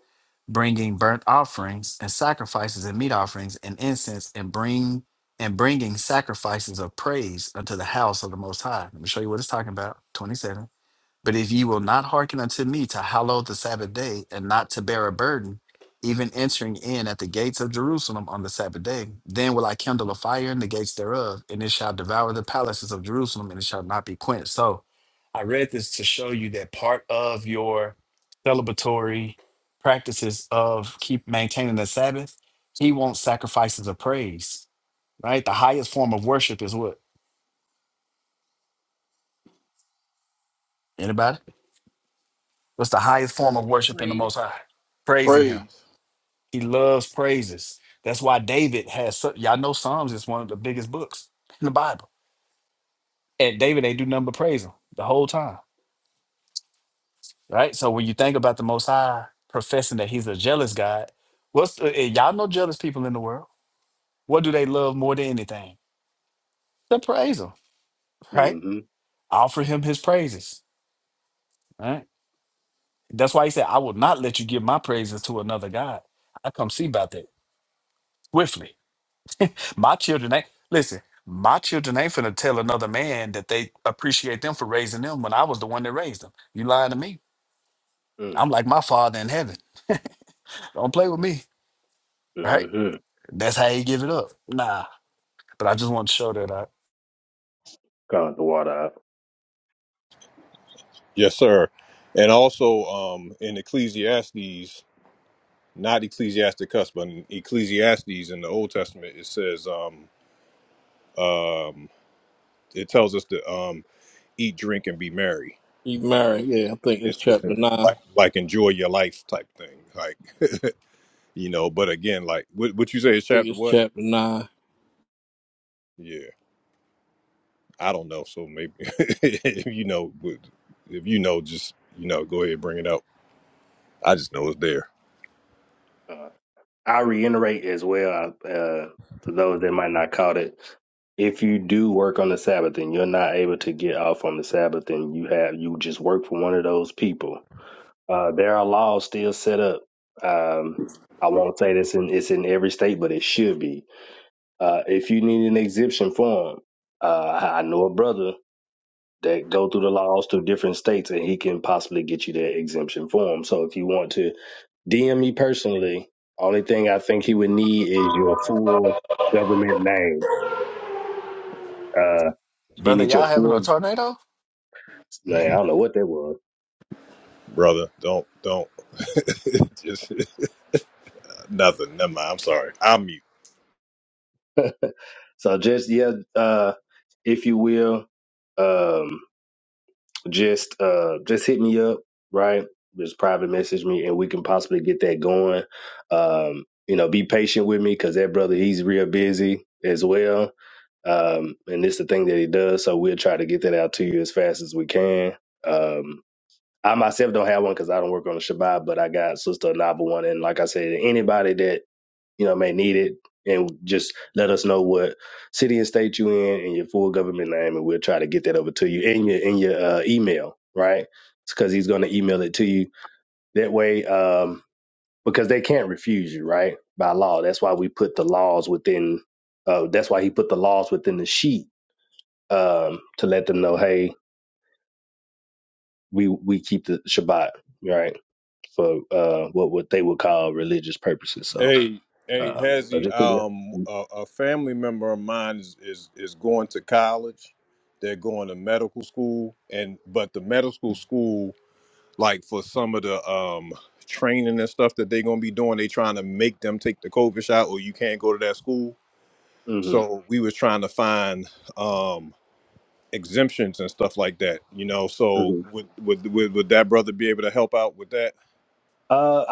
Speaker 9: bringing burnt offerings, and sacrifices, and meat offerings, and incense, and bring and bringing sacrifices of praise unto the house of the Most High. Let me show you what it's talking about. 27. But if ye will not hearken unto me to hallow the Sabbath day and not to bear a burden, even entering in at the gates of Jerusalem on the Sabbath day, then will I kindle a fire in the gates thereof, and it shall devour the palaces of Jerusalem, and it shall not be quenched. So I read this to show you that part of your celebratory practices of keep maintaining the Sabbath, he wants sacrifices of praise, right? The highest form of worship is what? Anybody? What's the highest form of worship in the Most
Speaker 3: Praise.
Speaker 9: High? Praising him
Speaker 1: Praise.
Speaker 9: He loves praises. That's why David has su- y'all know Psalms is one of the biggest books in the Bible. And David ain't do nothing but praise him the whole time. Right? So when you think about the most high professing that he's a jealous God, what's the, and y'all know jealous people in the world? What do they love more than anything? To praise him, right?
Speaker 8: Mm-hmm.
Speaker 9: Offer him his praises. Right? That's why he said, I will not let you give my praises to another God. I come see about that swiftly My children ain't listen. My children ain't finna tell another man that they appreciate them for raising them when I was the one that raised them. You lying to me? I'm like my father in heaven. Don't play with me, right?
Speaker 8: Mm-hmm.
Speaker 9: That's how you give it up. Nah, but I just want to show that I,
Speaker 8: Got the water
Speaker 2: Yes, sir. And also um, in Ecclesiastes, not Ecclesiasticus, but in Ecclesiastes in the Old Testament, it says um, um, it tells us to um, eat, drink, and be merry.
Speaker 1: He married. Yeah, I think
Speaker 2: It
Speaker 1: it's
Speaker 2: says
Speaker 1: chapter nine.
Speaker 2: like
Speaker 1: I
Speaker 2: like enjoy your life type thing, like you know. But again, like what what you say is
Speaker 1: think
Speaker 2: chapter
Speaker 1: it's
Speaker 2: what?
Speaker 1: chapter nine.
Speaker 2: Yeah. I don't know, so maybe if you know, if you know, just you know, go ahead and bring it up. I just know it's there,
Speaker 8: up. I reiterate as well uh, uh, to those that might not caught it. If you do work on the Sabbath and you're not able to get off on the Sabbath, and you have you just work for one of those people, uh, there are laws still set up. Um, I won't say this in it's in every state, but it should be. Uh, if you need an exemption form, uh, I know a brother that go through the laws to different states, and he can possibly get you that exemption form. So if you want to DM me personally. Only thing I think he would need is your full government name. Uh, he
Speaker 9: brother.
Speaker 8: needs your
Speaker 9: Y'all having a
Speaker 8: full
Speaker 9: tornado?
Speaker 8: name. I don't know what that was.
Speaker 2: brother. Don't don't just nothing. Never mind. I'm sorry. I'm mute.
Speaker 8: So just yeah, uh, if you will, um, just uh, just hit me up, right? Just private message me, and we can possibly get that going. Um, you know, be patient with me because that brother he's real busy as well. Um, and it's the thing that he does, so we'll try to get that out to you as fast as we can. Um, I myself don't have one because I don't work on the Shabbat, but I got Sister Nava one. And like I said, anybody that, you know, may need it and just let us know what city and state you in and your full government name, and we'll try to get that over to you in your, in your uh, email, right? Because he's going to email it to you that way, um, because they can't refuse you, right? By law. That's why we put the laws within, uh, that's why he put the laws within the sheet um, to let them know, hey, we, we keep the Shabbat, right? for uh, what what they would call religious purposes. So,
Speaker 2: Hey, hey,
Speaker 8: uh, so
Speaker 2: Hezzy,
Speaker 8: just
Speaker 2: um, a, a family member of mine is, is is going to college. They're going to medical school, and but the medical school, like for some of the um training and stuff that they're gonna be doing, they trying to make them take the COVID shot, or you can't go to that school
Speaker 8: hmm
Speaker 2: so we was trying to find um exemptions and stuff like that you know
Speaker 8: hmm
Speaker 2: so would would would, would that brother be able to help out with that
Speaker 8: uh,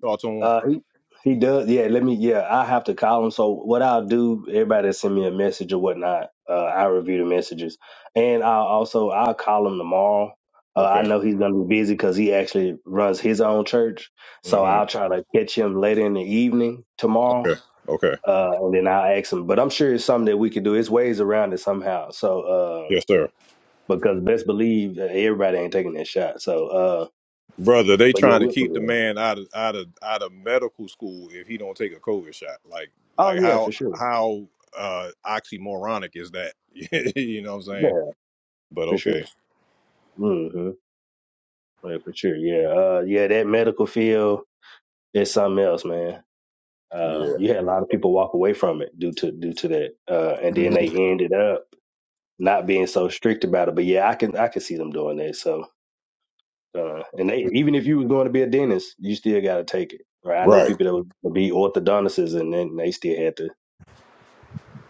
Speaker 2: thoughts
Speaker 8: I
Speaker 2: on
Speaker 8: uh, he he does. Yeah, let me. Yeah, I have to call him. So what I'll do, everybody that send me a message or whatnot, uh, I review the messages, and I'll also I'll call him tomorrow. Uh, I
Speaker 2: okay
Speaker 8: know he's gonna be busy because he actually runs his own church, so
Speaker 2: hmm
Speaker 8: I'll try to catch him later in the evening tomorrow,
Speaker 2: okay okay
Speaker 8: uh, and then I'll ask him. But I'm sure it's something that we could do. It's ways around it somehow. So. Um,
Speaker 2: yes sir
Speaker 8: because best believe uh, everybody ain't taking that shot. So, uh,
Speaker 2: brother they
Speaker 8: but you're
Speaker 2: trying to
Speaker 8: with
Speaker 2: keep the
Speaker 8: it.
Speaker 2: man out of out of out of medical school if he don't take a covid shot like
Speaker 8: Oh
Speaker 2: like
Speaker 8: yeah,
Speaker 2: how
Speaker 8: for sure.
Speaker 2: how uh oxymoronic is that you know what i'm saying
Speaker 8: Yeah,
Speaker 2: but
Speaker 8: for sure.
Speaker 2: okay
Speaker 8: Mm-hmm. Yeah, for sure. Yeah. Uh, yeah, that medical field is something else, man. Uh,
Speaker 2: yeah
Speaker 8: you had a lot of people walk away from it due to due to that, uh, and then
Speaker 2: Mhm.
Speaker 8: they ended up not being so strict about it. But yeah, I can I can see them doing that. So, uh, and they, even if you was going to be a dentist, you still got to take it. Right? I know
Speaker 2: right
Speaker 8: people that would be orthodontists, and then they still had to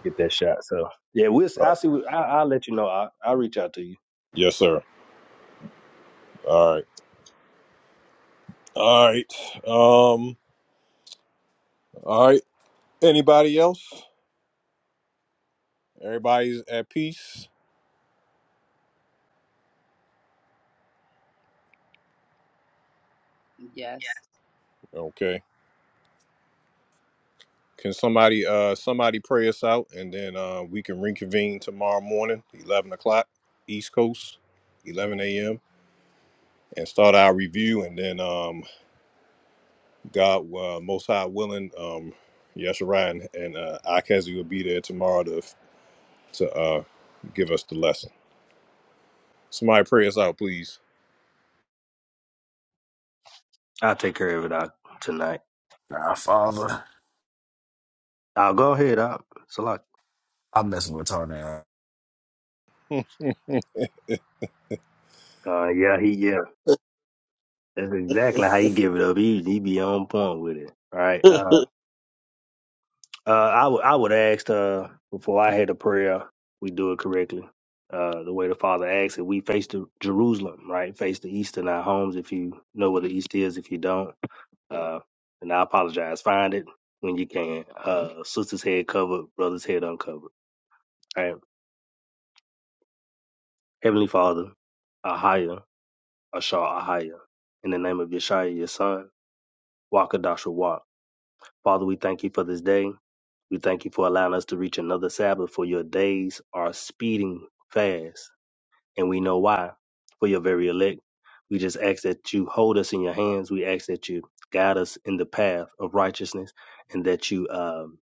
Speaker 8: get that shot. So yeah, we'll. i I'll see. what- I, I'll let you know. I, I'll reach out to you.
Speaker 2: yes sir all right all right um all right anybody else Everybody's at peace.
Speaker 3: Yes.
Speaker 2: Okay. Can somebody uh somebody pray us out and then uh we can reconvene tomorrow morning, eleven o'clock, East Coast, eleven AM, and start our review and then um God uh, most high willing, um Yeshua and, and uh Akazi will be there tomorrow to to uh give us the lesson. Somebody pray us out, please.
Speaker 8: I'll take care of it out tonight.
Speaker 9: Nah, father.
Speaker 8: I'll go ahead. I'll, Salak.
Speaker 9: I'm messing with tornado.
Speaker 8: Uh, yeah, he yeah. That's exactly how he give it up. He he be on point with it. All right. Uh, uh, I would I would ask uh before I had a prayer, we do it correctly. Uh, the way the Father asks it, we face the Jerusalem, right? Face the east in our homes. If you know where the east is, if you don't, uh, and I apologize. Find it when you can. Uh, sister's head covered, brother's head uncovered. Right. Heavenly Father, Ahaya, Ashar Ahaya, in the name of Yeshua, your son, Wakadash Walk. Father, we thank you for this day. We thank you for allowing us to reach another Sabbath, for your days are speeding fast, and we know why, for your very elect. We just ask that you hold us in your hands. We ask that you guide us in the path of righteousness and that you um.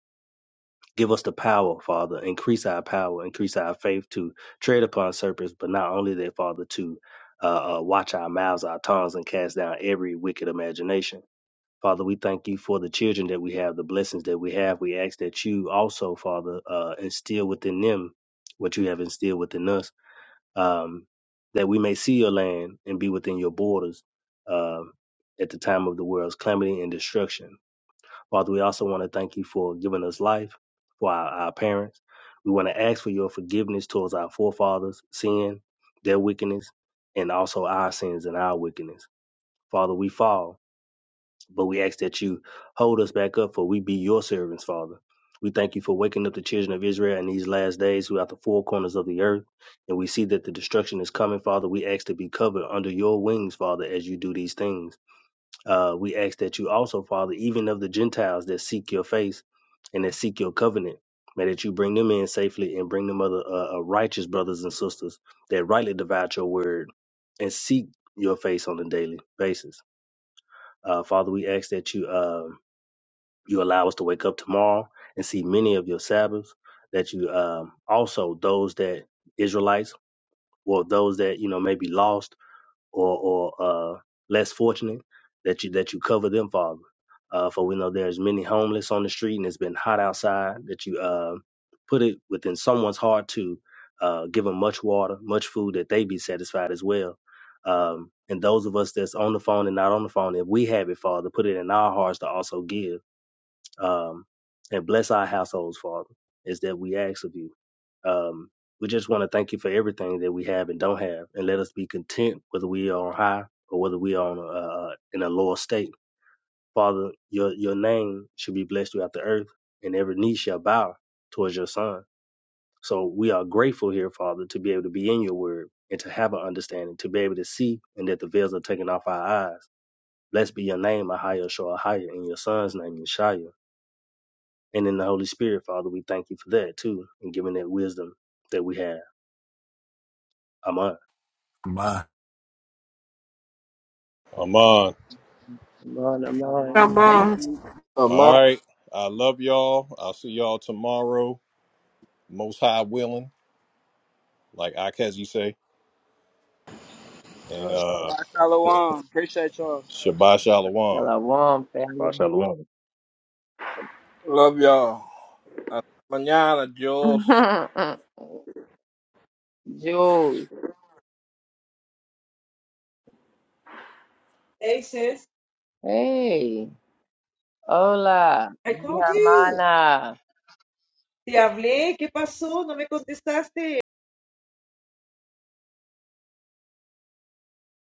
Speaker 8: Give us the power, Father. Increase our power, increase our faith to tread upon serpents, but not only that, Father, to uh, uh, watch our mouths, our tongues, and cast down every wicked imagination. Father, we thank you for the children that we have, the blessings that we have. We ask that you also, Father, uh, instill within them what you have instilled within us, um, that we may see your land and be within your borders um, at the time of the world's calamity and destruction. Father, we also want to thank you for giving us life, for our, our parents. We want to ask for your forgiveness towards our forefathers' sin, their wickedness, and also our sins and our wickedness. Father, we fall, but we ask that you hold us back up, for we be your servants, Father. We thank you for waking up the children of Israel in these last days throughout the four corners of the earth. And we see that the destruction is coming, Father. We ask to be covered under your wings, Father, as you do these things. Uh, we ask that you also, Father, even of the Gentiles that seek your face and that seek your covenant, may that you bring them in safely and bring them other uh, uh, righteous brothers and sisters that rightly divide your word and seek your face on a daily basis. Uh, Father, we ask that you uh, you allow us to wake up tomorrow and see many of your Sabbaths. That you um, also those that Israelites or those that you know may be lost or or uh, less fortunate, that you that you cover them, Father. Uh, for we know there's many homeless on the street, and it's been hot outside. That you uh, put it within someone's heart to uh, give them much water, much food, that they be satisfied as well. Um, and those of us that's on the phone and not on the phone, if we have it, Father, put it in our hearts to also give um, and bless our households, Father. Is that we ask of you? Um, we just want to thank you for everything that we have and don't have, and let us be content whether we are on high or whether we are on uh, uh, in a lower state. Father, your your name should be blessed throughout the earth, and every knee shall bow towards your Son. So we are grateful here, Father, to be able to be in your word and to have an understanding, to be able to see, and that the veils are taken off our eyes. Blessed be your name, Ahaya Shoah Higher, in your Son's name, Yeshaya. And in the Holy Spirit, Father, we thank you for that too, and giving that wisdom that we have. Amen.
Speaker 2: I'm on.
Speaker 4: I'm on, I'm
Speaker 3: Come
Speaker 4: on.
Speaker 5: Got
Speaker 3: on. Thank
Speaker 5: bombs.
Speaker 3: you.
Speaker 1: Amar,
Speaker 2: All right. I love y'all. I'll see y'all tomorrow. Most high willing, like Akazi say.
Speaker 8: Uh,
Speaker 2: and uh,
Speaker 12: All right, Shalom. Appreciate y'all.
Speaker 2: Shabbat Shalom.
Speaker 4: Shalom, family.
Speaker 8: Mashallah.
Speaker 1: love y'all. Hasta mañana, Jules.
Speaker 4: Jules,
Speaker 10: Hey sis,
Speaker 4: hey, hola,
Speaker 10: I
Speaker 4: mi
Speaker 10: called you.
Speaker 4: hermana.
Speaker 10: Te hablé, ¿qué pasó? No me contestaste.